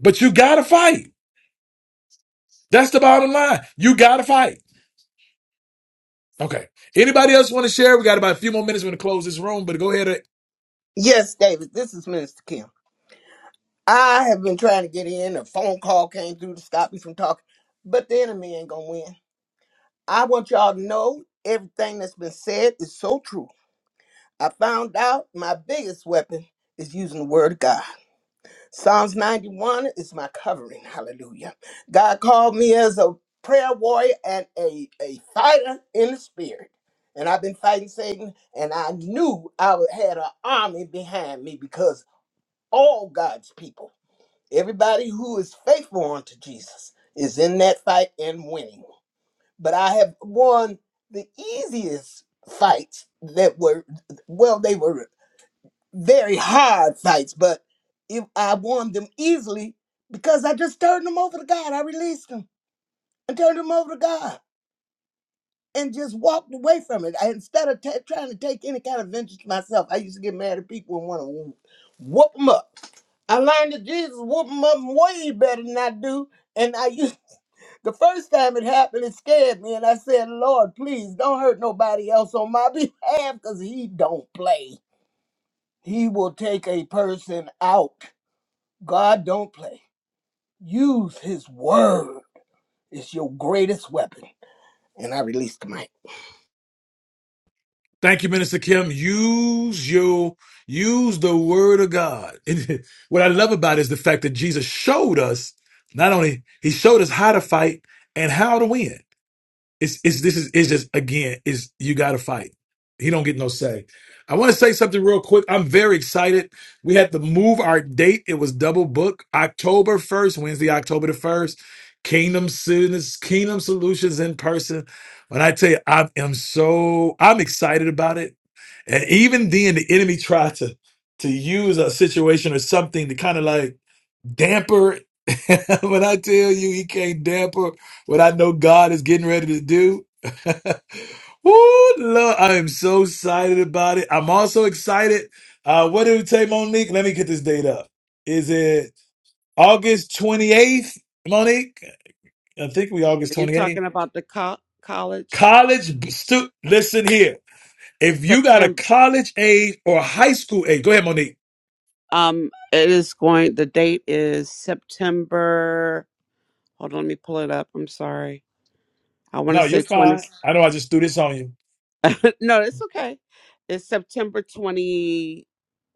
S1: But you gotta fight. That's the bottom line. You gotta fight. Okay. Anybody else want to share? We got about a few more minutes. We're gonna close this room, but go ahead. and-
S5: Yes, David, this is Minister Kim. I have been trying to get in. A phone call came through to stop me from talking, but the enemy ain't gonna win. I want y'all to know everything that's been said is so true. I found out my biggest weapon is using the word of God. Psalms 91 is my covering. Hallelujah. God called me as a prayer warrior and a, a fighter in the spirit. And I've been fighting Satan, and I knew I would- had an army behind me because all God's people. Everybody who is faithful unto Jesus is in that fight and winning. But I have won the easiest fights that were, well, they were very hard fights, but if I won them easily because I just turned them over to God. I released them and turned them over to God. and just walked away from it. I, instead of ta trying to take any kind of vengeance myself, I used to get mad at people and want to whoop them up. I learned that Jesus whoop them up way better than I do. And I used the first time it happened, it scared me, and I said, "Lord, please don't hurt nobody else on my behalf, cause He don't play. He will take a person out. God don't play. Use His word. It's your greatest weapon." And I released the mic.
S1: Thank you, Minister Kim. Use your use the word of God. And what I love about it is the fact that Jesus showed us not only he showed us how to fight and how to win. It's it's this is it's just again is you got to fight. He don't get no say. I want to say something real quick. I'm very excited. We had to move our date. It was double book October first, Wednesday, October the first. Kingdom Solutions, Kingdom Solutions in person. When I tell you, I am so I'm excited about it. And even then, the enemy tried to to use a situation or something to kind of like damper. when I tell you he can't damper what I know God is getting ready to do. Woo, Lord, I am so excited about it. I'm also excited. Uh, what did it say, Monique? Let me get this date up. Is it August 28th, Monique? I think we August
S7: You're
S1: 28th.
S7: talking about the co- college
S1: College b- stu listen here. If you got a
S7: September.
S1: college age or high school age, go ahead, Monique.
S7: Um, it is going. The date is September. Hold on, let me pull it up. I'm sorry. I want to
S1: No, you're
S7: say twenty.
S1: fine. I know I just threw this on you.
S7: no, it's okay. It's September twenty.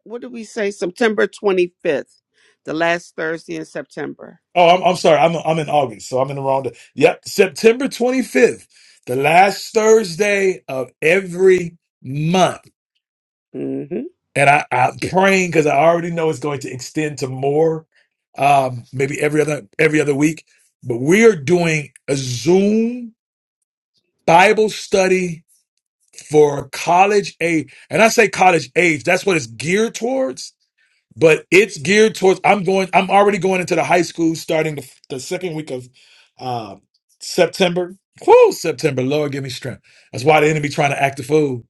S7: What did we say? September twenty fifth, the last Thursday in September.
S1: Oh, I'm, I'm sorry. I'm I'm in August, so I'm in the wrong day. Yep, September 25th, the last Thursday of every month,
S7: Mm-hmm.
S1: and I, I'm praying because I already know it's going to extend to more, um, maybe every other every other week. But we are doing a Zoom Bible study for college age, and I say college age. That's what it's geared towards but it's geared towards i'm going i'm already going into the high school starting the, the second week of uh, september Woo, september lord give me strength that's why the enemy trying to act a fool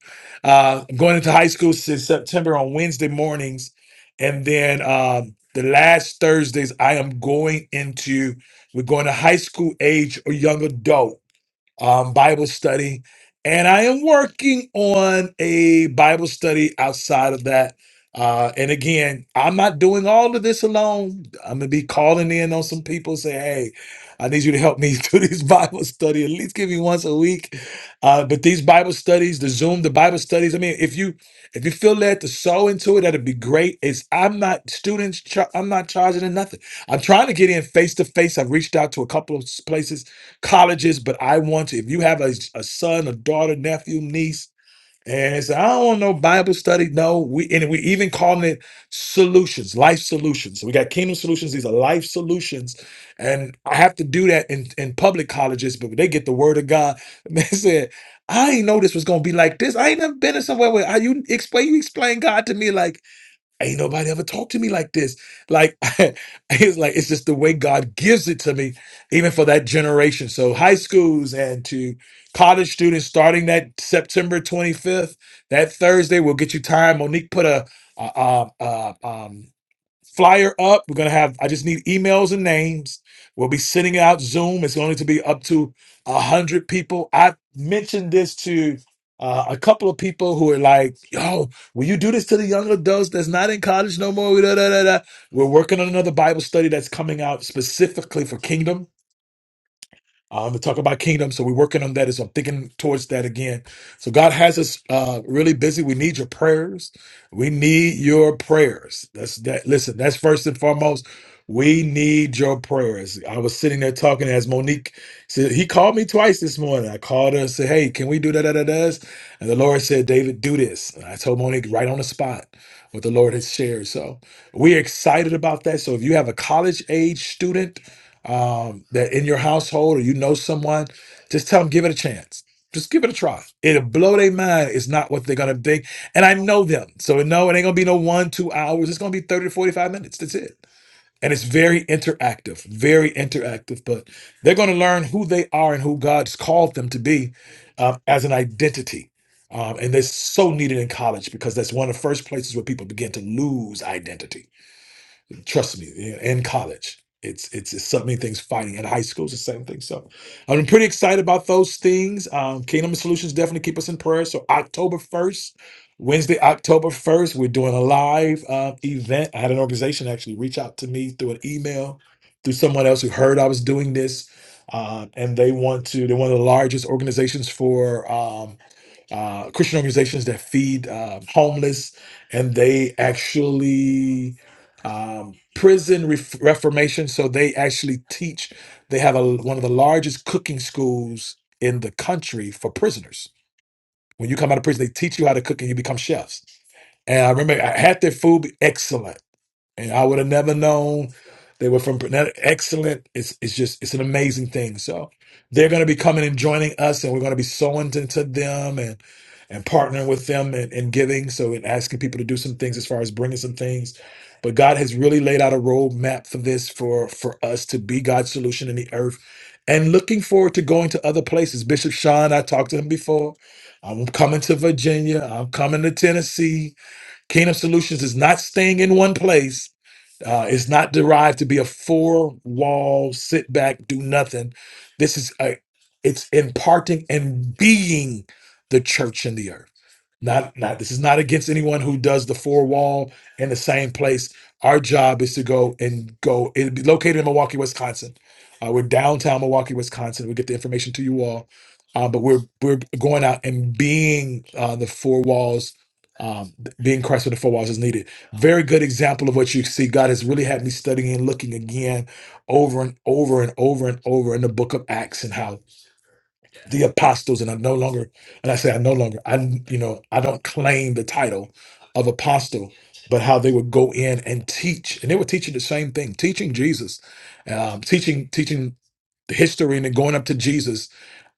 S1: uh, i'm going into high school since september on wednesday mornings and then um, the last thursdays i am going into we're going to high school age or young adult um, Bible study. And I am working on a Bible study outside of that. Uh, and again, I'm not doing all of this alone. I'm gonna be calling in on some people, say, "Hey, I need you to help me do this Bible study. At least give me once a week." Uh, but these Bible studies, the Zoom, the Bible studies. I mean, if you if you feel led to sow into it, that'd be great. It's I'm not students. Char- I'm not charging them nothing. I'm trying to get in face to face. I've reached out to a couple of s- places colleges, but I want to. If you have a, a son, a daughter, nephew, niece, and it's, I don't want no Bible study. No, we and we even calling it solutions, life solutions. we got kingdom solutions. These are life solutions, and I have to do that in, in public colleges. But when they get the word of God. man said, "I ain't know this was gonna be like this. I ain't never been in somewhere where I, you explain you explain God to me like." ain't nobody ever talked to me like this. Like it's like it's just the way God gives it to me, even for that generation. So high schools and to college students starting that September 25th, that Thursday, we'll get you time. Monique put a, a, flyer up. We're gonna have. I just need emails and names. We'll be sending out Zoom. It's going to be up to a hundred people. I mentioned this to uh, a couple of people who are like, "Yo, will you do this to the young adults that's not in college no more?" Da, da, da, da. We're working on another Bible study that's coming out specifically for Kingdom. Um, to talk about kingdom, so we're working on that as I'm thinking towards that again. So God has us uh, really busy. We need your prayers. We need your prayers. That's that. Listen, that's first and foremost. We need your prayers. I was sitting there talking as Monique said. He called me twice this morning. I called her and said, "Hey, can we do that?" that, that, that?" And the Lord said, "David, do this." And I told Monique right on the spot what the Lord has shared. So we're excited about that. So if you have a college age student um, that in your household or you know someone, just tell them give it a chance. Just give it a try. It'll blow their mind. It's not what they're gonna think. And I know them. So no, it ain't gonna be no one, two hours. It's gonna be 30 to 45 minutes. That's it. And it's very interactive, very interactive. But they're gonna learn who they are and who God's called them to be uh, as an identity. Um, and that's so needed in college because that's one of the first places where people begin to lose identity Trust me, you know, in college. It's, it's it's so many things fighting at high school is the same thing. So I'm pretty excited about those things. Um, Kingdom Solutions definitely keep us in prayer. So October 1st, Wednesday, October 1st, we're doing a live uh, event. I had an organization actually reach out to me through an email, through someone else who heard I was doing this. Uh, and they want to, they're one of the largest organizations for um, uh, Christian organizations that feed uh, homeless, and they actually um, prison ref- reformation. So they actually teach. They have a, one of the largest cooking schools in the country for prisoners. When you come out of prison, they teach you how to cook, and you become chefs. And I remember I had their food excellent and I would have never known they were from that excellent. It's it's just it's an amazing thing. So they're going to be coming and joining us, and we're going to be sowing into them and and partnering with them and, and giving. So and asking people to do some things as far as bringing some things. But God has really laid out a roadmap for this for for us to be God's solution in the earth. And looking forward to going to other places. Bishop Sean, I talked to him before. I'm coming to Virginia. I'm coming to Tennessee. Kingdom Solutions is not staying in one place uh, it's not derived to be a four wall sit back, do nothing. This is a, it's imparting and being the church in the earth. Not, not, this is not against anyone who does the four wall in the same place. Our job is to go and go, it will be located in Milwaukee, Wisconsin. Uh, we're downtown Milwaukee, Wisconsin. We'll get the information to you all. Uh, but we're, we're going out and being uh, the four walls, um, being Christ with the four walls is needed very good example of what you see. God has really had me studying and looking again over and over and over and over in the book of Acts and how the apostles and i no longer and i say i no longer i you know i don't claim the title of apostle but how they would go in and teach and they were teaching the same thing teaching jesus um, teaching teaching the history and then going up to jesus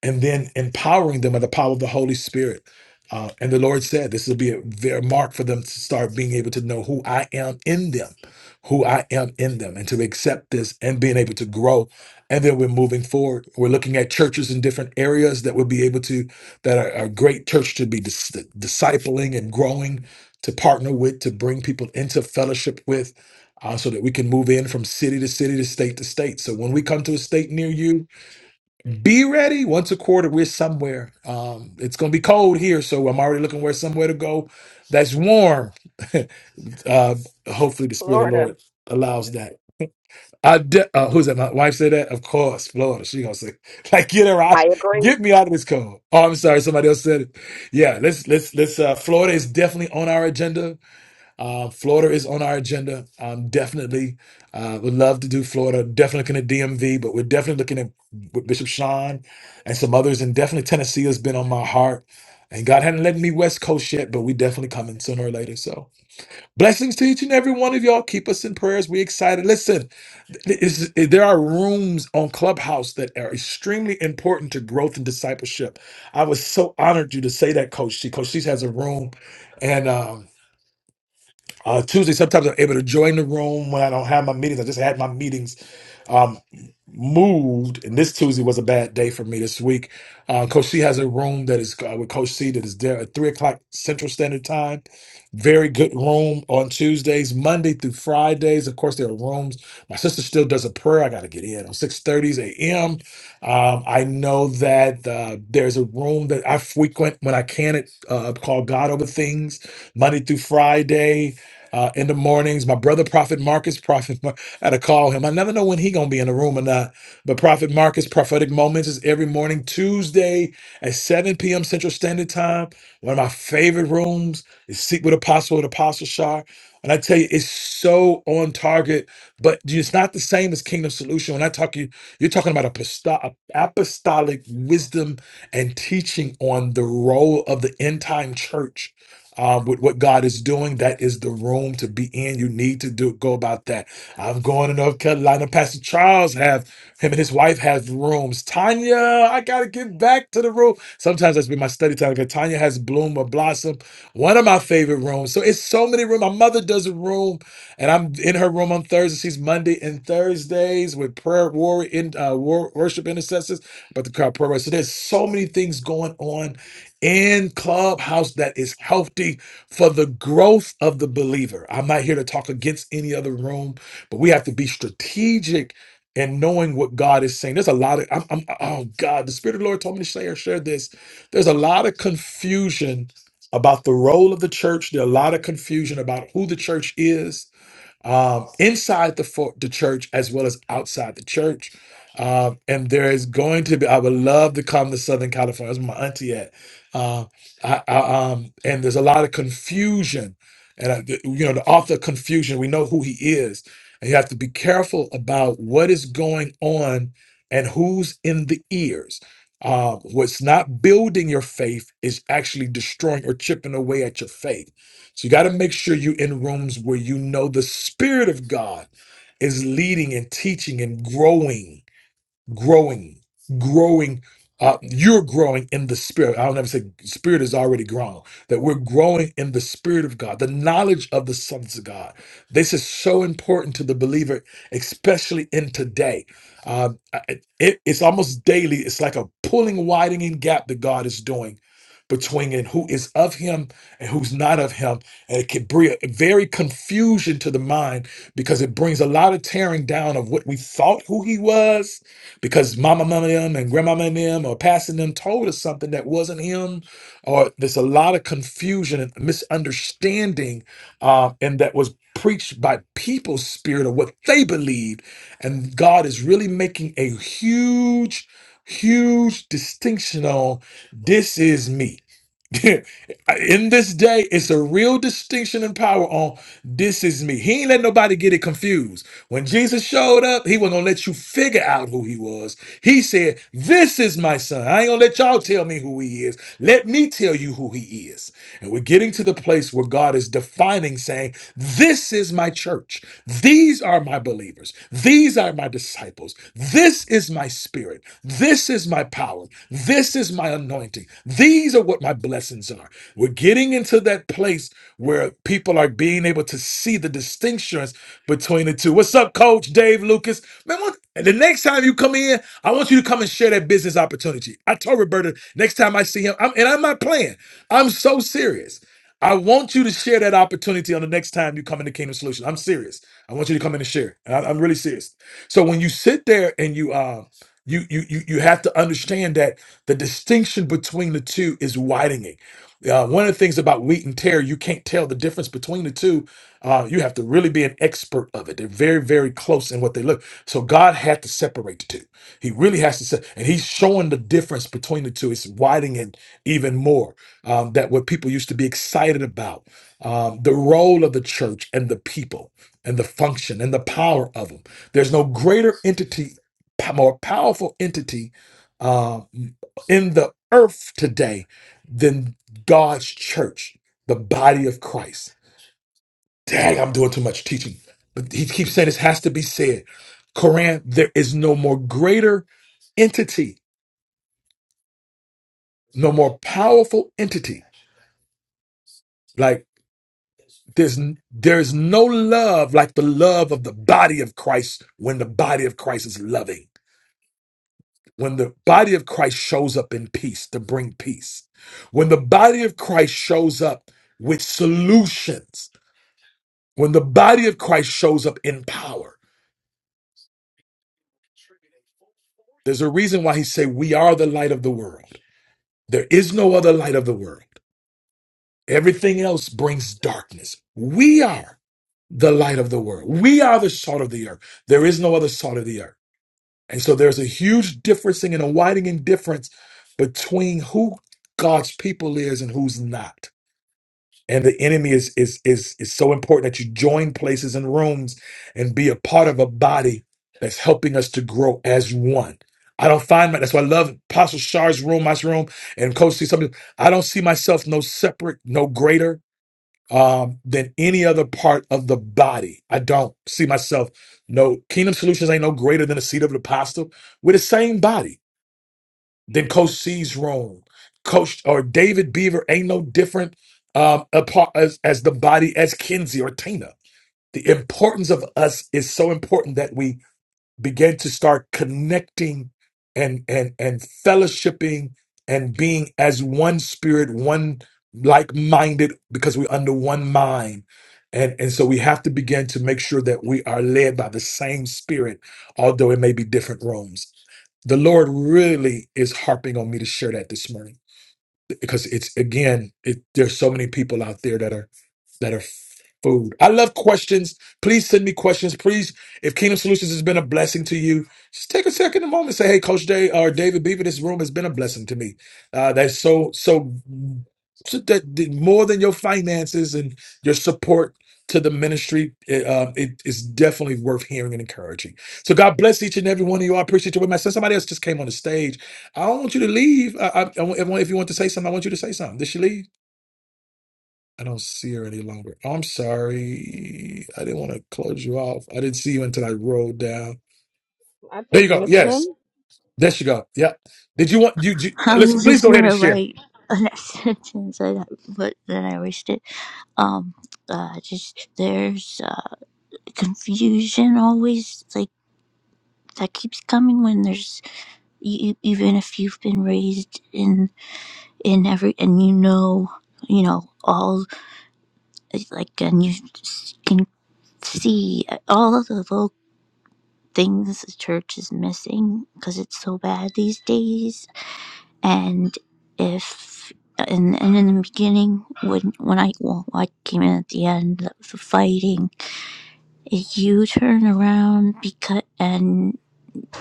S1: and then empowering them by the power of the holy spirit uh, and the lord said this will be a very mark for them to start being able to know who i am in them who i am in them and to accept this and being able to grow and then we're moving forward. We're looking at churches in different areas that will be able to that are a great church to be dis- discipling and growing, to partner with, to bring people into fellowship with, uh, so that we can move in from city to city to state to state. So when we come to a state near you, be ready. Once a quarter, we're somewhere. Um, it's going to be cold here, so I'm already looking where somewhere to go that's warm. uh, hopefully, the Spirit of the
S8: Florida.
S1: Lord allows that I de- uh, who's that? My wife said that. Of course, Florida. She gonna say, like, get her
S9: I
S1: out,
S9: agree.
S1: get me out of this cold. Oh, I'm sorry, somebody else said it. Yeah, let's let's let's. Uh, Florida is definitely on our agenda. Uh, Florida is on our agenda. Um, definitely, uh, would love to do Florida. Definitely looking at DMV, but we're definitely looking at with Bishop Sean and some others, and definitely Tennessee has been on my heart. And God hadn't let me West Coast yet, but we definitely coming sooner or later. So blessings to each and every one of y'all. Keep us in prayers. We excited. Listen is there are rooms on clubhouse that are extremely important to growth and discipleship i was so honored you to say that coach she coach she has a room uh, Tuesday, sometimes I'm able to join the room when I don't have my meetings. I just had my meetings um, moved, and this Tuesday was a bad day for me this week. Uh, Coach C has a room that is uh, with Coach C that is there at three o'clock Central Standard Time. Very good room on Tuesdays, Monday through Fridays. Of course, there are rooms. My sister still does a prayer. I got to get in on six thirty a.m. Um, I know that uh, there's a room that I frequent when I can. It uh, called God Over Things Monday through Friday uh, in the mornings. My brother, Prophet Marcus, Prophet, Mar- I had to call him. I never know when he gonna be in the room or not. But Prophet Marcus, Prophetic Moments is every morning, Tuesday at 7 p.m. Central Standard Time. One of my favorite rooms is Seek with Apostle at Apostle Shar. And I tell you, it's so on target, but it's not the same as Kingdom Solution. When I talk you, you're talking about aposto- apostolic wisdom and teaching on the role of the end time church um, with what God is doing. That is the room to be in. You need to do go about that. I'm going to North Carolina. Pastor Charles have him and his wife have rooms. Tanya, I gotta get back to the room. Sometimes that's been my study time. because Tanya has Bloom or Blossom, one of my favorite rooms. So it's so many rooms. My mother does a room, and I'm in her room on Thursday. She's Monday and Thursdays with prayer warrior in uh, wor- worship intercessors. But the crowd prayer. warrior. So there's so many things going on in clubhouse that is healthy for the growth of the believer i'm not here to talk against any other room but we have to be strategic in knowing what god is saying there's a lot of I'm, I'm oh god the spirit of the lord told me to share share this there's a lot of confusion about the role of the church there's a lot of confusion about who the church is um, inside the for- the church as well as outside the church. Um, and there is going to be. I would love to come to Southern California. That's where my auntie at. Uh, I, I, um, and there's a lot of confusion, and I, the- you know the author of confusion. We know who he is, and you have to be careful about what is going on and who's in the ears. Um, what's not building your faith is actually destroying or chipping away at your faith so you got to make sure you're in rooms where you know the Spirit of God is leading and teaching and growing growing, growing. Uh, you're growing in the spirit. I don't ever say spirit is already grown. That we're growing in the spirit of God, the knowledge of the sons of God. This is so important to the believer, especially in today. Um, I- it- it's almost daily. It's like a pulling, widening gap that God is doing between and who is of Him and who's not of Him, and it can bring a very confusion to the mind because it brings a lot of tearing down of what we thought who He was because mama mama and them and grandmama and them or passing them told us something that wasn't him or there's a lot of confusion and misunderstanding uh, and that was preached by people's spirit of what they believed and god is really making a huge huge distinction on this is me in this day, it's a real distinction and power on this is me. He ain't let nobody get it confused. When Jesus showed up, he wasn't gonna let you figure out who he was. He said, This is my son. I ain't gonna let y'all tell me who he is. Let me tell you who he is. And we're getting to the place where God is defining, saying, This is my church. These are my believers. These are my disciples disciples. This is my spirit. This is my power. This is my anointing. These are what my blessings are. We're getting into that place where people are being able to see the distinctions between the two. What's up, Coach Dave Lucas? Man, what? And the next time you come in, I want you to come and share that business opportunity. I told Roberta next time I see him, I'm, and I'm not playing. I'm so serious. I want you to share that opportunity on the next time you come into Kingdom Solution. I'm serious. I want you to come in and share. it. And I, am really serious. So when you sit there and you uh you you you you have to understand that the distinction between the two is widening. Uh, one of the things about wheat and tear, you can't tell the difference between the two. Uh, you have to really be an expert of it. They're very, very close in what they look. So God had to separate the two. He really has to say, and He's showing the difference between the two. It's widening it even more. Um, that what people used to be excited about, um, the role of the church and the people and the function and the power of them. There's no greater entity, p- more powerful entity uh, in the earth today than God's church, the body of Christ. Dang, I'm doing too much teaching. But he keeps saying this has to be said. Koran, there is no more greater entity, no more powerful entity. Like there's there's no love like the love of the body of Christ when the body of Christ is loving. When the body of Christ shows up in peace to bring peace, when the body of Christ shows up with solutions, when the body of Christ shows up in power, there's a reason why he say we are the light of the world. There is no other light of the world. Everything else brings darkness. We are the light of the world. We are the salt of the earth. There is no other salt of the earth. And so there's a huge differencing and a widening difference between who God's people is and who's not. and the enemy is is is is so important that you join places and rooms and be a part of a body that's helping us to grow as one. I don't find my that's why I love Apostle Shar's room, my room, and Coach C something. I don't see myself no separate, no greater um, than any other part of the body. I don't see myself no Kingdom Solutions ain't no greater than the seat of the apostle. We're the same body than Coach C's role. Coach or David Beaver ain't no different um, apart as, as the body as Kenzie or Tina. The importance of us is so important that we began to start connecting and and and fellowshipping and being as one spirit one like-minded because we're under one mind and and so we have to begin to make sure that we are led by the same spirit although it may be different rooms the lord really is harping on me to share that this morning because it's again it, there's so many people out there that are that are food i love questions please send me questions please if kingdom solutions has been a blessing to you just take a second a moment say hey coach day or david beaver this room has been a blessing to me uh that's so so so that that more than your finances and your support to the ministry, it, um, it is definitely worth hearing and encouraging. So God bless each and every one of you. I appreciate you. With my son, somebody else just came on the stage. I don't want you to leave. I, I, I want everyone, if you want to say something, I want you to say something. Did she leave? I don't see her any longer. I'm sorry. I didn't want to close you off. I didn't see you until I rolled down.
S8: I
S1: There you
S8: think
S1: go.
S8: Miss
S1: Yes.
S8: Mim
S1: There she go. Yep. Did you want you, you
S10: I
S1: listen,
S10: was
S1: please
S10: just
S1: go ahead and
S10: gonna
S1: share.
S10: write that sentence, and I, but then I erased it. Um, uh, just there's uh, confusion always, like that keeps coming when there's you, you- even if you've been raised in in every and you know you know all like and you s- can see uh, all of the little things the church is missing because it's so bad these days and if and, and in the beginning when when I well I came in at the end of the fighting if you turn around because and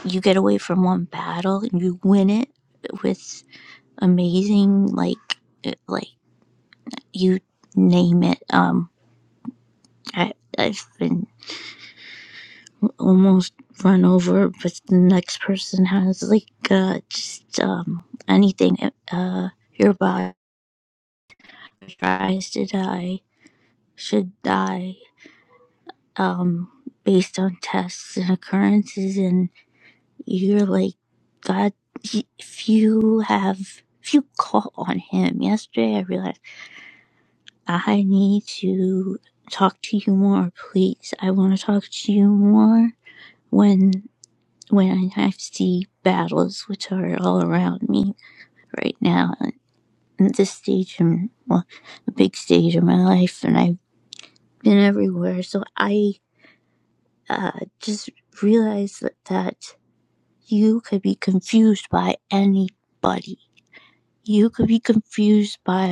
S10: you get away from one battle and you win it with amazing like it- like you name it um I I've been almost run over but the next person has like uh just um anything uh your body tries to die should die um, based on tests and occurrences. And you're like, God, if you have, if you call on Him, yesterday I realized I need to talk to you more, please. I want to talk to you more when when I see battles which are all around me right now at this stage in well, a big stage in my life, and I've been everywhere. So I uh, just realize that, that you could be confused by anybody. You could be confused by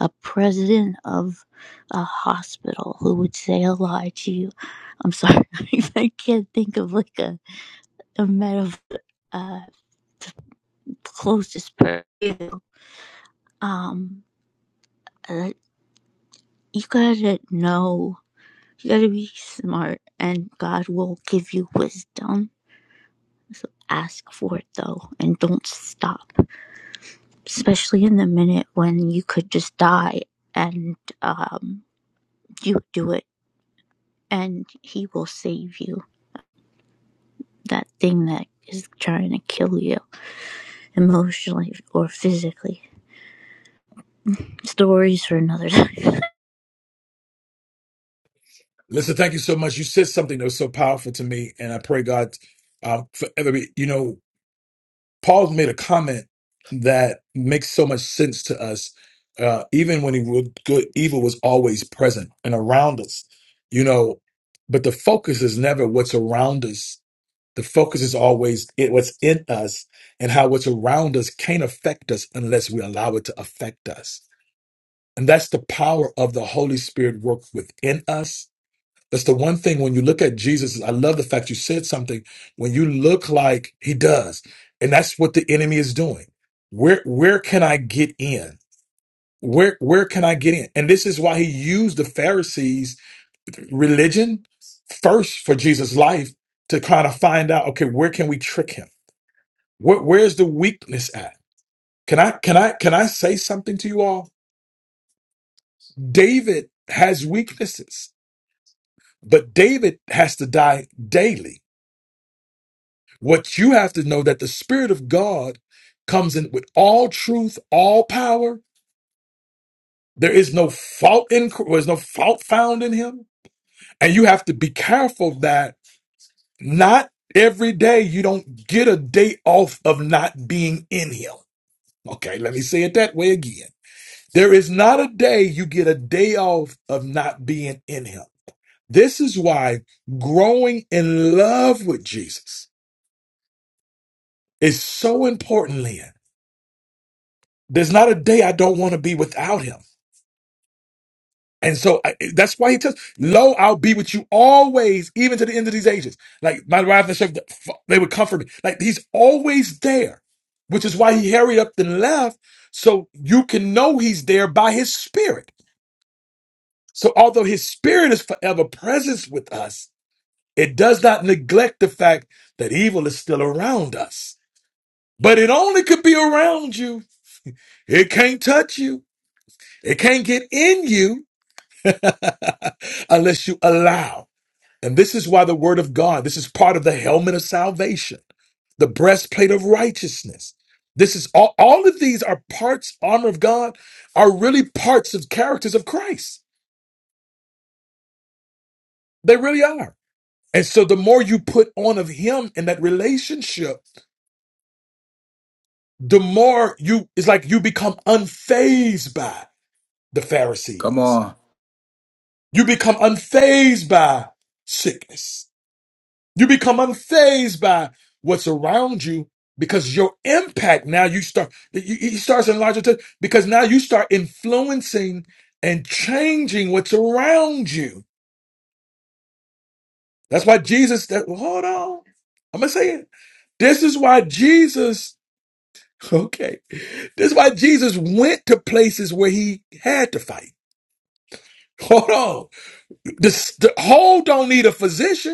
S10: a, a president of a hospital who would say a lie to you. I'm sorry, I can't think of like a, a metaphor, uh, the closest person. Um, uh, you gotta know, you gotta be smart, and God will give you wisdom. So ask for it though, and don't stop. especially in the minute when you could just die and um, you do it and he will save you that thing that is trying to kill you emotionally or physically stories for another time.
S1: Listen, thank you so much. You said something that was so powerful to me, and I pray God um, forever be, you know. Paul's made a comment that makes so much sense to us, uh, even when he would good evil was always present and around us, you know. But the focus is never what's around us. The focus is always it, what's in us and how what's around us can't affect us unless we allow it to affect us. And that's the power of the Holy Spirit work within us that's the one thing when you look at Jesus. I love the fact you said something. When you look like he does, and that's what the enemy is doing. Where where can I get in? Where where can I get in? And this is why he used the Pharisees' religion first for Jesus' life to kind of find out. Okay, where can we trick him? Where, where's the weakness at? Can I can I can I say something to you all? David has weaknesses, but David has to die daily. What you have to know that the Spirit of God comes in with all truth, all power. There is no fault in there's no fault found in him. And you have to be careful that not every day you don't get a day off of not being in him. Okay, let me say it that way again. There is not a day you get a day off of not being in him. This is why growing in love with Jesus is so important, Lynn There's not a day I don't want to be without him. And so I, that's why he tells, Lo, I'll be with you always, even to the end of these ages. Like my wife and shepherd, they would comfort me. Like he's always there, which is why he hurried up and left. So you can know he's there by his spirit. So although his spirit is forever present with us, it does not neglect the fact that evil is still around us. But it only could be around you. It can't touch you. It can't get in you unless you allow. And this is why the word of God, this is part of the helmet of salvation, the breastplate of righteousness. This is all, all of these are parts, armor of God, are really parts of characters of Christ. They really are. And so the more you put on of him in that relationship, the more you, it's like you become unfazed by the
S4: Come
S1: Pharisees.
S4: on.
S1: You become unfazed by sickness. You become unfazed by what's around you because your impact now you start it it starts in larger terms because now you start influencing and changing what's around you. That's why Jesus. That, hold on, I'm gonna say it. This is why Jesus. Okay, this is why Jesus went to places where he had to fight. Hold on, the, the whole don't need a physician.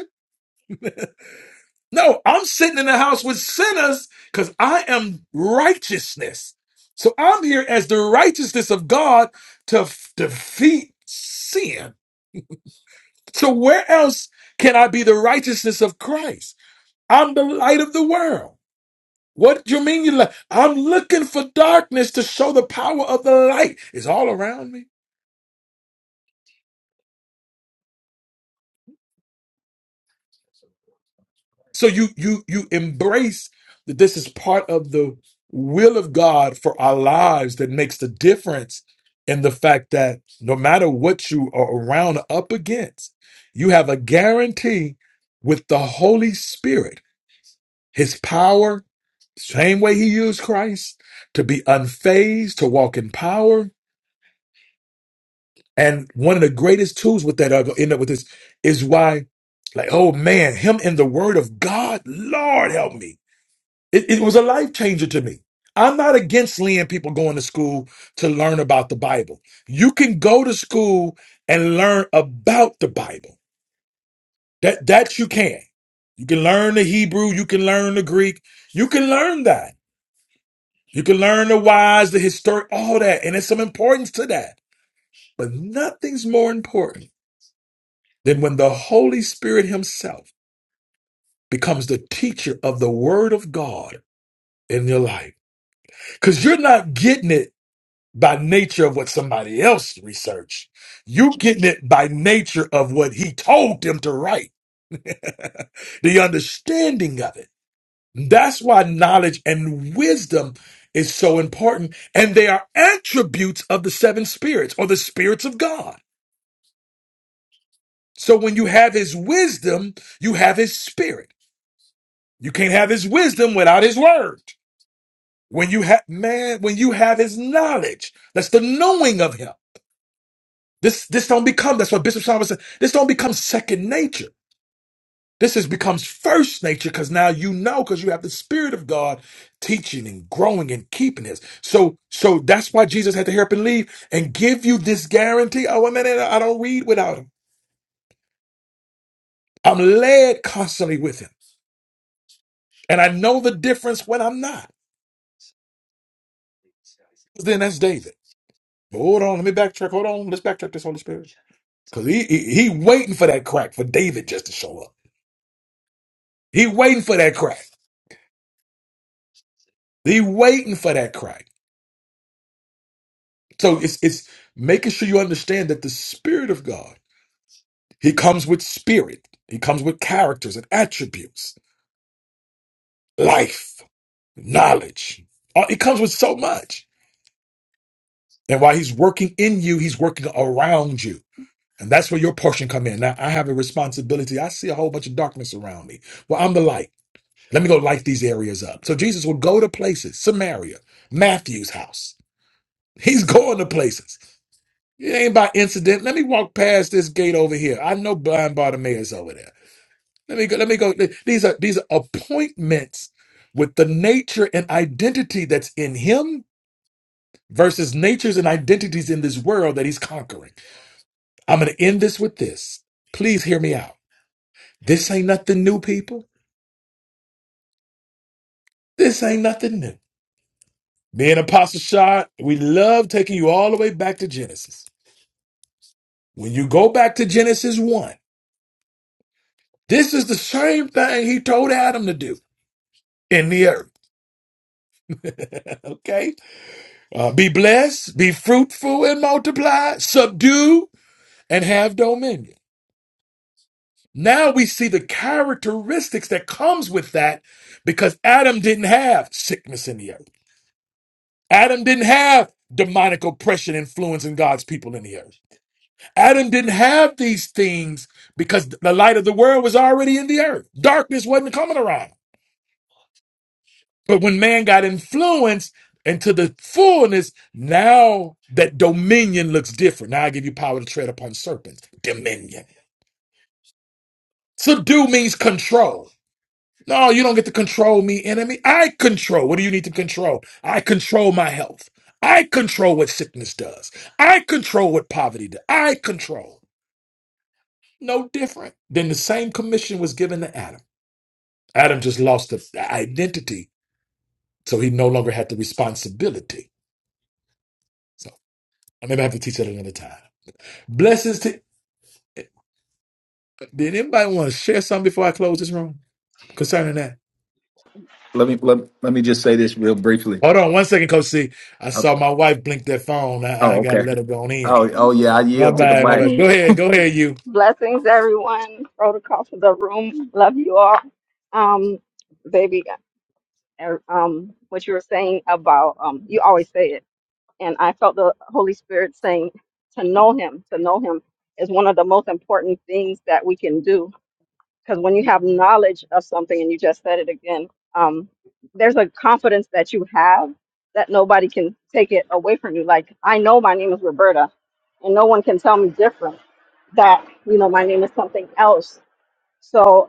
S1: No, I'm sitting in the house with sinners because I am righteousness. So I'm here as the righteousness of God to f- defeat sin. So where else can I be the righteousness of Christ? I'm the light of the world. What do you mean you li- I'm looking for darkness to show the power of the light. It's all around me. So you you you embrace that this is part of the will of God for our lives that makes the difference in the fact that no matter what you are around or up against, you have a guarantee with the Holy Spirit, his power, same way he used Christ, to be unfazed, to walk in power. And one of the greatest tools with that, I'll end up with this, is why, like, oh man, him in the word of God, Lord help me. It, it was a life changer to me. I'm not against Lee and people going to school to learn about the Bible. You can go to school and learn about the Bible. That that you can. You can learn the Hebrew, you can learn the Greek, you can learn that. You can learn the whys, the historic, all that, and there's some importance to that. But nothing's more important than when the Holy Spirit Himself becomes the teacher of the Word of God in your life. Because you're not getting it by nature of what somebody else researched. You getting it by nature of what he told them to write. the understanding of it. That's why knowledge and wisdom is so important. And they are attributes of the seven spirits or the spirits of God. So when you have his wisdom, you have his spirit. You can't have his wisdom without his word. When you have, man, when you have his knowledge, that's the knowing of him. This this don't become that's what Bishop Solomon said. This don't become second nature. This is becomes first nature because now you know because you have the Spirit of God teaching and growing and keeping this. So so that's why Jesus had to hurry up and leave and give you this guarantee. Oh, wait a minute, I don't read without him. I'm led constantly with him. And I know the difference when I'm not. Then that's David. Hold on, let me backtrack. Hold on, let's backtrack this Holy Spirit. Because he, he he waiting for that crack for David just to show up. He waiting for that crack. They waiting for that crack. So it's it's making sure you understand that the Spirit of God, He comes with spirit. He comes with characters and attributes, life, knowledge. Uh, It comes with so much. And while He's working in you, He's working around you. And that's where your portion come in. Now I have a responsibility. I see a whole bunch of darkness around me. Well, I'm the light. Let me go light these areas up. So Jesus will go to places, Samaria, Matthew's house. He's going to places. It ain't by incident. Let me walk past this gate over here. I know blind Bartimaeus over there. Let me go. Let me go. These are these are appointments with the nature and identity that's in him versus natures and identities in this world that he's conquering. I'm going to end this with this. Please hear me out. This ain't nothing new, people. This ain't nothing new. Me and Apostle Shot, we love taking you all the way back to Genesis. When you go back to Genesis 1, this is the same thing he told Adam to do in the earth. okay? Uh, be blessed, be fruitful and multiply, subdue and have dominion. Now we see the characteristics that comes with that because Adam didn't have sickness in the earth. Adam didn't have demonic oppression influencing God's people in the earth. Adam didn't have these things because the light of the world was already in the earth. Darkness wasn't coming around. But when man got influenced into the fullness, now that dominion looks different. Now I give you power to tread upon serpents. Dominion. Subdue means control. No, you don't get to control me, enemy. I control. What do you need to control? I control my health. I control what sickness does. I control what poverty does. I control. No different than the same commission was given to Adam. Adam just lost the the identity, so he no longer had the responsibility. So I maybe I have to teach that another time. Blessings to. Did anybody want to share something before I close this room concerning that?
S4: Let me let, let me just say this real briefly.
S1: Hold on one second, Coach C. I saw
S4: Okay.
S1: my wife blink that phone. I,
S4: Oh,
S1: I gotta
S4: okay.
S1: let her go on in.
S4: Oh, oh yeah, I
S8: was
S1: My
S4: yield to
S8: so
S4: the
S1: bad, my
S4: mic.
S1: bad. Go
S8: funny.
S1: ahead, go ahead, you.
S8: Blessings, everyone. Protocol for the room. Love you all. Um, baby, er, um, what you were saying about um, you always say it, and I felt the Holy Spirit saying to know Him. To know Him is one of the most important things that we can do because when you have knowledge of something and you just said it again um, there's a confidence that you have that nobody can take it away from you like i know my name is roberta and no one can tell me different that you know my name is something else so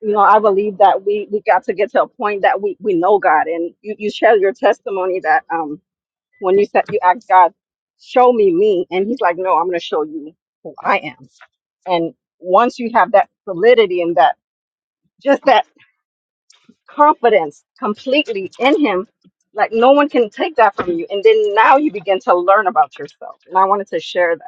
S8: you know i believe that we we got to get to a point that we we know god and you, you share your testimony that um when you said you asked god show me me and he's like no i'm going to show you who i am and once you have that solidity and that just that confidence completely in him like no one can take that from you and then now you begin to learn about yourself and i wanted to share that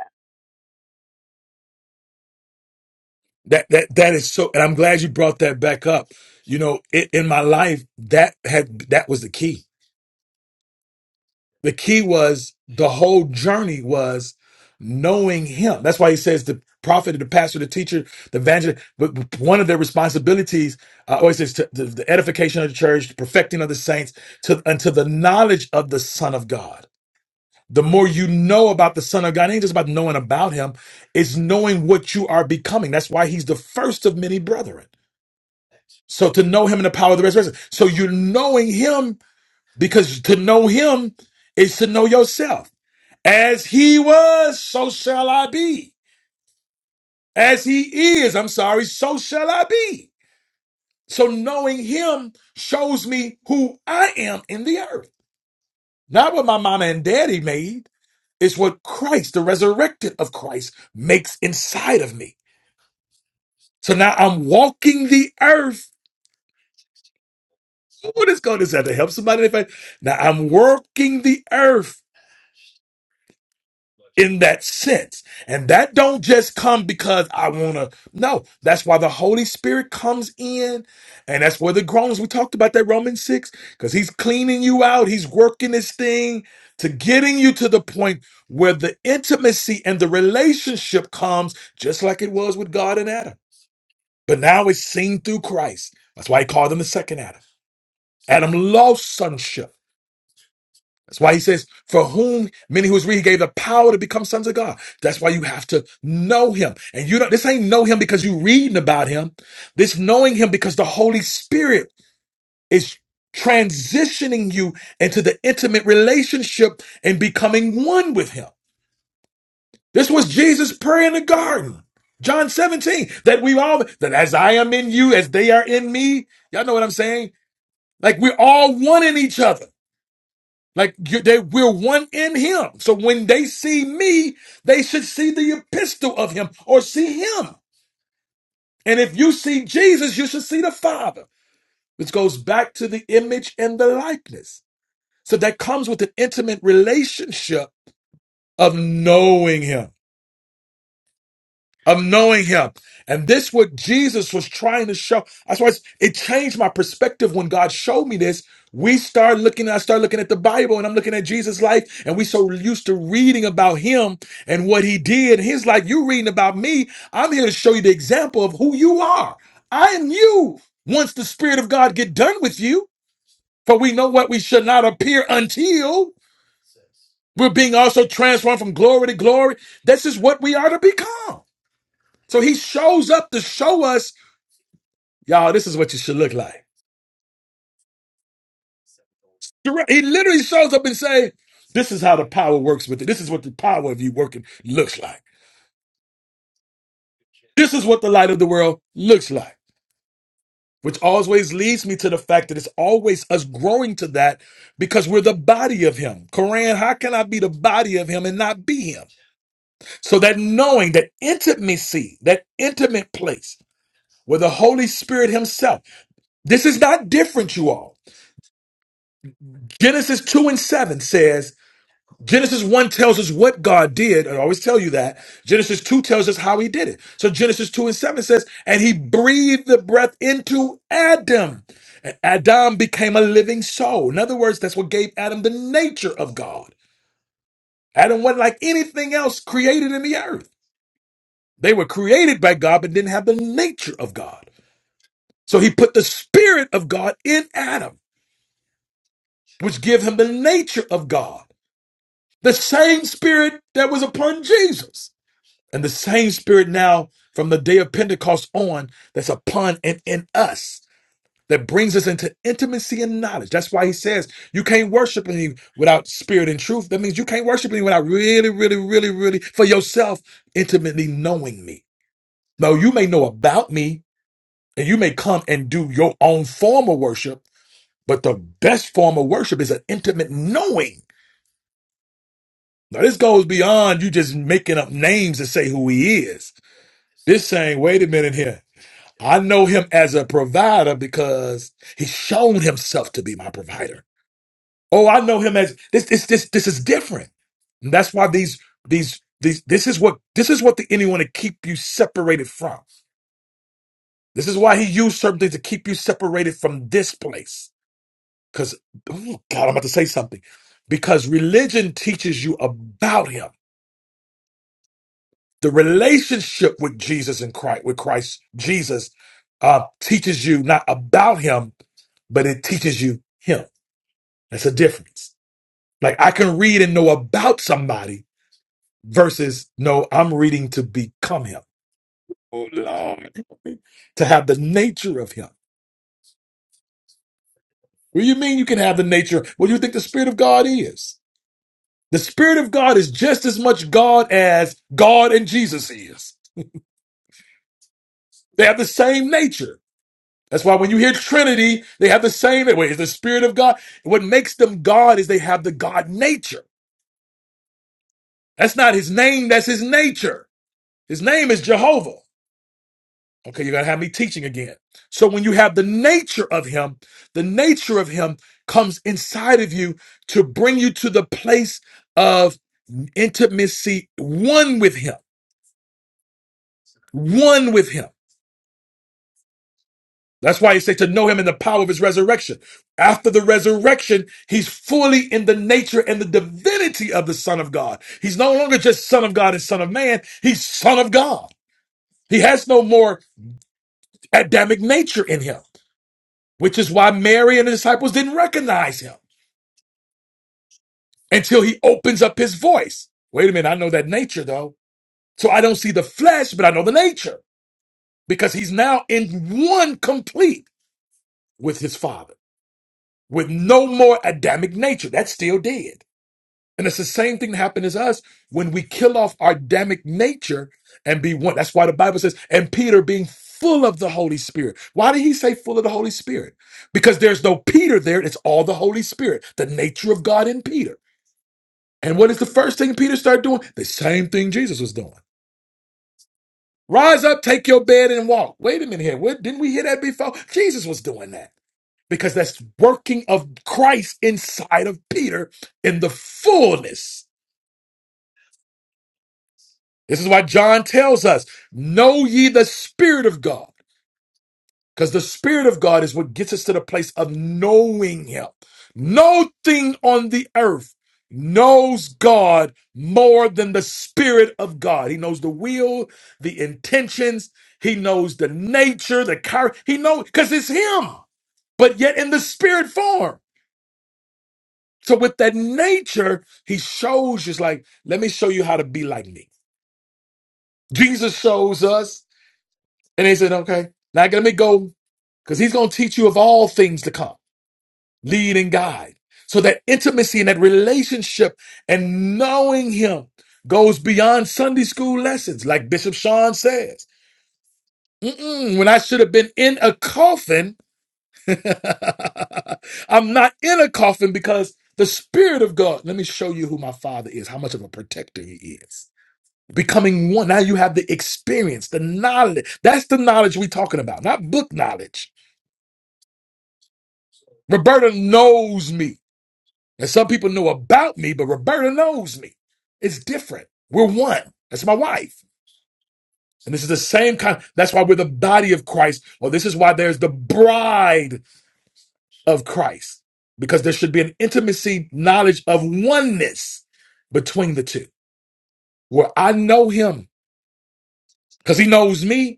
S1: That that that is so, and I'm glad you brought that back up. You know, it, in my life, that had that was the key. The key was the whole journey was knowing him. That's why he says the prophet, the pastor, the teacher, the evangelist. But but one of their responsibilities, uh, always says, to, the, the edification of the church, the perfecting of the saints, to unto the knowledge of the Son of God. The more you know about the Son of God, it ain't just about knowing about Him; it's knowing what you are becoming. That's why He's the first of many brethren. So to know Him in the power of the resurrection. So you're knowing Him because to know Him is to know yourself. As he was, so shall I be. As he is, I'm sorry, so shall I be. So knowing him shows me who I am in the earth. Not what my mama and daddy made. It's what Christ, the resurrected of Christ, makes inside of me. So now I'm walking the earth. What is going to have to help somebody? If I, now I'm working the earth in that sense. And that don't just come because I want to. No, that's why the Holy Spirit comes in. And that's where the groans, we talked about that Romans 6, because he's cleaning you out. He's working this thing to getting you to the point where the intimacy and the relationship comes just like it was with God and Adam. But now it's seen through Christ. That's why he called him the second Adam. Adam lost sonship. That's why he says, for whom many who is read, he gave the power to become sons of God. That's why you have to know him. And you don't. this ain't know him because you reading about him. This knowing him because the Holy Spirit is transitioning you into the intimate relationship and becoming one with him. This was Jesus' prayer in the garden. John 17, that we all, that as I am in you, as they are in me. Y'all know what I'm saying? Like we're all one in each other. Like you, they we're one in him. So when they see me, they should see the epistle of him or see him. And if you see Jesus, you should see the Father, which goes back to the image and the likeness. So that comes with an intimate relationship of knowing him. of knowing him. And this what Jesus was trying to show. That's why it's- it changed my perspective when God showed me this. We start looking, I start looking at the Bible and I'm looking at Jesus' life, and we so used to reading about him and what he did. His life, you reading about me. I'm here to show you the example of who you are. I am you. Once the Spirit of God get done with you, for we know what we should not appear until we're being also transformed from glory to glory. This is what we are to become. So he shows up to show us, y'all, this is what you should look like. Direct- He literally shows up and say, this is how the power works with it. This is what the power of you working looks like. This is what the light of the world looks like, which always leads me to the fact that it's always us growing to that because we're the body of him. Koran, how can I be the body of him and not be him? So that knowing, that intimacy, that intimate place where the Holy Spirit himself, this is not different, you all. Genesis 2 and 7 says, Genesis 1 tells us what God did. I always tell you that. Genesis 2 tells us how he did it. So Genesis 2 and 7 says, And he breathed the breath into Adam. And Adam became a living soul. In other words, that's what gave Adam the nature of God. Adam wasn't like anything else created in the earth. They were created by God, but didn't have the nature of God. So he put the spirit of God in Adam, which gave him the nature of God. The same spirit that was upon Jesus. And the same spirit now from the day of Pentecost on that's upon and in us that brings us into intimacy and knowledge. That's why he says you can't worship him without spirit and truth. That means you can't worship him without really, really, really, really for yourself intimately knowing me. Now you may know about me and you may come and do your own form of worship, but the best form of worship is an intimate knowing. Now this goes beyond you just making up names to say who he is. This saying, wait a minute here. I know him as a provider because he's shown himself to be my provider. Oh, I know him as this this this this is different. And that's why these these these this is what this is what the enemy want to keep you separated from. This is why he used certain things to keep you separated from this place. Because oh God, I'm about to say something. Because religion teaches you about him. the relationship with Jesus and Christ, with Christ Jesus, uh, teaches you not about him, but it teaches you him. That's a difference. Like I can read and know about somebody versus no, I'm reading to become him. Oh Lord, help me to have the nature of him. What do you mean you can have the nature? What do you think the Spirit of God is? The Spirit of God is just as much God as God and Jesus is. They have the same nature. That's why when you hear Trinity, they have the same way. It's the Spirit of God. What makes them God is they have the God nature. That's not his name, that's his nature. His name is Jehovah. Okay, you're gonna have me teaching again. So when you have the nature of him, the nature of him comes inside of you to bring you to the place of intimacy, one with him, one with him. That's why he said to know him in the power of his resurrection. After the resurrection, he's fully in the nature and the divinity of the Son of God. He's no longer just Son of God and Son of Man. He's Son of God. He has no more Adamic nature in him, which is why Mary and the disciples didn't recognize him until he opens up his voice. Wait a minute, I know that nature though. So I don't see the flesh, but I know the nature because he's now in one complete with his Father with no more Adamic nature. That's still dead. And it's the same thing that happened as us when we kill off our Adamic nature and be one. That's why the Bible says, and Peter being full of the Holy Spirit. Why did he say full of the Holy Spirit? Because there's no Peter there. It's all the Holy Spirit, the nature of God in Peter. And what is the first thing Peter started doing? The same thing Jesus was doing. Rise up, take your bed and walk. Wait a minute here. What, didn't we hear that before? Jesus was doing that because that's working of Christ inside of Peter in the fullness This is why John tells us, Know ye the Spirit of God, because the Spirit of God is what gets us to the place of knowing Him. No thing on the earth knows God more than the Spirit of God. He knows the will, the intentions, He knows the nature, the character. He knows, because it's Him, but yet in the Spirit form. So with that nature, He shows you, it's like, let me show you how to be like me. Jesus shows us And they said, okay, now let me go because he's going to teach you of all things to come, lead and guide. So that intimacy and that relationship and knowing him goes beyond Sunday school lessons, like Bishop Sean says. Mm-mm, when I should have been in a coffin, I'm not in a coffin because the Spirit of God, let me show you who my Father is, how much of a protector he is becoming one. Now you have the experience, the knowledge. That's the knowledge we're talking about, not book knowledge. Roberta knows me. And some people know about me, but Roberta knows me. It's different. We're one. That's my wife. And this is the same kind. That's why we're the body of Christ. Or this is why there's the bride of Christ. Because there should be an intimacy knowledge of oneness between the two. Where I know him because he knows me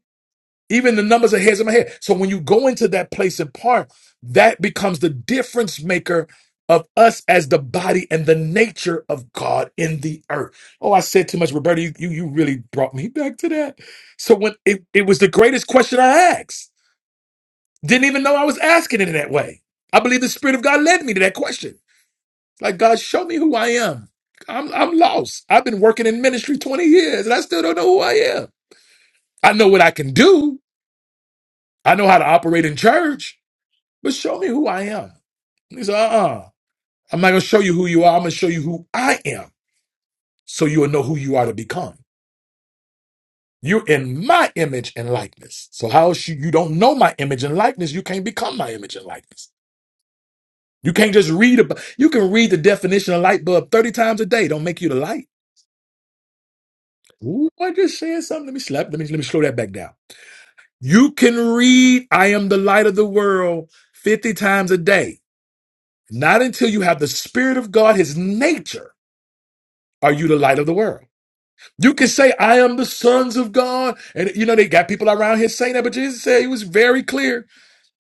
S1: Even the numbers of hairs in my head. So when you go into that place in part, that becomes the difference maker of us as the body and the nature of God in the earth. Oh, I said too much, Roberta. You you, you really brought me back to that. So when it, it was the greatest question I asked. Didn't even know I was asking it in that way. I believe the Spirit of God led me to that question. Like, God, show me who I am. I'm I'm lost. I've been working in ministry 20 years and I still don't know who I am. I know what I can do. I know how to operate in church. But show me who I am. He said, uh uh i am not going to show you who you are. I'm going to show you who I am so you will know who you are to become. You're in my image and likeness. So, how else you, you don't know my image and likeness? You can't become my image and likeness. You can't just read about, you can read the definition of light bulb 30 times a day. Don't make you the light. Ooh, I just said something. Let me slap. Let me, let me slow that back down. You can read, I am the light of the world 50 times a day. Not until you have the spirit of God, his nature, are you the light of the world. You can say, I am the sons of God. And you know, they got people around here saying that, but Jesus said he was very clear.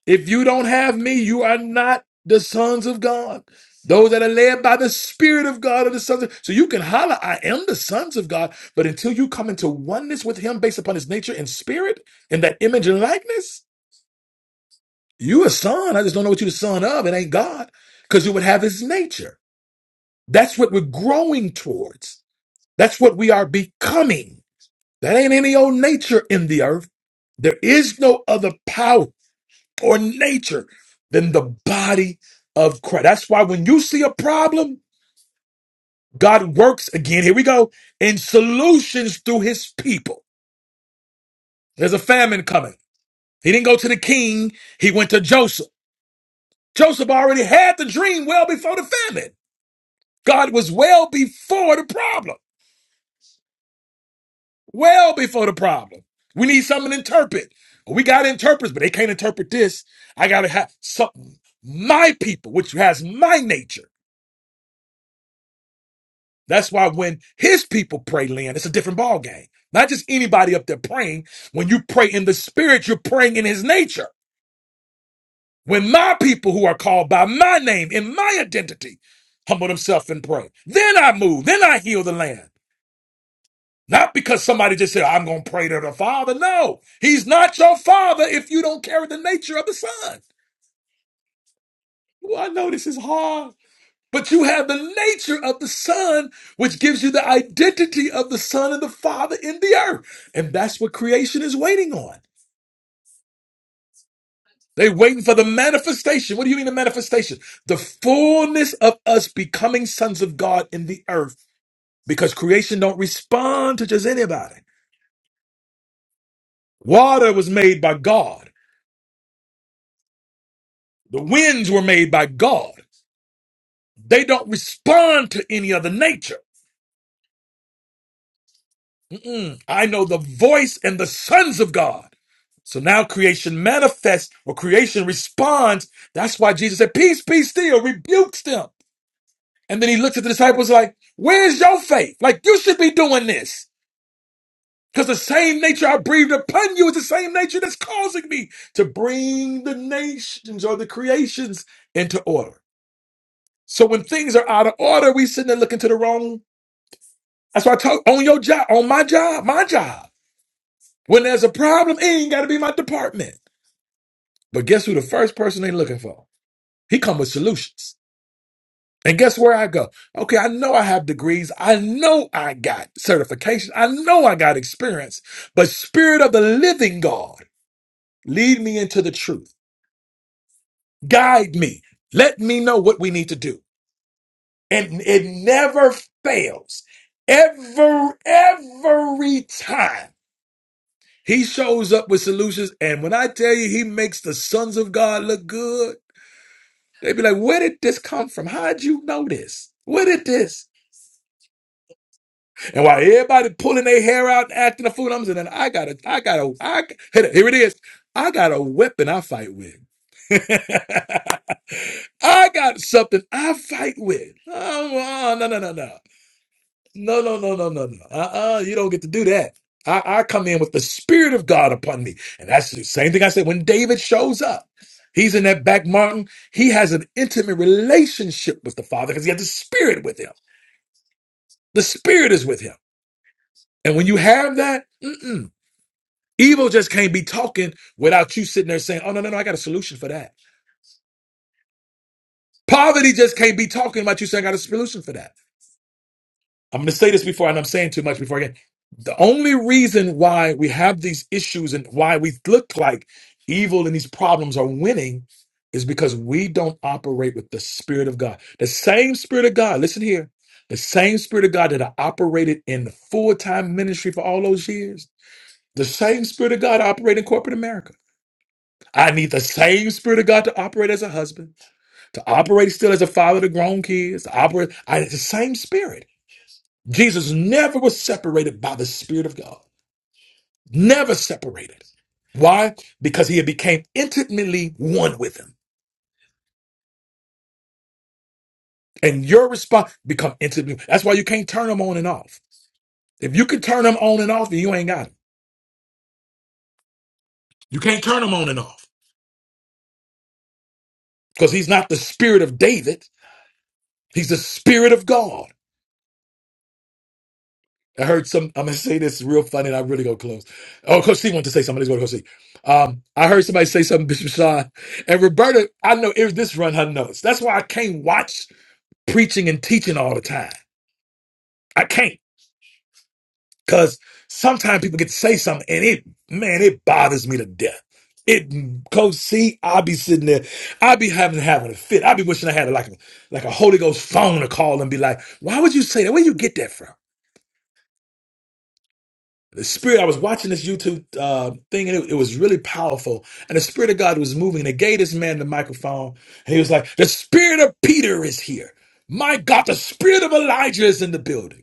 S1: If you don't have me, you are not the sons of God. Those that are led by the Spirit of God are the sons of So you can holler, I am the sons of God, but until you come into oneness with him based upon his nature and spirit and that image and likeness, you a son. I just don't know what you're the son of. It ain't God. Because you would have his nature. That's what we're growing towards. That's what we are becoming. That ain't any old nature in the earth. There is no other power or nature than the body of Christ. That's why when you see a problem, God works again. Here we go in solutions through his people. There's a famine coming. He didn't go to the king. He went to Joseph. Joseph already had the dream well before the famine. God was well before the problem. well before the problem. We need something to interpret. We got interpreters, but they can't interpret this. I gotta have something. My people, which has my nature. That's why when his people pray, Lynn, it's a different ball game. Not just anybody up there praying. When you pray in the spirit, you're praying in his nature. When my people who are called by my name in my identity humble themselves and pray, then I move, then I heal the land. Not because somebody just said, I'm going to pray to the Father. No, He's not your Father if you don't carry the nature of the Son. Well, I know this is hard, but you have the nature of the Son, which gives you the identity of the Son and the Father in the earth. And that's what creation is waiting on. They're waiting for the manifestation. What do you mean the manifestation? The fullness of us becoming sons of God in the earth because creation don't respond to just anybody. Water was made by God. The winds were made by God. They don't respond to any other nature. Mm-mm. I know the voice and the sons of God. So now creation manifests or creation responds. That's why Jesus said, Peace, peace, still rebukes them. And then he looks at the disciples like, Where's your faith? Like, you should be doing this. Because the same nature I breathed upon you is the same nature that's causing me to bring the nations or the creations into order. So when things are out of order, we sitting there looking to the wrong That's why I talk on your job, on my job, my job. When there's a problem, it ain't got to be my department. But guess who the first person they looking for? He come with solutions. And guess where I go? Okay, I know I have degrees. I know I got certification. I know I got experience. But spirit of the living God, lead me into the truth. Guide me. Let me know what we need to do. And it never fails. Every, every time He shows up with solutions, and when I tell you he makes the sons of God look good, they be like, where did this come from? How'd you know this? Where did this? And while everybody pulling their hair out and acting a fool, I'm saying, I got a, I got a, I, here it is. I got a weapon I fight with. I got something I fight with. Oh, oh, no, no, no, no. No, no, no, no, no, no. Uh-uh, you don't get to do that. I, I come in with the Spirit of God upon me. And that's the same thing I said. When David shows up, he's in that back mountain. He has an intimate relationship with the Father because he has the Spirit with him. The Spirit is with him. And when you have that, mm-mm, evil just can't be talking without you sitting there saying, oh, no, no, no, I got a solution for that. Poverty just can't be talking about you saying, I got a solution for that. I'm going to say this before, and I'm saying too much before I get. The only reason why we have these issues and why we look like evil and these problems are winning is because we don't operate with the Spirit of God. The same Spirit of God, listen here, the same Spirit of God that I operated in full time ministry for all those years, the same Spirit of God I in corporate America. I need the same Spirit of God to operate as a husband, to operate still as a father to grown kids, to operate. I, it's the same Spirit. Jesus never was separated by the Spirit of God. Never separated. Why? Because he had became intimately one with him. And your response become intimate. That's why you can't turn him on and off. If you can turn him on and off, then you ain't got him. You can't turn him on and off. Because he's not the spirit of David. He's the spirit of God. I heard some, I'm gonna say this real funny and I really go close. Oh, Coach C wanted to say something. Let's go to Coach C. Um, I heard somebody say something, Bishop Sean. And Roberta, I know it, was this run her notes. That's why I can't watch. preaching and teaching all the time. I can't because sometimes people get to say something and it, man, it bothers me to death. It, Coach C, I'll be sitting there, I'll be having having a fit. I'll be wishing I had like a like a Holy Ghost phone to call and be like, why would you say that? Where you get that from? The spirit, I was watching this YouTube uh, thing and it, it was really powerful. And the spirit of God was moving and it gave this man the microphone. And he was like, the spirit of Peter is here. My God, the spirit of Elijah is in the building.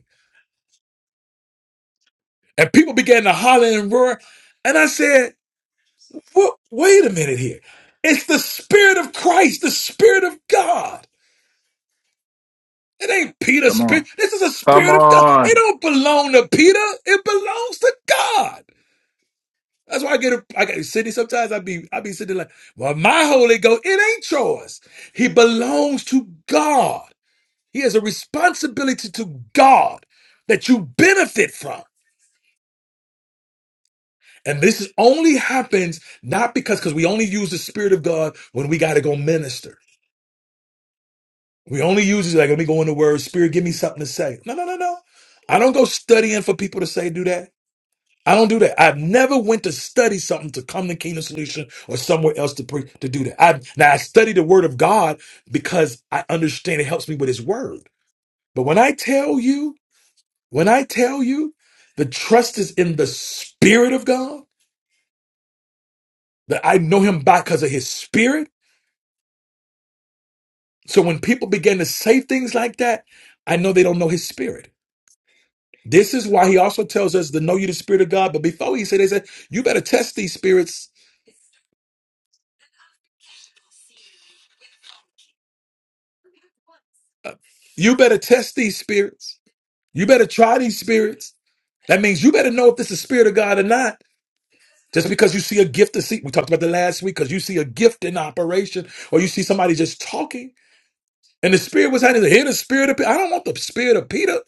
S1: And people began to holler and roar. And I said, "Wha- wait a minute here. It's the Spirit of Christ, the Spirit of God. It ain't Peter's
S4: Come
S1: spirit.
S4: on.
S1: This is the
S4: Come
S1: Spirit of God. It
S4: on.
S1: don't belong to Peter. It belongs to God. That's why I get a, I get Sydney sometimes I be I be sitting there like, well, my Holy Ghost, it ain't yours. He belongs to God. He has a responsibility to God that you benefit from. And this is only happens not because because we only use the spirit of God when we got to go minister. We only use it like let me go in the word. Spirit, give me something to say. No, no, no, no. I don't go studying for people to say do that. I don't do that. I've never went to study something to come to Kingdom Solution or somewhere else to pre- to do that. I now I study the Word of God because I understand it helps me with His Word. But when I tell you, when I tell you, the trust is in the Spirit of God that I know Him by because of His Spirit. So when people begin to say things like that, I know they don't know his spirit. This is why he also tells us to know you the spirit of God. But before he said, they said, you better test these spirits. You better test these spirits. You better try these spirits. That means you better know if this is spirit of God or not. Just because you see a gift to see, we talked about the last week, because you see a gift in operation or you see somebody just talking and the spirit was hiding. Here the spirit of Peter. I don't want the spirit of Peter.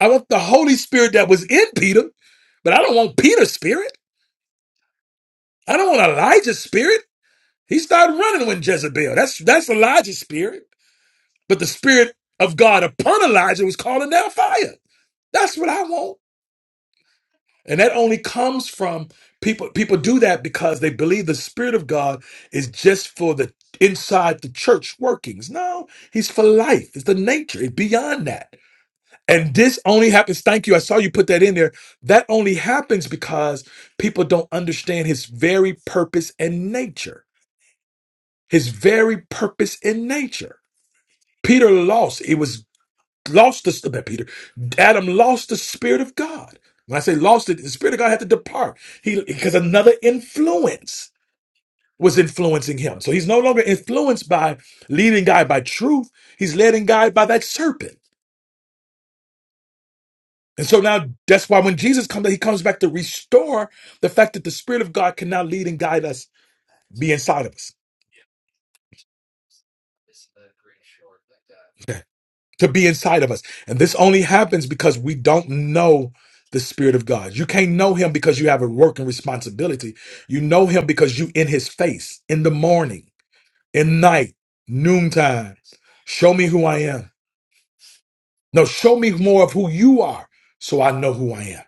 S1: I want the Holy Spirit that was in Peter, but I don't want Peter's spirit. I don't want Elijah's spirit. He started running when Jezebel. That's that's Elijah's spirit. But the spirit of God upon Elijah was calling down fire. That's what I want. And that only comes from people people do that because they believe the spirit of God is just for the inside the church workings. No, he's for life. It's the nature. It's beyond that. And this only happens, thank you. I saw you put that in there. That only happens because people don't understand his very purpose and nature. his very purpose in nature. Peter lost. It was lost the not Peter. Adam lost the spirit of God. When I say lost it, the spirit of God had to depart. He because another influence was influencing him. So he's no longer influenced by leading guide by truth. He's led and guided by that serpent. And so now that's why when Jesus comes, he comes back to restore the fact that the Spirit of God can now lead and guide us, be inside of us. to be inside of us. And this only happens because we don't know the Spirit of God. You can't know Him because you have a work and responsibility. You know Him because you in His face in the morning, in night, noontime. Show me who I am. No, show me more of who you are so I know who I am.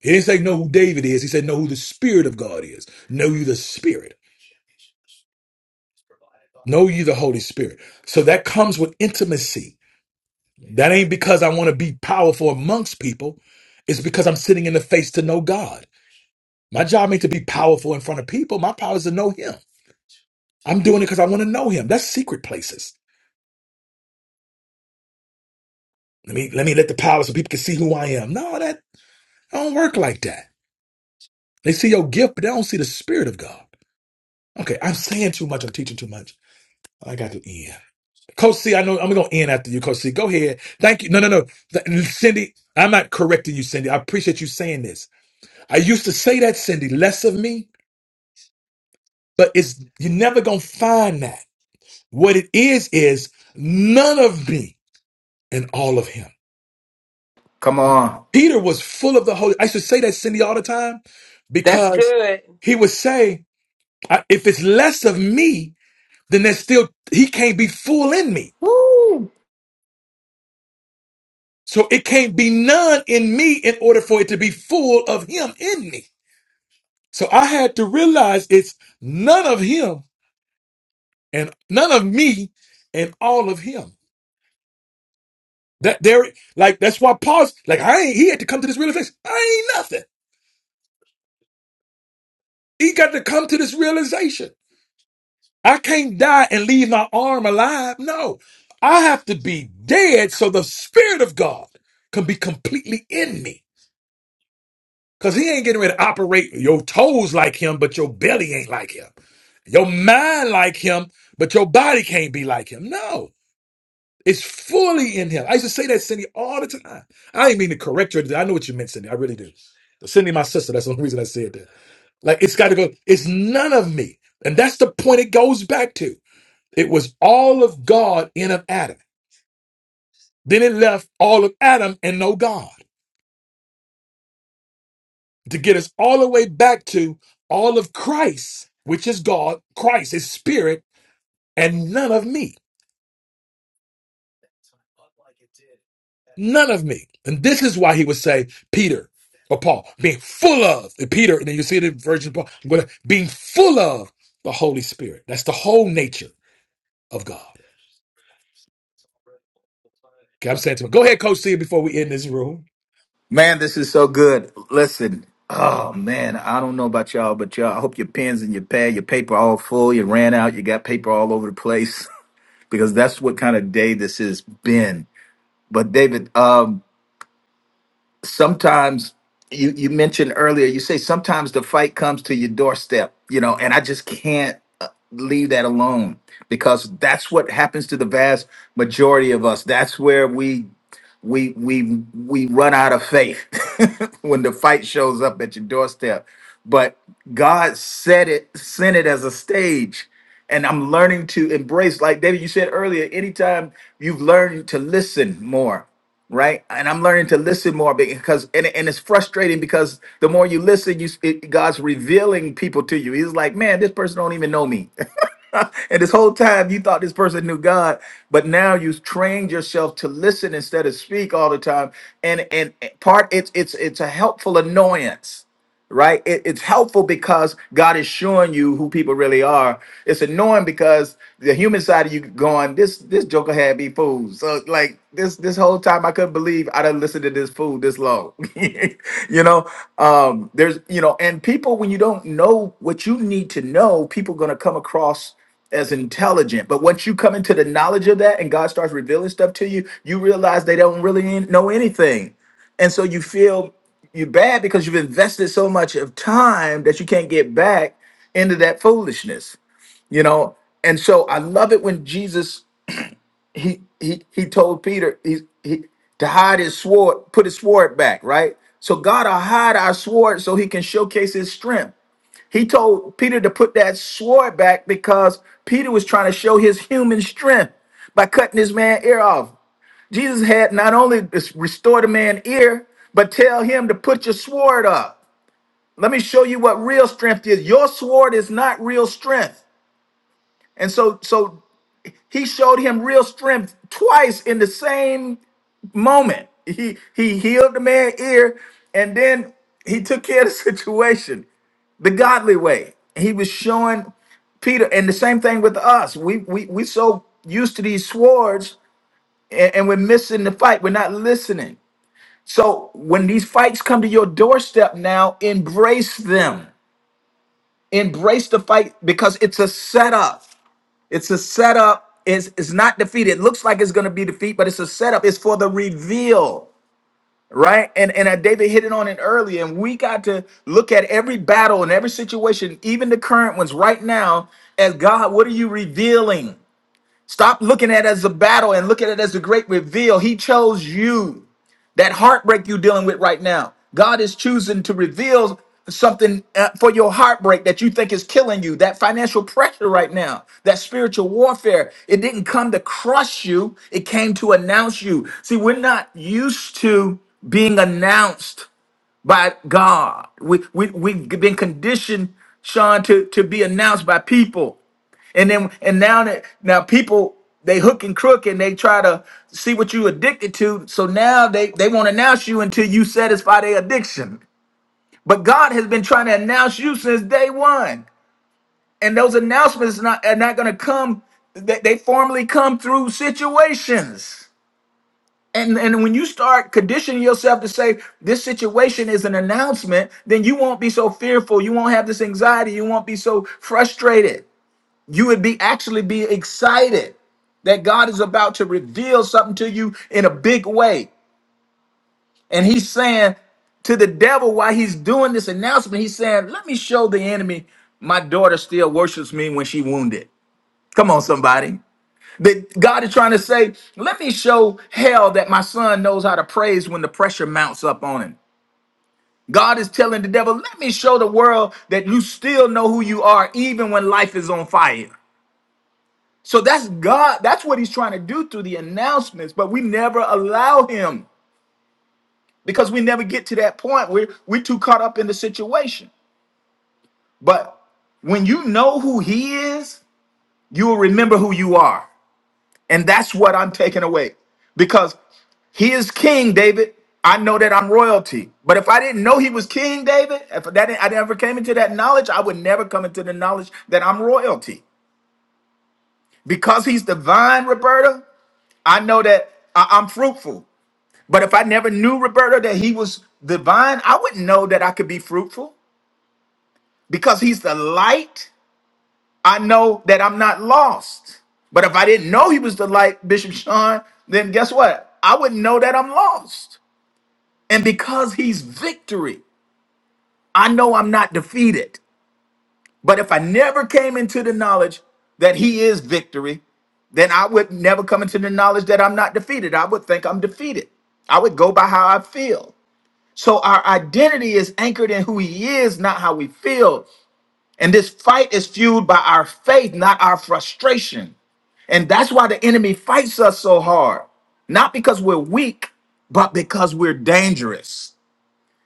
S1: He didn't say know who David is. He said know who the Spirit of God is. Know you the Spirit. Know you the Holy Spirit. So that comes with intimacy That ain't because I want to be powerful amongst people. It's because I'm sitting in the face to know God. My job ain't to be powerful in front of people. My power is to know Him. I'm doing it because I want to know Him. That's secret places. Let me let me let the power so people can see who I am. No, that I don't work like that. They see your gift, but they don't see the Spirit of God. Okay, I'm saying too much. I'm teaching too much. I got to end. Coach C, I know I'm gonna end after you, Coach C. Go ahead. Thank you. No, no, no. Th- Cindy, I'm not correcting you, Cindy. I appreciate you saying this. I used to say that, Cindy, less of me But it's you're never gonna find that. What it is is none of me and all of him.
S4: Come on.
S1: Peter was full of the Holy. I should say that Cindy all the time
S11: That's
S1: because
S11: good.
S1: he would say, I- if it's less of me, then there's still he can't be full in me.
S4: Woo!
S1: So it can't be none in me in order for it to be full of him in me. So I had to realize it's none of him and none of me and all of him. That there, like that's why Paul's like I ain't. He had to come to this realization. I ain't nothing. He got to come to this realization. I can't die and leave my arm alive. No, I have to be dead so the spirit of God can be completely in me. Cause he ain't getting ready to operate your toes like him, but your belly ain't like him. Your mind like him, but your body can't be like him. No. It's fully in him. I used to say that, Cindy, all the time. I didn't mean to correct you. I know what you meant, Cindy. I really do. Cindy, my sister, that's the only reason I said that. Like, it's got to go. It's none of me. And that's the point it goes back to. It was all of God in of Adam. Then it left all of Adam and no God to get us all the way back to all of Christ, which is God, Christ is spirit, and none of me. None of me. And this is why he would say, Peter or Paul, being full of and Peter, and then you see the Virgin Paul, I'm gonna- being full of the Holy Spirit. That's the whole nature of God. Okay, I'm saying to him, go ahead, Coach C, before we end this room.
S4: Man, this is so good. Listen. Oh man, I don't know about y'all, but y'all, I hope your pens and your pad, your paper all full, you ran out, you got paper all over the place. Because that's what kind of day this has been. But David, um, sometimes you you mentioned earlier, you say sometimes the fight comes to your doorstep, you know, and I just can't uh, leave that alone because that's what happens to the vast majority of us. That's where we we we we run out of faith when the fight shows up at your doorstep. But God set it sent it as a stage and I'm learning to embrace, like David, you said earlier, anytime you've learned to listen more right? And I'm learning to listen more because, and, and it's frustrating because the more you listen, you it, God's revealing people to you. He's like, man, this person don't even know me, and this whole time you thought this person knew God, but now you've trained yourself to listen instead of speak all the time. And and and part it's it's it's a helpful annoyance right? It, it's helpful because God is showing you who people really are. It's annoying because the human side of you going, this this Joker had me fooled. So like this this whole time I couldn't believe I done listened to this fool this long. you know, um, there's you know, and people when you don't know what you need to know, people gonna come across as intelligent. But once you come into the knowledge of that and God starts revealing stuff to you, you realize they don't really know anything and so you feel you're bad because you've invested so much of time that you can't get back into that foolishness, you know. And so I love it when Jesus he he he told Peter he he to hide his sword, put his sword back, right? So God will hide our sword so he can showcase his strength. He told Peter to put that sword back because Peter was trying to show his human strength by cutting his man ear off. Jesus had not only restored a man ear, but tell him to put your sword up. Let me show you what real strength is. Your sword is not real strength. And so so he showed him real strength twice in the same moment. He he healed the man's ear and then he took care of the situation the godly way. He was showing Peter, and the same thing with us. We we we so used to these swords, and, and we're missing the fight. We're not listening. So when these fights come to your doorstep now, embrace them. Embrace the fight because it's a setup. It's a setup. It's, it's not defeat. It looks like it's going to be defeat, but it's a setup. It's for the reveal, right? And and uh, David hit it on it earlier. And we got to look at every battle and every situation, even the current ones right now, as God, what are you revealing? Stop looking at it as a battle and look at it as a great reveal. He chose you. That heartbreak you're dealing with right now, God is choosing to reveal something uh, for your heartbreak that you think is killing you. That financial pressure right now, that spiritual warfare, it didn't come to crush you, it came to announce you. See, we're not used to being announced by God. We, we, we've been conditioned, Sean, to, to be announced by people. And then and now that now people they hook and crook and they try to see what you addicted to. So now they, they won't announce you until you satisfy their addiction. But God has been trying to announce you since day one. And those announcements not, are not going to come, they, they formally come through situations. And and when you start conditioning yourself to say this situation is an announcement, then you won't be so fearful. You won't have this anxiety. You won't be so frustrated. You would be actually be excited that God is about to reveal something to you in a big way. And he's saying to the devil while he's doing this announcement, he's saying, "Let me show the enemy my daughter still worships me when she wounded." Come on, somebody. That God is trying to say, let me show hell that my son knows how to praise when the pressure mounts up on him. God is telling the devil, let me show the world that you still know who you are, even when life is on fire. So that's God. That's what he's trying to do through the announcements, but we never allow him because we never get to that point. We're, we're too caught up in the situation. But when you know who he is, you will remember who you are. And that's what I'm taking away because he is king, David. I know that I'm royalty. But if I didn't know he was king, David, if that didn't, I never came into that knowledge, I would never come into the knowledge that I'm royalty. Because he's divine, Roberta, I know that I- I'm fruitful. But if I never knew, Roberta, that he was divine, I wouldn't know that I could be fruitful because he's the light. I know that I'm not lost. But if I didn't know he was the light, Bishop Sean, then guess what? I wouldn't know that I'm lost. And because he's victory, I know I'm not defeated. But if I never came into the knowledge that he is victory, then I would never come into the knowledge that I'm not defeated. I would think I'm defeated. I would go by how I feel. So our identity is anchored in who he is, not how we feel. And this fight is fueled by our faith, not our frustration. And that's why the enemy fights us so hard. Not because we're weak, but because we're dangerous.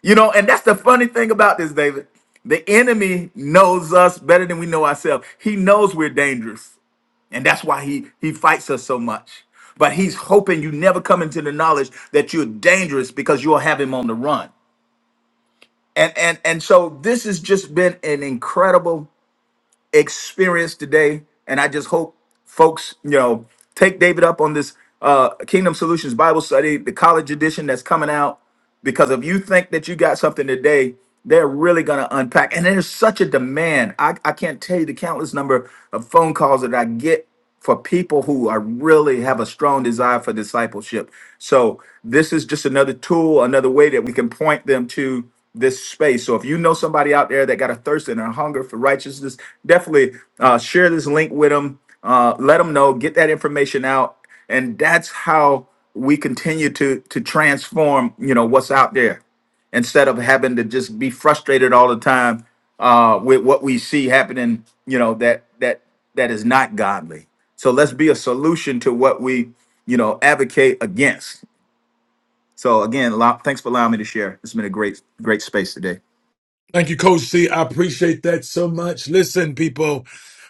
S4: You know, and that's the funny thing about this, David. The enemy knows us better than we know ourselves. He knows we're dangerous. And that's why he he fights us so much. But he's hoping you never come into the knowledge that you're dangerous because you'll have him on the run. And and and so this has just been an incredible experience today. And I just hope folks, you know, take David up on this uh Kingdom Solutions Bible study, the college edition that's coming out because if you think that you got something today they're really going to unpack and there's such a demand I, I can't tell you the countless number of phone calls that i get for people who are really have a strong desire for discipleship so this is just another tool another way that we can point them to this space so if you know somebody out there that got a thirst and a hunger for righteousness definitely uh, share this link with them uh, let them know get that information out and that's how we continue to to transform you know what's out there instead of having to just be frustrated all the time uh with what we see happening you know that that that is not godly so let's be a solution to what we you know advocate against so again allow, thanks for allowing me to share it's been a great great space today
S1: Thank you, Coach C. I appreciate that so much. Listen, people,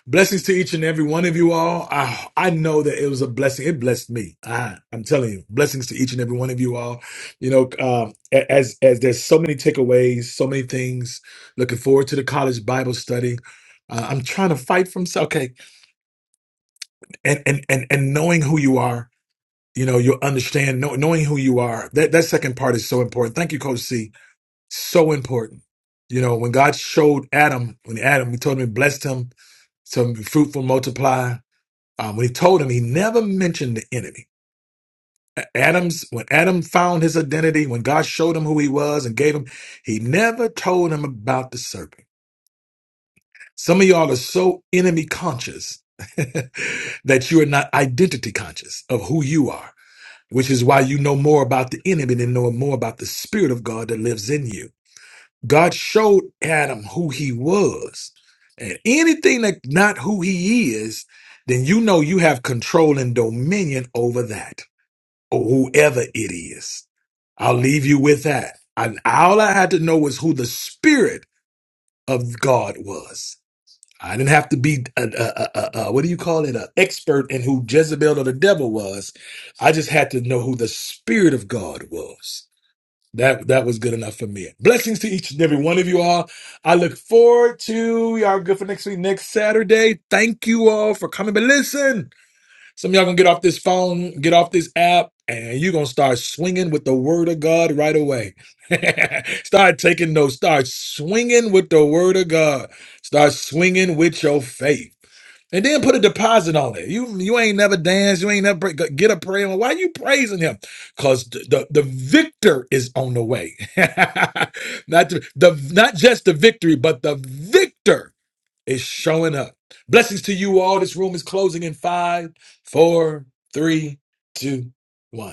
S1: blessings to each and every one of you all. I, I know that it was a blessing. It blessed me. I, I'm telling you, blessings to each and every one of you all. You know, um, a- as as there's so many takeaways, so many things. Looking forward to the college Bible study. Uh, I'm trying to fight from s- okay, and and and and knowing who you are. You know, you'll understand know, knowing who you are. That that second part is so important. Thank you, Coach C so important. You know, when God showed Adam, when Adam, he told him, he blessed him, to be fruitful, multiply. Um, when he told him, he never mentioned the enemy. A- Adam's when Adam found his identity, when God showed him who he was and gave him, he never told him about the serpent. Some of y'all are so enemy conscious that you are not identity conscious of who you are, which is why you know more about the enemy than know more about the spirit of God that lives in you God showed Adam who he was. And anything that not who he is, then you know you have control and dominion over that or whoever it is. I'll leave you with that. And all I had to know was who the spirit of God was. I didn't have to be a, a, a, a, a what do you call it, an expert in who Jezebel or the devil was. I just had to know who the spirit of God was. That that was good enough for me. Blessings to each and every one of you all. I look forward to y'all good for next week, next Saturday. Thank you all for coming. But listen. Some of y'all gonna get off this phone, get off this app, and you're gonna start swinging with the word of God right away. start taking notes, start swinging with the word of God, start swinging with your faith. And then put a deposit on it. You you ain't never danced. You ain't never pray, get a prayer. Why you praising him? Because the, the the victor is on the way. not the, the not just the victory, but the victor it's showing up. Blessings to you all. This room is closing in five, four, three, two, one.